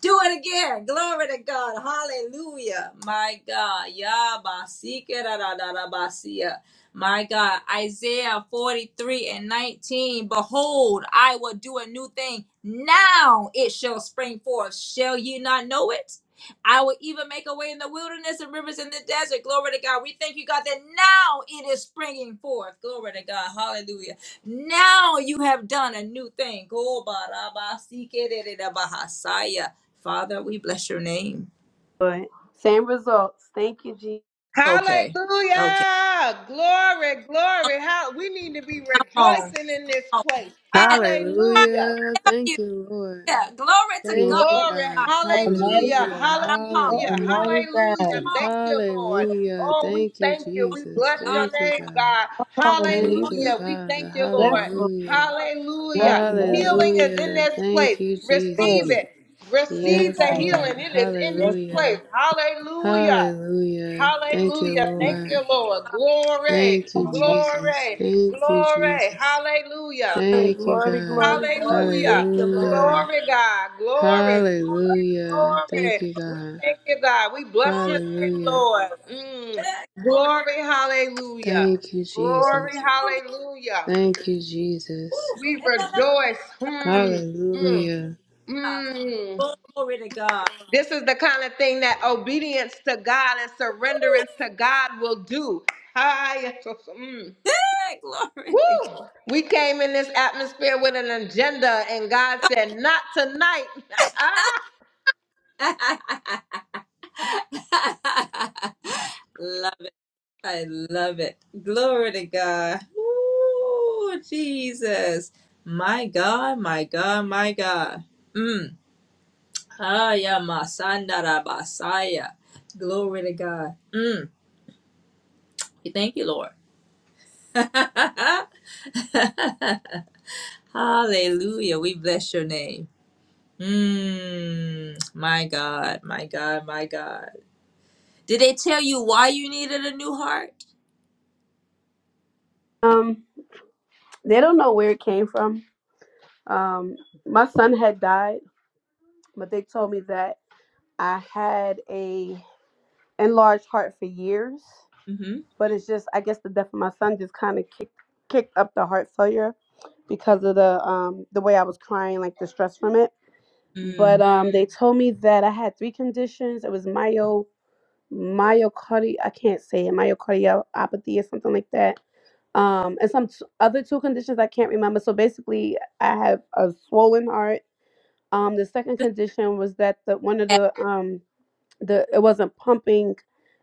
S1: Do it again. Glory to God. Hallelujah. My God. Yabasikirarararabasia. My God. Isaiah 43 and 19. Behold, I will do a new thing. Now it shall spring forth. Shall ye not know it? I will even make a way in the wilderness and rivers in the desert. Glory to God. We thank you, God, that now it is springing forth. Glory to God. Hallelujah. Now you have done a new thing. Go ba ra barabasikererabahasaya. Father, we bless your name.
S6: but same results thank you jesus
S1: Okay. Okay.
S2: Hallelujah. Glory, glory. How we need to be
S1: Come on.
S2: rejoicing in this
S1: Oh,
S2: place.
S1: man. How are
S2: Hallelujah.
S4: Hallelujah.
S1: you?
S4: Thank you, Lord.
S1: Yeah. Glory to
S3: You
S4: Thank
S1: God.
S4: you,
S3: Lord
S2: Glory.
S1: Come
S4: God.
S3: Almighty
S2: Hallelujah.
S3: God,
S4: Hallelujah.
S1: on.
S2: Hallelujah.
S4: Hallelujah.
S3: Almighty God.
S2: Hallelujah.
S1: Come on.
S2: Thank you, Lord.
S4: Hallelujah.
S2: Oh, we
S4: Thank you,
S2: thank you. We
S4: Jesus.
S2: bless
S1: God.
S2: your
S4: Thank you,
S2: name,
S4: God.
S2: God.
S3: Come on,
S4: Thank
S1: Glory
S4: you,
S3: Jesus.
S2: Hallelujah. We
S4: Father.
S2: thank you,
S3: Yes,
S2: Lord.
S3: Lord.
S4: Hallelujah.
S1: to
S3: Yes,
S2: Hallelujah.
S3: Lord.
S2: Healing is in
S4: Hallelujah.
S2: this place.
S4: Thank you,
S2: Receive
S4: Jesus.
S3: Good,
S2: it.
S3: good
S2: Receive
S4: Yes,
S2: the
S3: Father.
S2: healing.
S4: Lord.
S2: It is in
S3: Yes,
S2: this
S3: Lord.
S2: place.
S4: Hallelujah.
S2: Hallelujah.
S4: Hallelujah. Thank you,
S2: Hallelujah.
S3: Good
S2: Thank you,
S4: Lord.
S2: Lord. Glory,
S4: Thank you,
S3: Father.
S4: Jesus.
S2: glory,
S4: Thank you,
S2: glory.
S4: Jesus.
S1: God.
S2: Hallelujah.
S6: Glory,
S4: Thank
S2: Mm.
S4: you,
S6: glory,
S4: God.
S6: glory, glory.
S2: Hallelujah.
S6: Thank you, Lord.
S4: Hallelujah.
S2: Glory, God. Glory, glory,
S4: Hallelujah.
S2: glory.
S4: Thank you,
S2: We
S4: God.
S2: thank you, God. We bless
S1: Yeah.
S2: your name,
S4: Hallelujah.
S2: Lord. Mm.
S1: Glory
S2: Glory, hallelujah.
S4: Thank you,
S1: Woo.
S2: Glory,
S4: Jesus.
S1: Glory
S2: hallelujah.
S4: Thank you, Jesus.
S1: Woo.
S2: We
S1: Yeah, yeah, yeah,
S2: rejoice. Mm, mm,
S4: Hallelujah.
S1: yeah.
S2: mm.
S1: Glory to God.
S2: This is the kind of thing that obedience to God and surrenderance to God will do. Hi. yes, yes, yes, Mm.
S1: Glory.
S2: Woo! We came in this atmosphere with an agenda, and God said, "Not tonight."
S1: Love- I love it. Glory to God. Ooh, Jesus. My God, my God, my God. Mm. Aya masanda ra basaya. Glory to God. Mm, we thank you, Lord. Hallelujah. We bless your name. Mm, my God, my God, my God. Did they tell you why you needed a new heart?
S6: Um, they don't know where it came from. Um, my son had died, but they told me that I had a enlarged heart for years. But it's just, I guess, the death of my son just kind of kicked kicked up the heart failure because of the um the way I was crying, like the stress from it.
S1: Mm.
S6: But um, they told me that I had three conditions. It was myo myocardi I can't say it, myocardiopathy or something like that um, and some t- other two conditions I can't remember. So basically, I have a swollen heart. Um, the second condition was that the one of
S1: Yeah.
S6: the um the it wasn't pumping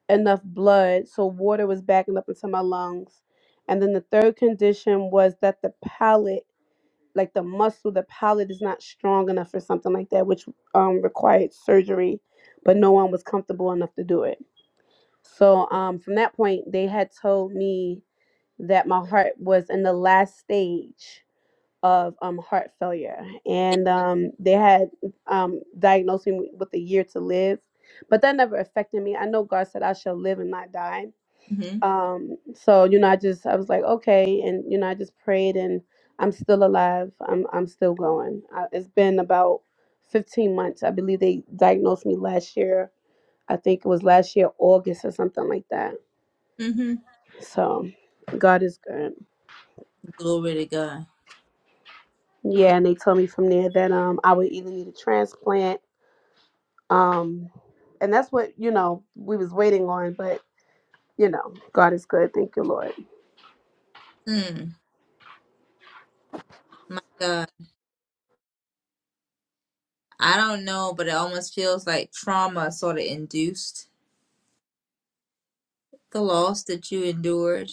S6: enough blood, so water was backing up into my lungs. And then the third condition was that the palate, like the muscle, the palate is not strong enough or something like that, which um required surgery, but no one was comfortable enough to do it. So um from that point, they had told me that my heart was in the last stage of um, heart failure, and um, they had um, diagnosed me with a year to live, but that never affected me. I know God said I shall live and not die.
S1: hmm
S6: Um, so you know, I just I was like, okay, and you know, I just prayed, and I'm still alive. I'm I'm still going. I, it's been about 15 months. I believe they diagnosed me last year. I think it was last year August or something like that.
S1: hmm
S6: So God is good.
S1: Glory to God.
S6: Yeah, and they told me from there that um I would either need a transplant, um, and that's what you know we was waiting on. But you know, God is good. Thank you, Lord.
S1: Mm, my God. I don't know, but it almost feels like trauma sort of induced. The loss that you endured,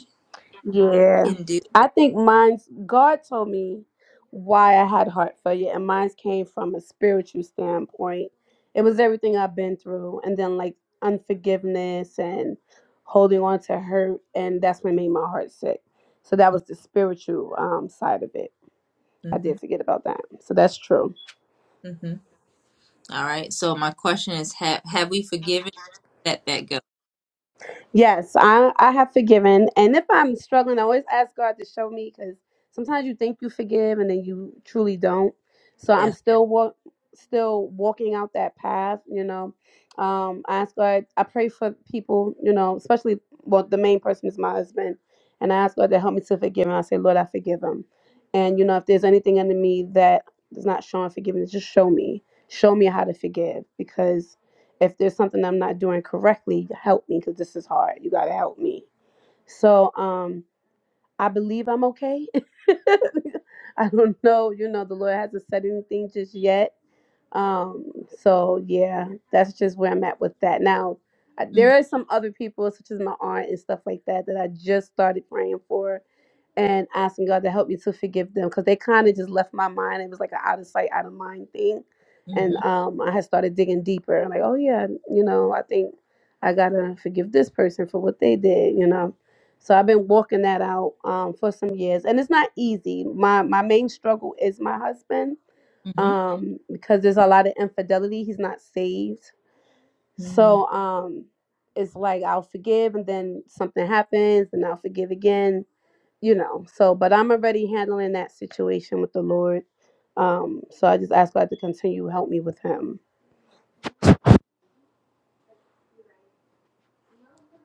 S6: Yeah,
S1: induced.
S6: I think mine's God told me why I had heart failure, and mine's came from a spiritual standpoint. It was everything I've been through, and then like unforgiveness and holding on to hurt, and that's what made my heart sick. So that was the spiritual um, side of it. I did
S1: hmm
S6: forget about that. So that's true.
S1: All right. So my question is, have have we forgiven? Let that go.
S6: Yes, I I have forgiven, and if I'm struggling, I always ask God to show me because sometimes you think you forgive and then you truly don't. So I'm
S1: Yeah.
S6: still walk, still walking out that path. You know, um, I ask God. I pray for people. You know, especially well, the main person is my husband, and I ask God to help me to forgive him. I say, Lord, I forgive him, and you know, if there's anything under me that is not showing forgiveness, just show me, show me how to forgive because if there's something I'm not doing correctly, help me because this is hard. You gotta help me. So um I believe I'm okay. I don't know, you know, the Lord hasn't said anything just yet. Um, so yeah, that's just where I'm at with that. Now I- there are some other people, such as my aunt and stuff like that, that I just started praying for and asking God to help me to forgive them because they kind of just left my mind. It was like an out of sight, out of mind thing. And
S1: Mm-hmm.
S6: um, I had started digging deeper, like, oh yeah, you know, I think I gotta forgive this person for what they did, you know. So I've been walking that out um, for some years, and it's not easy. My my main struggle is my husband
S1: Mm-hmm.
S6: um, because there's a lot of infidelity. He's not saved,
S1: mm
S6: so um, it's like I'll forgive, and then something happens, and I'll forgive again you know, so but I'm already handling that situation with the Lord. Um, so I just ask God to continue to help me with him.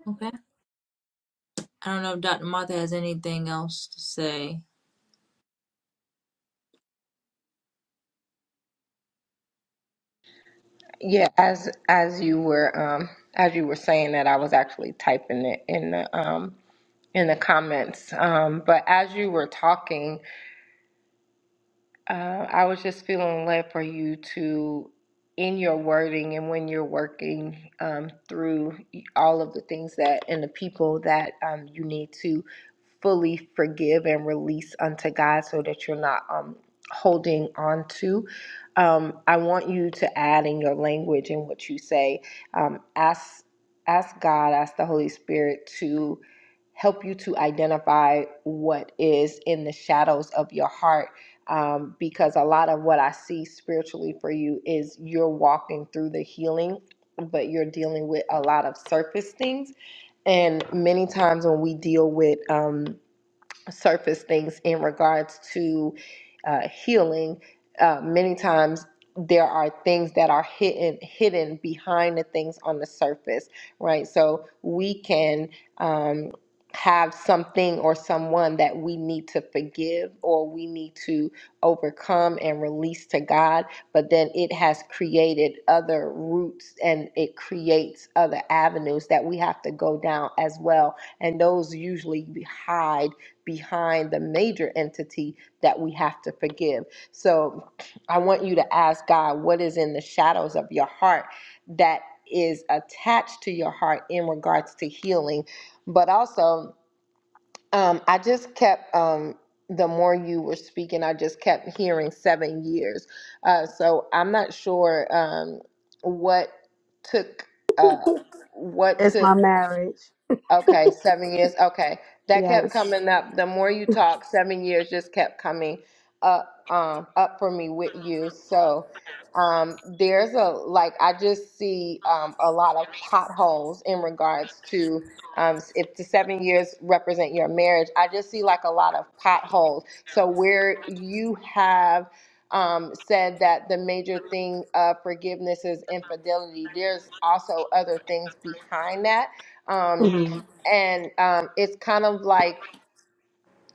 S1: Okay. I don't know if Dr. Martha has anything else to say.
S2: yeah, as as you were um as you were saying that, I was actually typing it in the um in the comments. Um, but as you were talking, Uh, I was just feeling led for you to, in your wording and when you're working um, through all of the things that and the people that um, you need to fully forgive and release unto God so that you're not um, holding on to. Um, I want you to add in your language and what you say, um, ask, ask God, ask the Holy Spirit to help you to identify what is in the shadows of your heart. Um, because a lot of what I see spiritually for you is you're walking through the healing, but you're dealing with a lot of surface things. And many times when we deal with, um, surface things in regards to uh, healing. Uh, many times there are things that are hidden hidden behind the things on the surface, right? So we can um, have something or someone that we need to forgive or we need to overcome and release to God, but then it has created other roots and it creates other avenues that we have to go down as well and those usually hide behind the major entity that we have to forgive. So I want you to ask God what is in the shadows of your heart that is attached to your heart in regards to healing. But also, um, I just kept, um, the more you were speaking, I just kept hearing seven years. Uh, so I'm not sure um, what took. Uh, what
S6: It's
S2: took
S6: my marriage.
S2: Okay, seven years. Okay, that kept
S6: Yes.
S2: coming up. The more you talk, seven years just kept coming up, um, up for me with you. So, um, there's a like I just see um, a lot of potholes in regards to um, if the seven years represent your marriage. I just see like a lot of potholes. So where you have um, said that the major thing of forgiveness is infidelity. There's also other things behind that Um,
S6: hmm
S2: and um, it's kind of like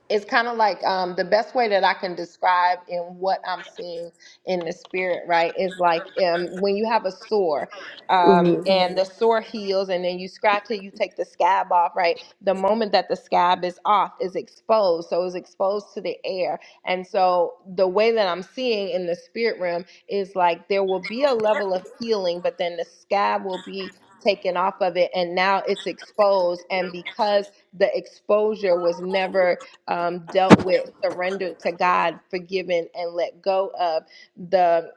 S2: it's kind of like um, the best way that I can describe in what I'm seeing in the spirit, right? Is like um, when you have a sore um,
S6: hmm
S2: and the sore heals, and then you scratch it, you take the scab off, right? The moment that the scab is off, is exposed, so it's exposed to the air. And so the way that I'm seeing in the spirit realm is like there will be a level of healing, but then the scab will be taken off of it, and now it's exposed. And because the exposure was never um, dealt with, surrendered to God, forgiven, and let go of the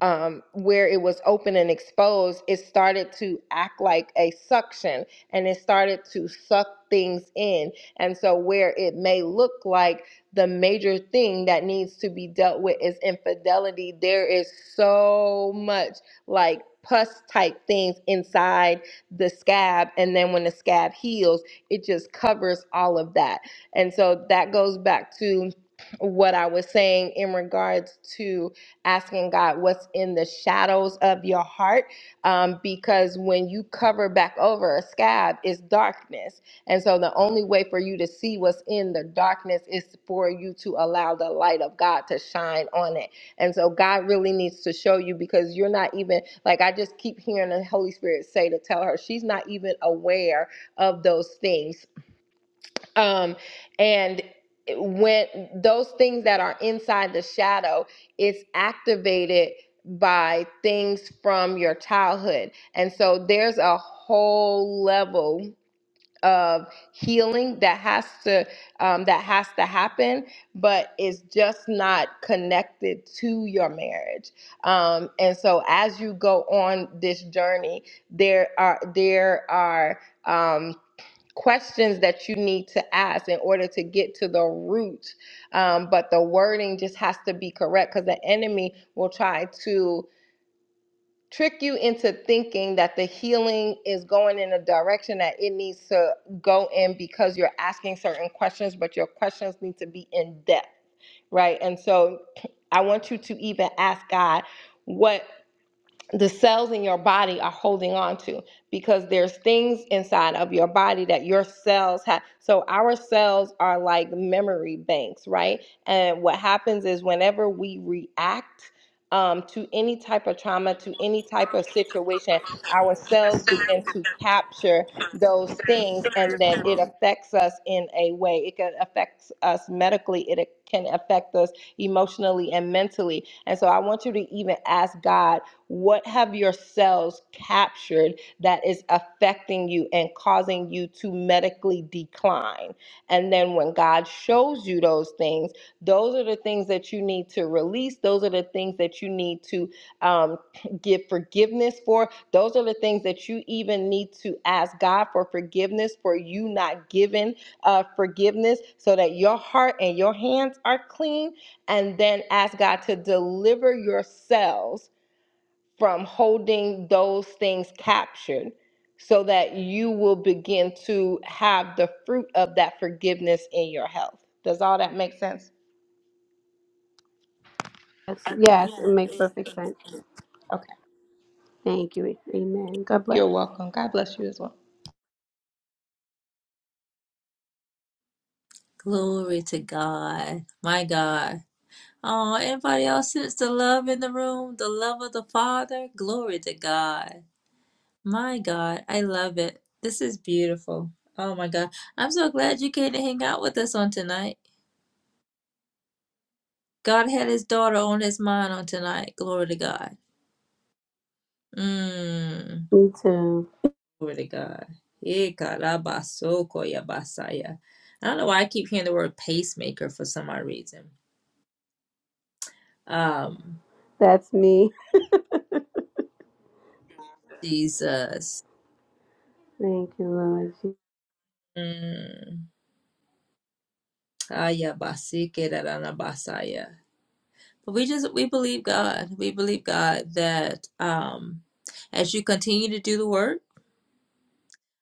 S2: um, where it was open and exposed, it started to act like a suction and it started to suck things in. And so, where it may look like the major thing that needs to be dealt with is infidelity, there is so much like pus type things inside the scab. And then, when the scab heals, it just covers all of that. And so, that goes back to what I was saying in regards to asking God what's in the shadows of your heart. Um, because when you cover back over a scab, it's darkness. And so the only way for you to see what's in the darkness is for you to allow the light of God to shine on it. And so God really needs to show you because you're not even, like, I just keep hearing the Holy Spirit say to tell her, she's not even aware of those things um and when those things that are inside the shadow it's activated by things from your childhood and so there's a whole level of healing that has to um, that has to happen but it's just not connected to your marriage um, and so as you go on this journey there are there are um, questions that you need to ask in order to get to the root. Um, but the wording just has to be correct because the enemy will try to trick you into thinking that the healing is going in a direction that it needs to go in because you're asking certain questions, but your questions need to be in depth, right? And so I want you to even ask God. What the cells in your body are holding on to because there's things inside of your body that your cells have. So our cells are like memory banks, right? And what happens is whenever we react um, to any type of trauma, to any type of situation, our cells begin to capture those things and then it affects us in a way. It can affect us medically, it can affect us emotionally and mentally. And so I want you to even ask God what have your cells captured that is affecting you and causing you to medically decline? And then when God shows you those things, those are the things that you need to release. Those are the things that you need to um, give forgiveness for. Those are the things that you even need to ask God for forgiveness for you not giving uh, forgiveness so that your heart and your hands are clean. And then ask God to deliver your cells from holding those things captured so that you will begin to have the fruit of that forgiveness in your health. Does all that make sense?
S6: Yes, yes, it makes perfect sense.
S2: Okay.
S6: Thank you. Amen. God bless.
S2: You're welcome. God bless you as well.
S1: Glory to God. My God. Oh, anybody else sense the love in the room? The love of the Father? Glory to God. My God. I love it. This is beautiful. Oh my God. I'm so glad you came to hang out with us on tonight. God had his daughter on his mind on tonight. Glory to God. Mm.
S6: Me too.
S1: Glory to God. Eh, karabasoko koyabasaya. I don't know why I keep hearing the word pacemaker for some odd reason. Um,
S6: That's me.
S1: Jesus.
S6: Thank you, Lord
S1: Mm, ayabasike dadanabasaya. But we just we believe God. We believe God that um as you continue to do the work.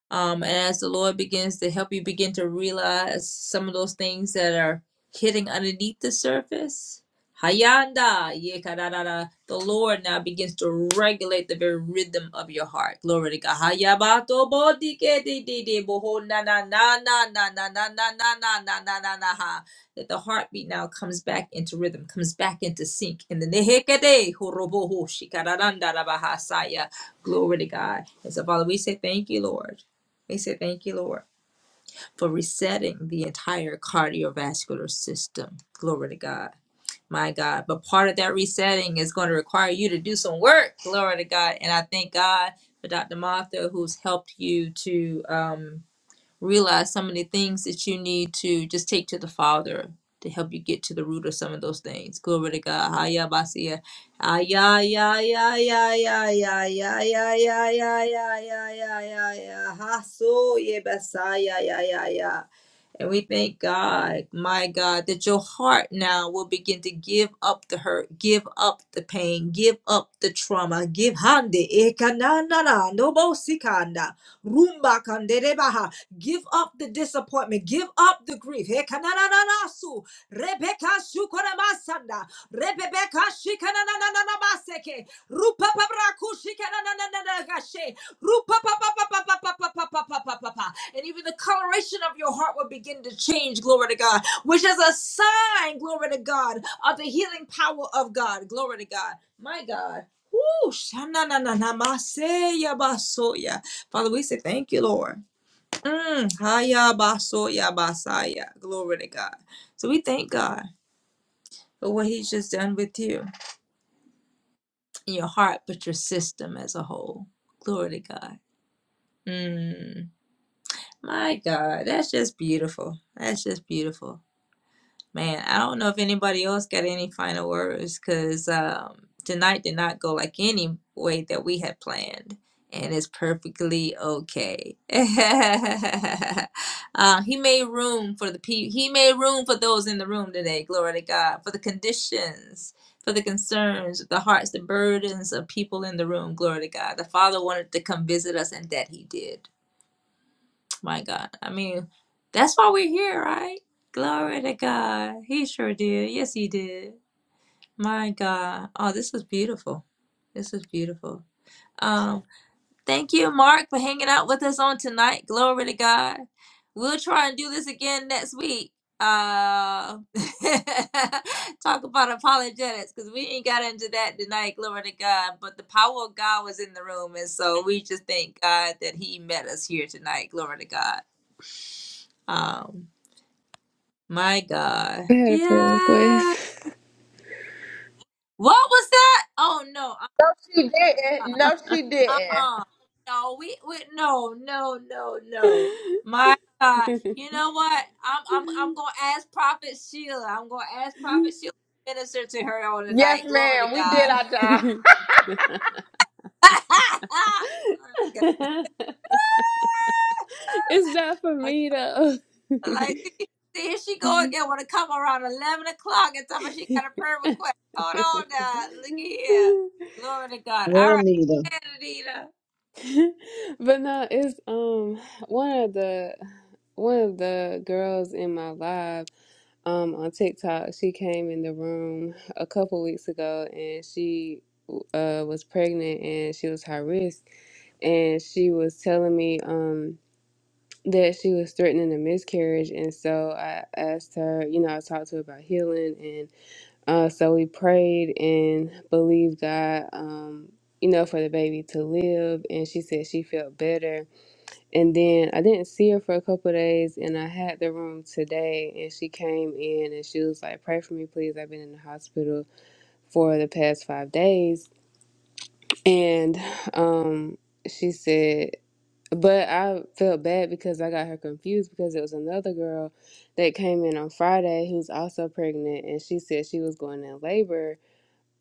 S1: Um, and as the Lord begins to help you begin to realize some of those things that are hitting underneath the surface, Hayanda, yekarara, the Lord now begins to regulate the very rhythm of your heart. Glory to God. Hayabato bodike di di di boho na na na na na na na na na na na na na na ha. That the heartbeat now comes back into rhythm, comes back into sync. In the nehekade horoboho shikararanda rabahasaya. Glory to God. And so, Father, we say thank you, Lord. We say thank you, Lord, for resetting the entire cardiovascular system. Glory to God. My God. But part of that resetting is going to require you to do some work. Glory to God. And I thank God for Dr. Martha, who's helped you to. Um, realize some of the things that you need to just take to the Father to help you get to the root of some of those things. Glory to God. Haya basia. Aya ya ya ya ya ya ya ya ya ya ya ya ya ya ya. Haso ye basaya ya ya ya. And we thank God, my God, that your heart now will begin to give up the hurt, give up the pain, give up the trauma, give hande ekananana nobo sikanda rumba kanderebaha. Give up the disappointment, give up the grief. Ekananana su rebeka shukoremasanda rebebeka shikananana maseke rupa pabraku shikananana gashe and even the coloration of your heart will begin to change, glory to God, which is a sign, glory to God, of the healing power of God, glory to God. My God. Woo, shananananamaseya basoya. Father, we say thank you, Lord. Mm, haya basoya basaya. Glory to God. So we thank God for what He's just done with you in your heart, but your system as a whole. Glory to God. Mm. My God, that's just beautiful. That's just beautiful. Man, I don't know if anybody else got any final words because um, tonight did not go like any way that we had planned. And it's perfectly okay. uh, he made room for the people. He made room for those in the room today. Glory to God. For the conditions, for the concerns, the hearts, the burdens of people in the room. Glory to God. The Father wanted to come visit us, and that He did. My God. I mean, that's why we're here, right? Glory to God. He sure did. Yes, he did. My God. Oh, this is beautiful. This is beautiful. Um, thank you, Mark, for hanging out with us on tonight. Glory to God. We'll try and do this again next week. Uh, talk about apologetics because we ain't got into that tonight. Glory to God. But the power of God was in the room, and so we just thank God that He met us here tonight. Glory to God. Um. My God.
S4: I had a prayer
S1: Yeah.
S4: request.
S1: What was that? Oh no.
S2: She didn't. No, she
S1: Uh,
S2: didn't.
S1: Uh-uh. No, we, we no, no, no, no. My God. You know what? I'm I'm I'm gonna ask Prophet Sheila. I'm gonna ask Prophet Sheila to minister to her on tonight.
S2: Yes,
S1: Glory to
S2: ma'am. We did
S1: God.
S2: our job.
S1: Glory to
S4: it's not for me though.
S1: God. Like see, see, here she go again. Wanna come around eleven o'clock and tell me she got a prayer request. Hold on now. Look here. Glory to God. All
S3: Lord,
S1: right,
S3: Nita.
S1: Anita.
S4: but no, it's um one of the one of the girls in my live um on TikTok, she came in the room a couple weeks ago and she uh was pregnant and she was high risk and she was telling me um that she was threatening a miscarriage and so i asked her you know i talked to her about healing and uh so we prayed and believed god um you know for the baby to live and she said she felt better and then i didn't see her for a couple of days and i had the room today and she came in and she was like pray for me please i've been in the hospital for the past five days and um she said But I felt bad because I got her confused because it was another girl that came in on Friday who's also pregnant and she said she was going in labor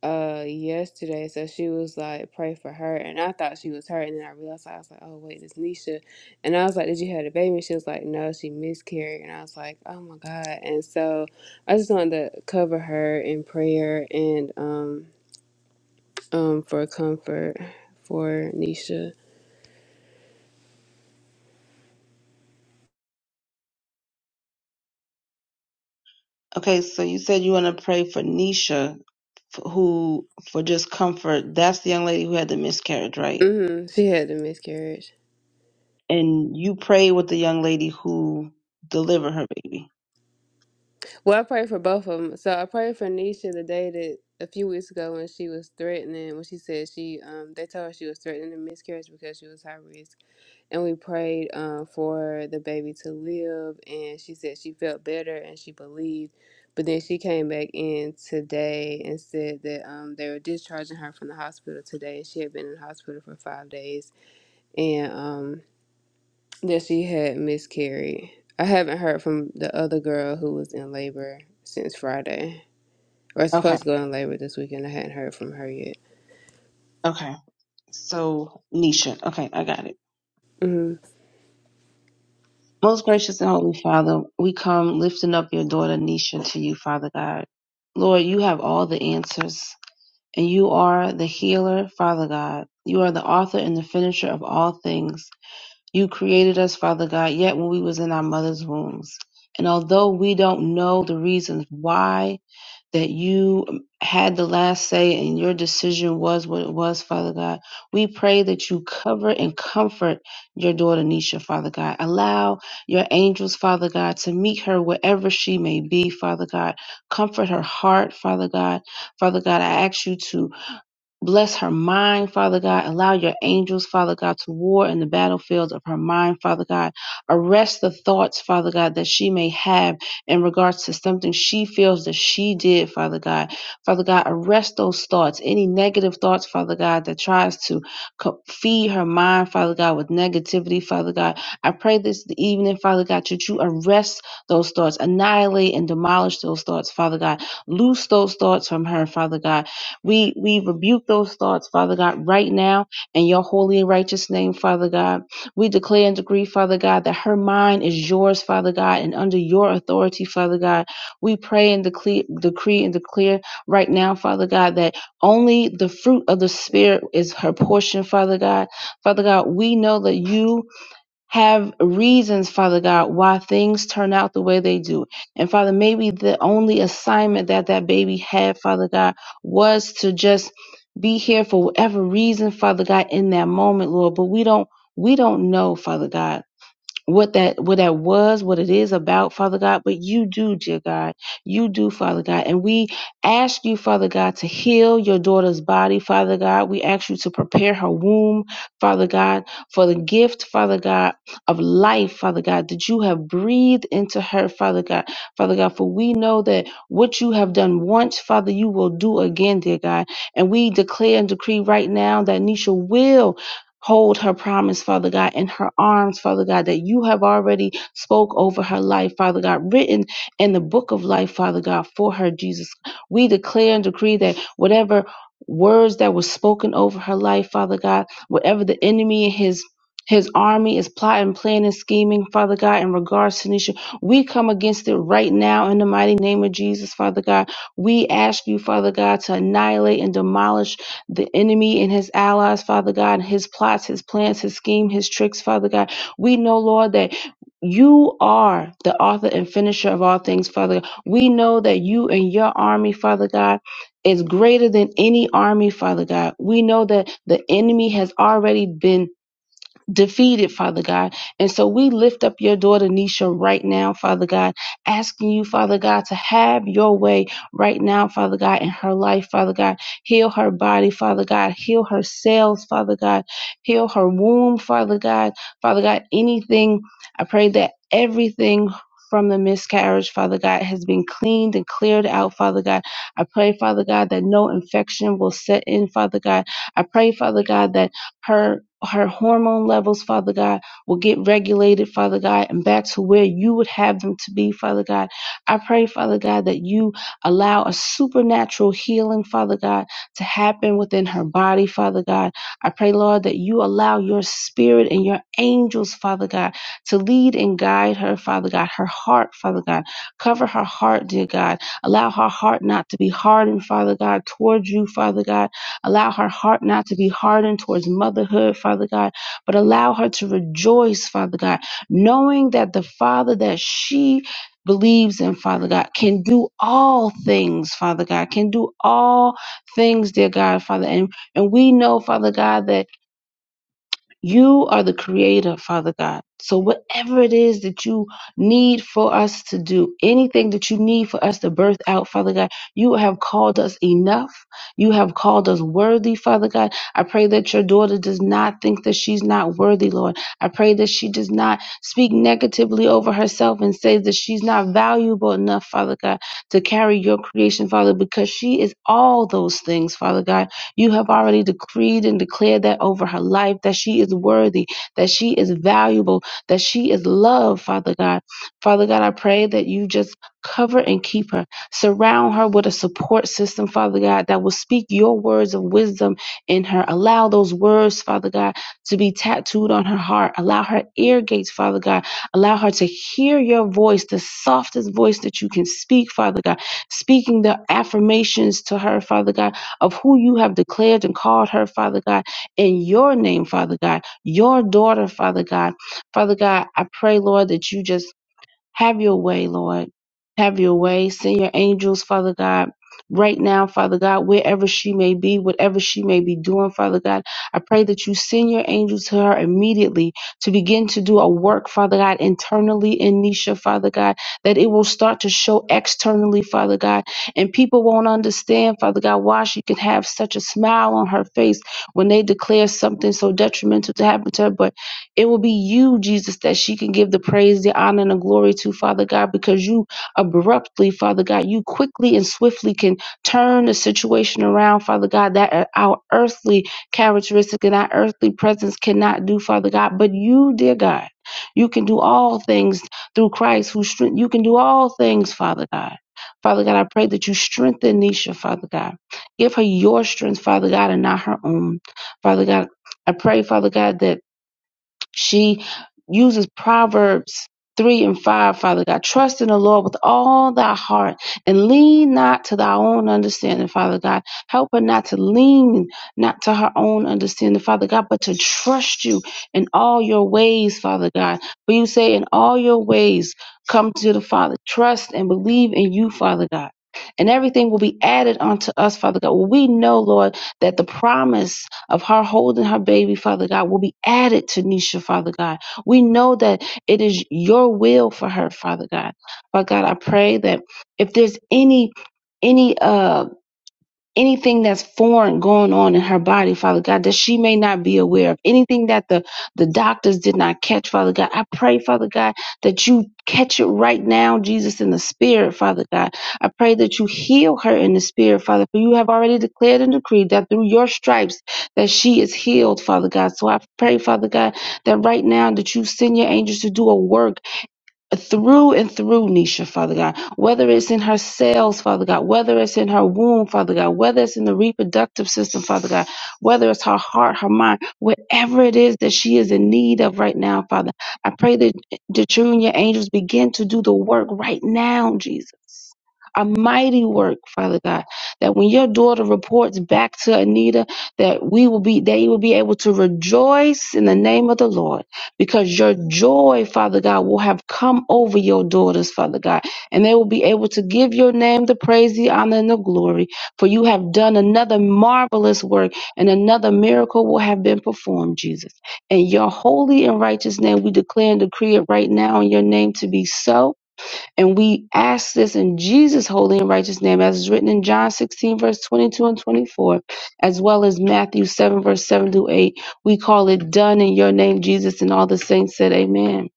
S4: uh yesterday. So she was like, pray for her and I thought she was her and then I realized I was like, Oh wait, it's Nisha and I was like, Did you have a baby? And she was like, No, she miscarried and I was like, Oh my God and so I just wanted to cover her in prayer and um um for comfort for Nisha.
S3: Okay, so you said you want to pray for Nisha, f- who for just comfort. That's the young lady who had the miscarriage, right?
S4: hmm She had the miscarriage.
S3: And you pray with the young lady who delivered her baby.
S4: Well, I prayed for both of them. So I prayed for Nisha the day that a few weeks ago when she was threatening, when she said she, um, they told her she was threatening a miscarriage because she was high risk, and we prayed um for the baby to live, and she said she felt better and she believed, but then she came back in today and said that um they were discharging her from the hospital today, she had been in the hospital for five days, and um that she had miscarried. I haven't heard from the other girl who was in labor since Friday, or
S3: Okay.
S4: supposed to go in labor this weekend. I hadn't heard from her yet.
S3: Okay. So, Nisha. Okay, I got it.
S4: hmm
S3: Most gracious and holy Father, we come lifting up your daughter Nisha to you, Father God. Lord, you have all the answers, and you are the healer, Father God. You are the author and the finisher of all things. You created us, Father God, yet when we was in our mother's wombs. And although we don't know the reasons why that you had the last say and your decision was what it was, Father God. We pray that you cover and comfort your daughter Nisha, Father God. Allow your angels, Father God, to meet her wherever she may be, Father God. Comfort her heart, Father God. Father God, I ask you to Bless her mind, Father God. Allow your angels, Father God, to war in the battlefields of her mind, Father God. Arrest the thoughts, Father God, that she may have in regards to something she feels that she did, Father God. Father God, arrest those thoughts, any negative thoughts, Father God, that tries to co- feed her mind, Father God, with negativity, Father God. I pray this evening, Father God, that you arrest those thoughts, annihilate and demolish those thoughts, Father God. Loose those thoughts from her, Father God we we rebuke those thoughts, Father God, right now in your holy and righteous name, Father God. We declare and decree, Father God, that her mind is yours, Father God, and under your authority, Father God. We pray and decree, decree and declare right now, Father God, that only the fruit of the Spirit is her portion, Father God. Father God, we know that you have reasons, Father God, why things turn out the way they do. And Father, maybe the only assignment that that baby had, Father God, was to just be here for whatever reason, Father God, in that moment, Lord. But we don't, we don't know, Father God what that what that was, what it is about, Father God, but you do, dear God. You do, Father God. And we ask you, Father God, to heal your daughter's body, Father God. We ask you to prepare her womb, Father God, for the gift, Father God, of life, Father God, that you have breathed into her, Father God. Father God, for we know that what you have done once, Father, you will do again, dear God. And we declare and decree right now that Nisha will hold her promise, Father God, in her arms, Father God, that you have already spoke over her life, Father God, written in the book of life, Father God, for her, Jesus. We declare and decree that whatever words that were spoken over her life, Father God, whatever the enemy and his his army is plotting, planning, scheming, Father God, in regards to Nisha. We come against it right now in the mighty name of Jesus, Father God. We ask you, Father God, to annihilate and demolish the enemy and his allies, Father God, his plots, his plans, his scheme, his tricks, Father God. We know, Lord, that you are the author and finisher of all things, Father God. We know that you and your army, Father God, is greater than any army, Father God. We know that the enemy has already been defeated, Father God. And so we lift up your daughter Nisha right now, Father God, asking you, Father God, to have your way right now, Father God, in her life, Father God. Heal her body, Father God. Heal her cells, Father God. Heal her womb, Father God. Father God, anything, I pray that everything from the miscarriage, Father God, has been cleaned and cleared out, Father God. I pray, Father God, that no infection will set in, Father God. I pray, Father God, that her her hormone levels, Father God, will get regulated, Father God, and back to where you would have them to be, Father God. I pray, Father God, that you allow a supernatural healing, Father God, to happen within her body, Father God. I pray, Lord, that you allow your spirit and your angels, Father God, to lead and guide her, Father God, her heart, Father God. Cover her heart, dear God. Allow her heart not to be hardened, Father God, towards you, Father God Allow her heart not to be hardened towards motherhood, Father God, but allow her to rejoice, Father God, knowing that the Father that she believes in, Father God, can do all things, Father God, can do all things, dear God, Father. And and we know, Father God, that you are the creator, Father God. So, whatever it is that you need for us to do, anything that you need for us to birth out, Father God, you have called us enough. You have called us worthy, Father God. I pray that your daughter does not think that she's not worthy, Lord. I pray that she does not speak negatively over herself and say that she's not valuable enough, Father God, to carry your creation, Father, because she is all those things, Father God. You have already decreed and declared that over her life, that she is worthy, that she is valuable, that she is loved, Father God. Father God, I pray that you just cover and keep her. Surround her with a support system, Father God, that will speak your words of wisdom in her. Allow those words, Father God, to be tattooed on her heart. Allow her ear gates, Father God. Allow her to hear your voice, the softest voice that you can speak, Father God. Speaking the affirmations to her, Father God of who you have declared and called her, Father God, in your name, Father God, your daughter, Father God. Father God, I pray, Lord, that you just have your way, Lord. Have your way. Send your angels, Father God, right now, Father God, wherever she may be, whatever she may be doing, Father God. I pray that you send your angels to her immediately to begin to do a work, Father God, internally in Nisha, Father God, that it will start to show externally, Father God. And people won't understand, Father God, why she could have such a smile on her face when they declare something so detrimental to happen to her. But it will be you, Jesus, that she can give the praise, the honor, and the glory to, Father God, because you abruptly, Father God, you quickly and swiftly can turn the situation around, Father God, that uh, our earthly characteristic and our earthly presence cannot do, Father God. But you, dear God, you can do all things through Christ who strength you can do all things, Father God. Father God, I pray that you strengthen Nisha, Father God. Give her your strength, Father God, and not her own. Father God, I pray, Father God, that she uses Proverbs 3 and 5, Father God. Trust in the Lord with all thy heart and lean not to thy own understanding, Father God. Help her not to lean not to her own understanding, Father God, but to trust you in all your ways, Father God. For you say, in all your ways, come to the Father. Trust and believe in you, Father God. And everything will be added unto us, Father God. Well, we know, Lord, that the promise of her holding her baby, Father God, will be added to Nisha, Father God. We know that it is your will for her, Father God. Father God, I pray that if there's any any um anything that's foreign going on in her body, Father God, that she may not be aware of, anything that the, the doctors did not catch, Father God. I pray, Father God, that you catch it right now, Jesus, in the spirit, Father God. I pray that you heal her in the spirit, Father, for you have already declared and decreed that through your stripes that she is healed, Father God. So I pray, Father God, that right now that you send your angels to do a work through and through Nisha, Father God, whether it's in her cells, Father God, whether it's in her womb, Father God, whether it's in the reproductive system, Father God, whether it's her heart, her mind, whatever it is that she is in need of right now, Father, I pray that, the true and your angels begin to do the work right now, Jesus. A mighty work, Father God, that when your daughter reports back to Anita, that we will be, they will be able to rejoice in the name of the Lord because your joy, Father God, will have come over your daughters, Father God, and they will be able to give your name the praise, the honor, and the glory. For you have done another marvelous work, and another miracle will have been performed, Jesus. In your holy and righteous name, we declare and decree it right now in your name to be so. And we ask this in Jesus' holy and righteous name, as is written in John 16, verse 22 and 24, as well as Matthew 7, verse 7 through 8. We call it done in your name, Jesus, and all the saints said, Amen.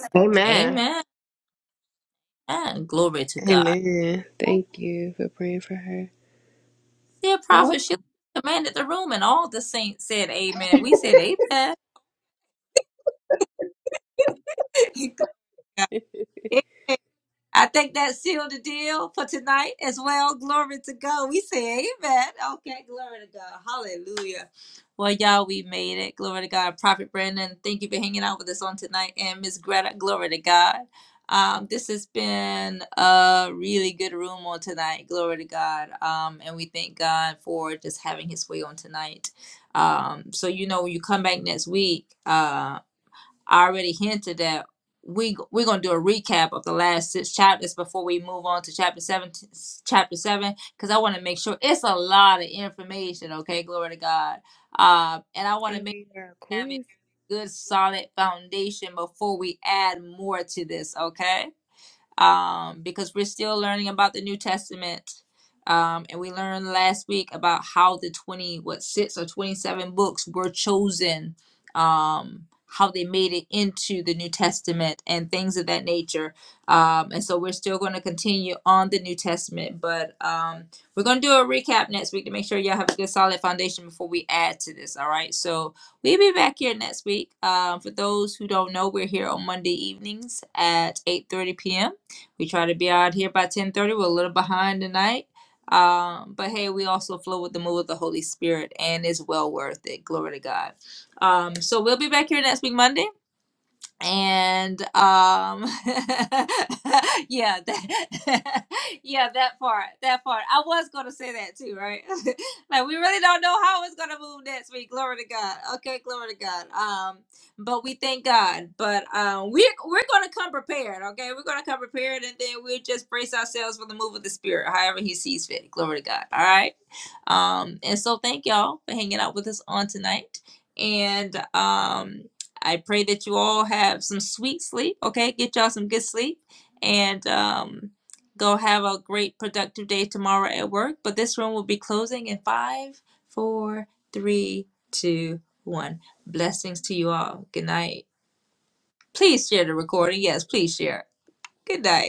S2: Amen.
S1: Amen. And glory to God.
S4: Amen.
S1: Oh,
S4: Thank you for praying for her.
S1: Dear
S3: You're welcome.
S1: prophet, she commanded the room, and all the saints said, "Amen." We said, "Amen." I think that sealed the deal for tonight as well. Glory to God. We say, "Amen." Okay, glory to God. Hallelujah. Well, y'all, we made it. Glory to God. Prophet Brandon, thank you for hanging out with us on tonight. And Miss Greta, glory to God. Um, this has been a really good room on tonight. Glory to God. Um, and we thank God for just having his way on tonight. Um, so, you know, when you come back next week, um, I already hinted that we we're gonna do a recap of the last six chapters before we move on to chapter seven. Chapter seven, because I want to make sure it's a lot of information. Okay, glory to God. Uh, and I want to
S4: I
S1: make
S4: read our
S1: have a
S4: quiz
S1: good solid foundation before we add more to this. Okay um, because we're still learning about the New Testament. Um, and we learned last week about how the 20, what, six or 27 books were chosen, um, how they made it into the New Testament and things of that nature. Um, and so we're still going to continue on the New Testament, but um, we're going to do a recap next week to make sure y'all have a good solid foundation before we add to this. All right. So we'll be back here next week. Um, for those who don't know, we're here on Monday evenings at eight thirty p.m we try to be out here by 1030. We're a little behind tonight. Um, but hey, we also flow with the move of the Holy Spirit and it's well worth it. Glory to God. Um, so we'll be back here next week, Monday and um yeah that, yeah that part that part i was gonna say that too right like we really don't know how it's gonna move next week glory to god okay glory to god um but we thank god but um we're we're gonna come prepared okay we're gonna come prepared and then we'll just brace ourselves for the move of the spirit however he sees fit glory to god all right um, and so thank y'all for hanging out with us on tonight. And um, I pray that you all have some sweet sleep. Okay, get y'all some good sleep, and um, go have a great productive day tomorrow at work. But this room will be closing in five, four, three, two, one. Blessings to you all. Good night. Please share the recording. Yes, please share. Good night.